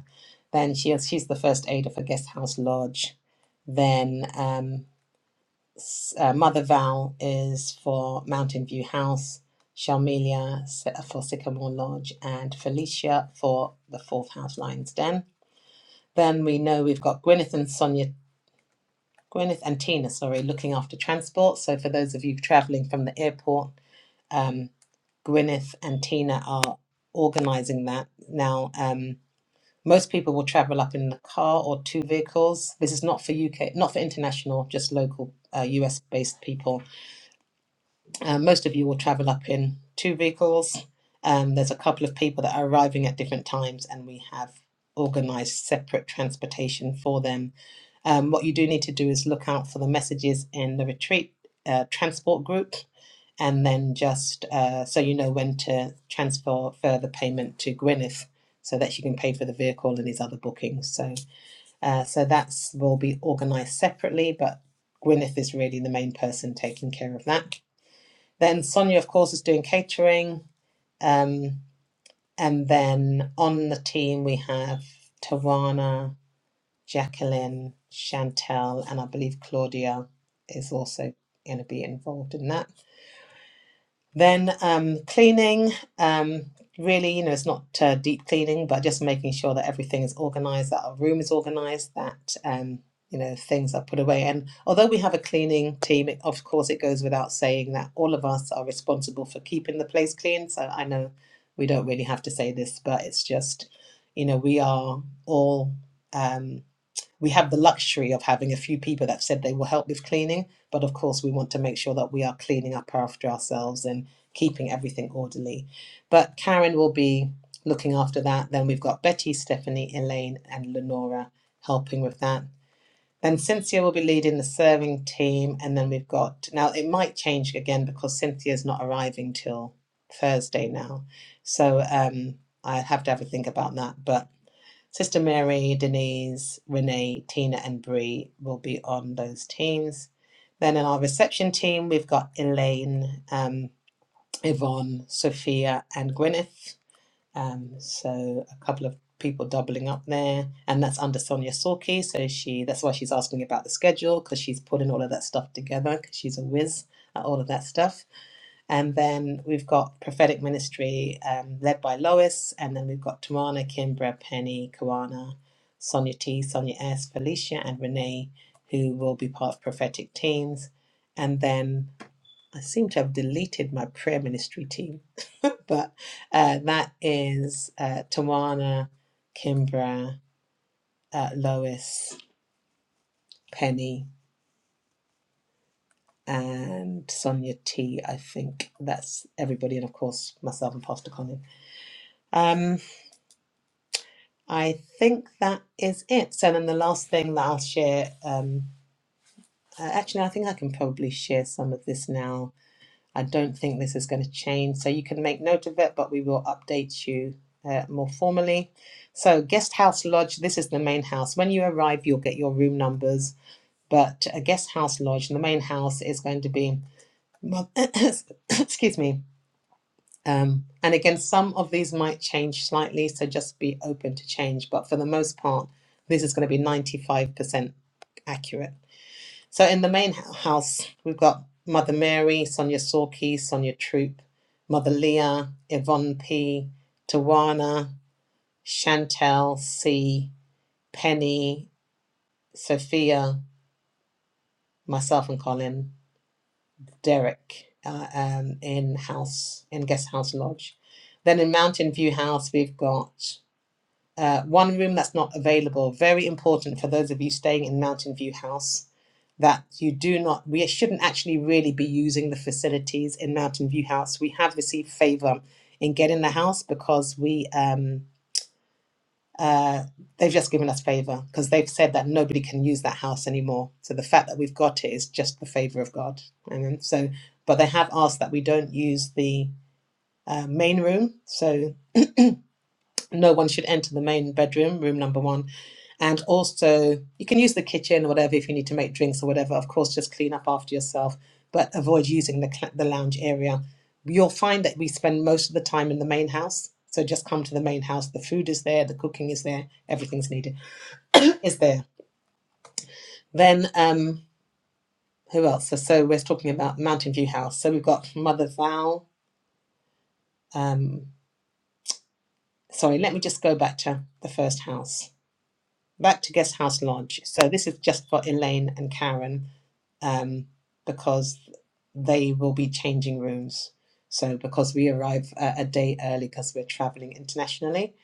B: Then she is, she's the first aider for Guest House Lodge. Then um, s- uh, Mother Val is for Mountain View House. Sharmelia s- for Sycamore Lodge and Felicia for the Fourth House Lion's Den. Then we know we've got Gwyneth and Sonia, Gwyneth and Tina, sorry, looking after transport. So for those of you traveling from the airport, um, Gwyneth and Tina are organizing that. Now, um, most people will travel up in the car or two vehicles. This is not for UK, not for international, just local uh, US based people Um, most of you will travel up in two vehicles. Um, there's a couple of people that are arriving at different times, and we have organized separate transportation for them. Um, what you do need to do is look out for the messages in the retreat uh, transport group, and then just uh, so you know when to transfer further payment to Gwyneth. So that she can pay for the vehicle and his other bookings. So, uh, so that's will be organised separately, but Gwyneth is really the main person taking care of that. Then Sonia, of course, is doing catering. Um, and then on the team, we have Tawana, Jacqueline, Chantel, and I believe Claudia is also going to be involved in that. Then um, cleaning, um, really, you know, it's not uh, deep cleaning, but just making sure that everything is organized, that our room is organized, that, um, you know, things are put away. And although we have a cleaning team, it, of course, it goes without saying that all of us are responsible for keeping the place clean. So I know we don't really have to say this, but it's just, you know, we are all. um, we have the luxury of having a few people that said they will help with cleaning, but of course, we want to make sure that we are cleaning up after ourselves and keeping everything orderly. But Karen will be looking after that. Then we've got Betty, Stephanie, Elaine, and Lenora helping with that. Then Cynthia will be leading the serving team, and then we've got now it might change again because Cynthia's not arriving till Thursday now, so um, I have to have a think about that. But Sister Mary, Denise, Renee, Tina, and Bree will be on those teams. Then in our reception team, we've got Elaine, um, Yvonne, Sophia, and Gwyneth. Um, so a couple of people doubling up there, and that's under Sonia Sorki. So she that's why she's asking about the schedule because she's putting all of that stuff together because she's a whiz at all of that stuff. And then we've got prophetic ministry um, led by Lois, and then we've got Tawana, Kimbra, Penny, Kawana, Sonia T, Sonia S, Felicia, and Renee, who will be part of prophetic teams. And then I seem to have deleted my prayer ministry team but uh, that is uh, Tawana, Kimbra, uh, Lois, Penny, and Sonia T. I think that's everybody, and of course myself and Pastor Colin. Um, I think that is it. So then the last thing that I'll share. Um, uh, actually, I think I can probably share some of this now I don't think this is going to change. So you can make note of it, but we will update you uh, more formally. So, guest house lodge, this is the main house. When you arrive, you'll get your room numbers, but a guest house lodge, the main house, is going to be, excuse me. Um, and again, some of these might change slightly, so just be open to change. But for the most part, this is going to be 95% accurate. So in the main house, we've got Mother Mary, Sonia Sorki, Sonia Troop, Mother Leah, Yvonne P, Tawana, Chantel C, Penny, Sophia, myself and Colin, Derek uh, um, in house in guest house lodge. Then in Mountain View House, we've got Uh, one room that's not available. Very important for those of you staying in Mountain View House that you do not, we shouldn't actually really be using the facilities in Mountain View House. We have received favor in getting the house because we, um, uh, they've just given us favor because they've said that nobody can use that house anymore. So the fact that we've got it is just the favor of God. And so, but they have asked that we don't use the uh, main room. So no one should enter the main bedroom, room number one And also, you can use the kitchen or whatever if you need to make drinks or whatever. Of course, just clean up after yourself, but avoid using the, the lounge area. You'll find that we spend most of the time in the main house. So just come to the main house. The food is there, the cooking is there, everything's needed is there. Then um, who else? So, so we're talking about Mountain View House. So we've got Mother Val. Um, sorry, let me just go back to the first house, back to Guest House Lodge. So this is just for Elaine and Karen um, because they will be changing rooms. So, because we arrive a, a day early because we're traveling internationally,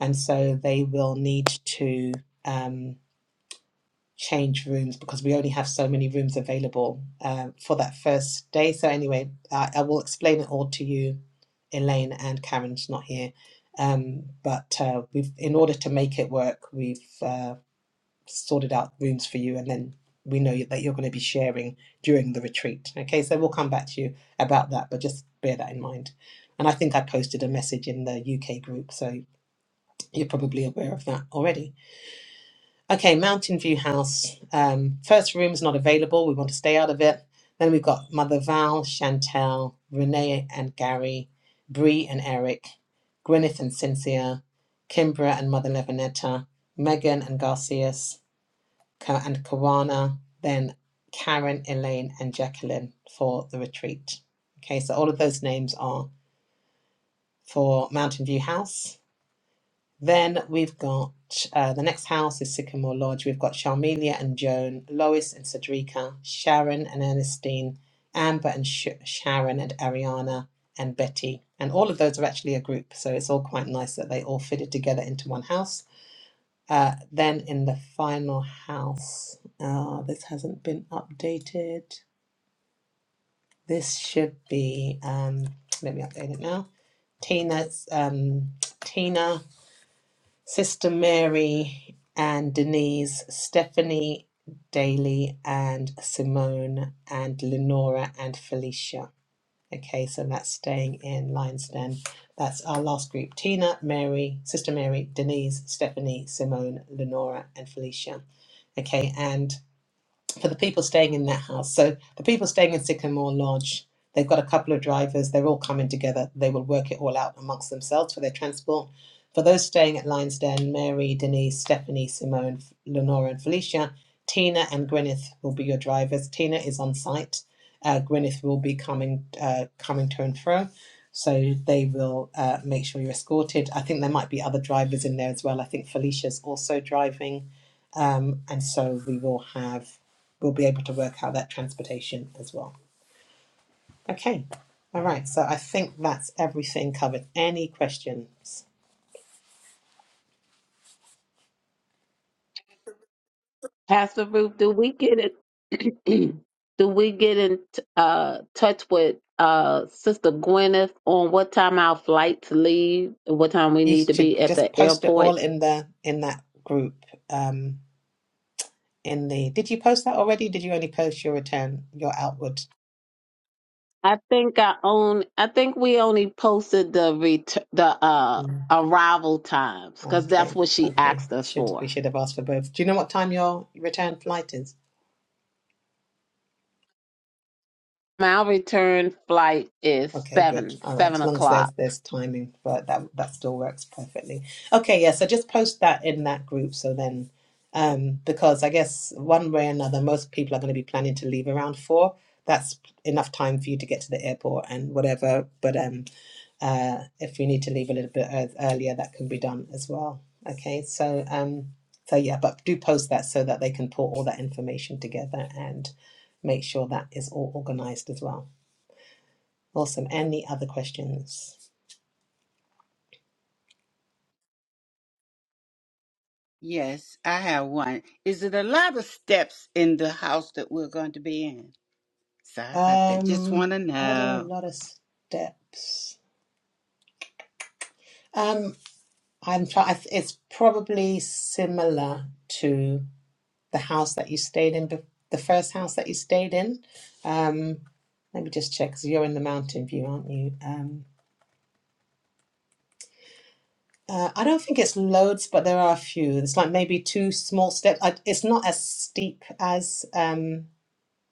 B: and so they will need to um, change rooms because we only have so many rooms available uh, for that first day. So, anyway, I, I will explain it all to you, Elaine and Karen's not here. Um, but uh, we've, in order to make it work, we've uh, sorted out rooms for you and then we know that you're going to be sharing during the retreat okay so we'll come back to you about that but just bear that in mind and i think i posted a message in the uk group so you're probably aware of that already okay mountain view house um, first room is not available we want to stay out of it then we've got mother val chantel renee and gary Bree and eric gwyneth and cynthia kimbra and mother levinetta megan and garcias Ka- and Kawana, then Karen, Elaine, and Jacqueline for the retreat. Okay, so all of those names are for Mountain View House. Then we've got uh, the next house is Sycamore Lodge. We've got Charmelia and Joan, Lois and Cedrica, Sharon and Ernestine, Amber and Sh- Sharon and Ariana and Betty. And all of those are actually a group, so it's all quite nice that they all fitted together into one house. Uh, then in the final house, uh, this hasn't been updated. This should be, um, let me update it now. Tina's, um, Tina, Sister Mary, and Denise, Stephanie, Daly, and Simone, and Lenora, and Felicia. Okay, so that's staying in Lion's Den. That's our last group Tina, Mary, Sister Mary, Denise, Stephanie, Simone, Lenora, and Felicia. Okay, and for the people staying in that house. So the people staying in Sycamore Lodge, they've got a couple of drivers. They're all coming together. They will work it all out amongst themselves for their transport. For those staying at Lion's Den, Mary, Denise, Stephanie, Simone, Lenora, and Felicia, Tina and Gwyneth will be your drivers. Tina is on site. Uh, Gwyneth will be coming, uh, coming to and fro. So they will uh, make sure you're escorted. I think there might be other drivers in there as well. I think Felicia's also driving. Um, and so we will have we'll be able to work out that transportation as well. Okay. All right. So I think that's everything covered. Any questions?
E: Pastor Ruth, do we get it? do we get in uh, touch with uh, Sister Gwyneth on what time our flights leave, what time we
B: You
E: need to
B: should
E: be at
B: just
E: the
B: post it
E: airport?
B: all in the in that group. Um, in the did you post that already? Did you only post your return, your outward?
E: I think I own. I think we only posted the ret- the uh
B: Mm.
E: arrival times because that's
B: Okay.
E: what she
B: Okay.
E: asked us
B: Should
E: for.
B: we should have asked for both? Do you know what time your return flight is?
E: My return flight is
B: Okay, good.
E: seven
B: All right.
E: seven
B: As long as
E: o'clock.
B: there's there's timing, but that that still works perfectly. Okay, yeah. So just post that in that group. So then, um, because I guess one way or another, most people are going to be planning to leave around four. That's enough time for you to get to the airport and whatever. But um, uh, if we need to leave a little bit ear- earlier, that can be done as well. Okay, so um, so yeah, but do post that so that they can pull all that information together and make sure that is all organized as well. Awesome. Any other questions?
G: Yes, I have one. Is it a lot of steps in the house that we're going to be in? Sorry about that. Just
B: Um,
G: want to
B: are there a
G: know.
B: lot of steps? Um, I'm trying. It's probably similar to the house that you stayed in, bef- the first house that you stayed in. Um, let me just check because you're in the Mountain View, aren't you? Um, uh, I don't think it's loads, but there are a few. It's like maybe two small steps. I, it's not as steep as. Um,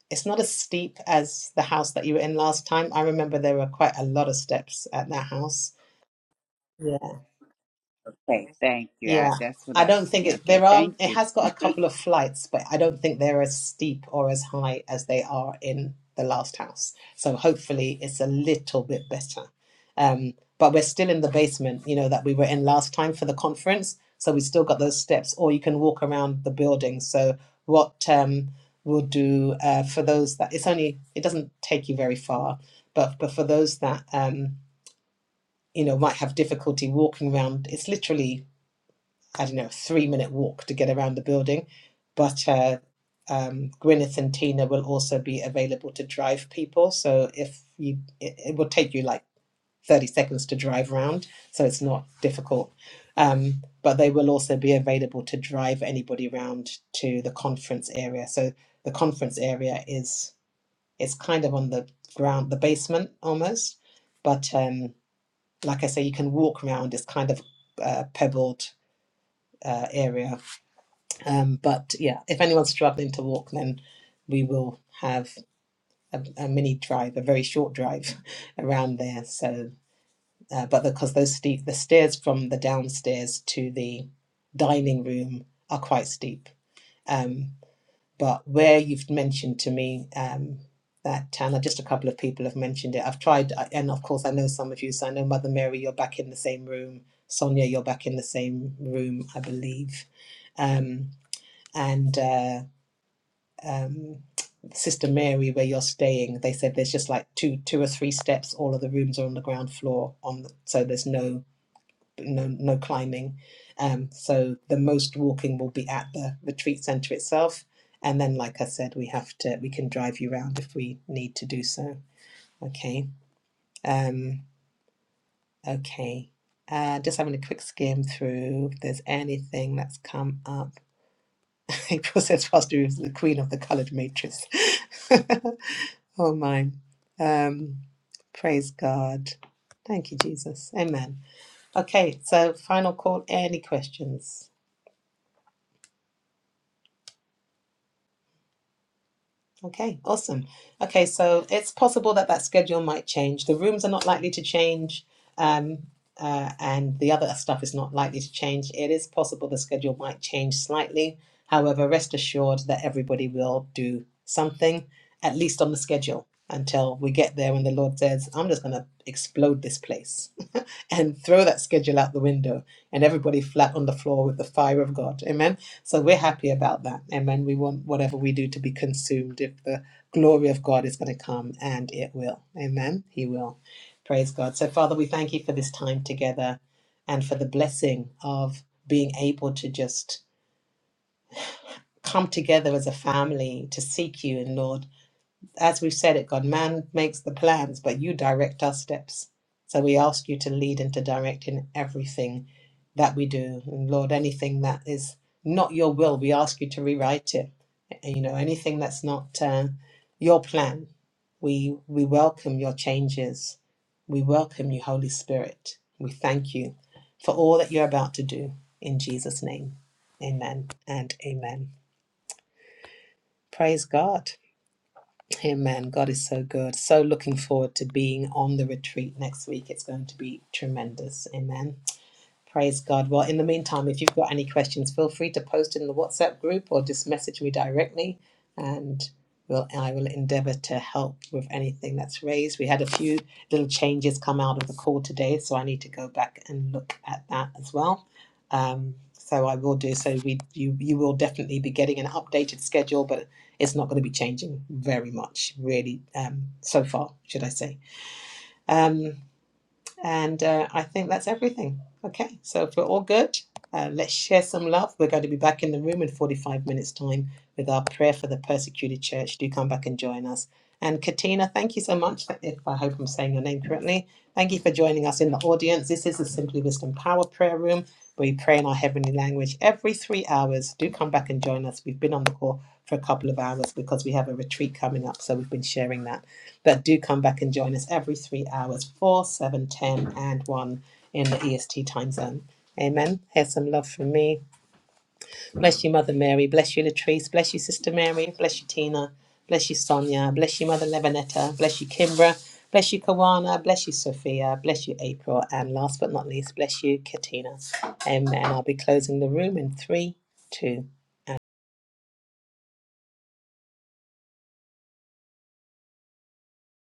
B: it's not as steep as the house that you were in last time. I remember there were quite a lot of steps at that house. Yeah.
G: Okay, thank you. I,
B: Yeah,
G: that's what
B: I
G: I.
B: don't
G: was.
B: think
G: Yeah.
B: it. There
G: Okay,
B: are.
G: thank
B: It
G: you.
B: has got a couple of flights, but I don't think they're as steep or as high as they are in the last house. So hopefully, it's a little bit better. Um, but we're still in the basement, you know, that we were in last time for the conference. So we still got those steps, or you can walk around the building. So what um, we'll do uh, for those that it's only it doesn't take you very far, but but for those that um, you know might have difficulty walking around, it's literally I don't know, three minute walk to get around the building. But uh, um, Gwyneth and Tina will also be available to drive people. So if you, it, it will take you like 30 seconds to drive round, so it's not difficult. Um, but they will also be available to drive anybody round to the conference area. So the conference area is it's kind of on the ground, the basement almost. But um, like I say, you can walk around. It's kind of uh, pebbled uh, area um, but yeah, if anyone's struggling to walk, then we will have a, a mini drive, a very short drive around there. So, uh, but because those steep, the stairs from the downstairs to the dining room are quite steep. Um, but where you've mentioned to me um, that Tana, just a couple of people have mentioned it. I've tried, I- and of course, I know some of you. So I know Mother Mary, you're back in the same room. Sonia, you're back in the same room, I believe. Um, and uh, um, Sister Mary, where you're staying, they said there's just like two, two or three steps. All of the rooms are on the ground floor, on the, so there's no, no, no climbing. Um, so the most walking will be at the retreat center itself, and then, like I said, we have to, we can drive you around if we need to do so. Okay. Um, okay. Uh, just having a quick skim through if there's anything that's come up. April says Foster is the queen of the coloured matrix. oh my. Um, praise God. Thank you, Jesus. Amen. Okay, so final call. Any questions? Okay, awesome. Okay, so it's possible that that schedule might change. The rooms are not likely to change, um, uh, and the other stuff is not likely to change. It is possible the schedule might change slightly. However, rest assured that everybody will do something, at least on the schedule, until we get there when the Lord says, I'm just going to explode this place and throw that schedule out the window and everybody flat on the floor with the fire of God. Amen. So we're happy about that. Amen. We want whatever we do to be consumed if the glory of God is going to come, and it will. Amen. He will. Praise God. So, Father, we thank you for this time together and for the blessing of being able to just come together as a family to seek you, and Lord as we've said it, God, man makes the plans, but you direct our steps. So we ask you to lead and to direct in everything that we do. And Lord, anything that is not your will, we ask you to rewrite it. You know, anything that's not uh, your plan, we, we welcome your changes. We welcome you, Holy Spirit. We thank you for all that you're about to do in Jesus' name. Amen and amen. Praise God. Amen. God is so good. So looking forward to being on the retreat next week. It's going to be tremendous. Amen. Praise God. Well, in the meantime, if you've got any questions, feel free to post in the WhatsApp group or just message me directly, and we'll, I will endeavor to help with anything that's raised. We had a few little changes come out of the call today, so I need to go back and look at that as well. Um, so I will do so. We you you will definitely be getting an updated schedule, but it's not going to be changing very much, really, um, so far, should I say? Um, and uh, I think that's everything. Okay, so if we're all good, uh, let's share some love. We're going to be back in the room in 45 minutes' time with our prayer for the persecuted church. Do come back and join us. And Katina, thank you so much. If I hope I'm saying your name correctly, thank you for joining us in the audience. This is the Simply Wisdom Power Prayer Room. where We pray in our heavenly language every three hours. Do come back and join us. We've been on the call for a couple of hours because we have a retreat coming up, so we've been sharing that that do come back and join us every three hours 4, 7, 10, and 1 in the EST time zone. Amen. Here's some love from me. Bless you, Mother Mary. Bless you, Latrice. Bless you, Sister Mary. Bless you, Tina. Bless you, Sonia. Bless you, Mother Levanetta. Bless you, Kimbra. Bless you, Kawana. Bless you, Sophia. Bless you, April. And last but not least, bless you, Katina. Amen. I'll be closing the room in three, two,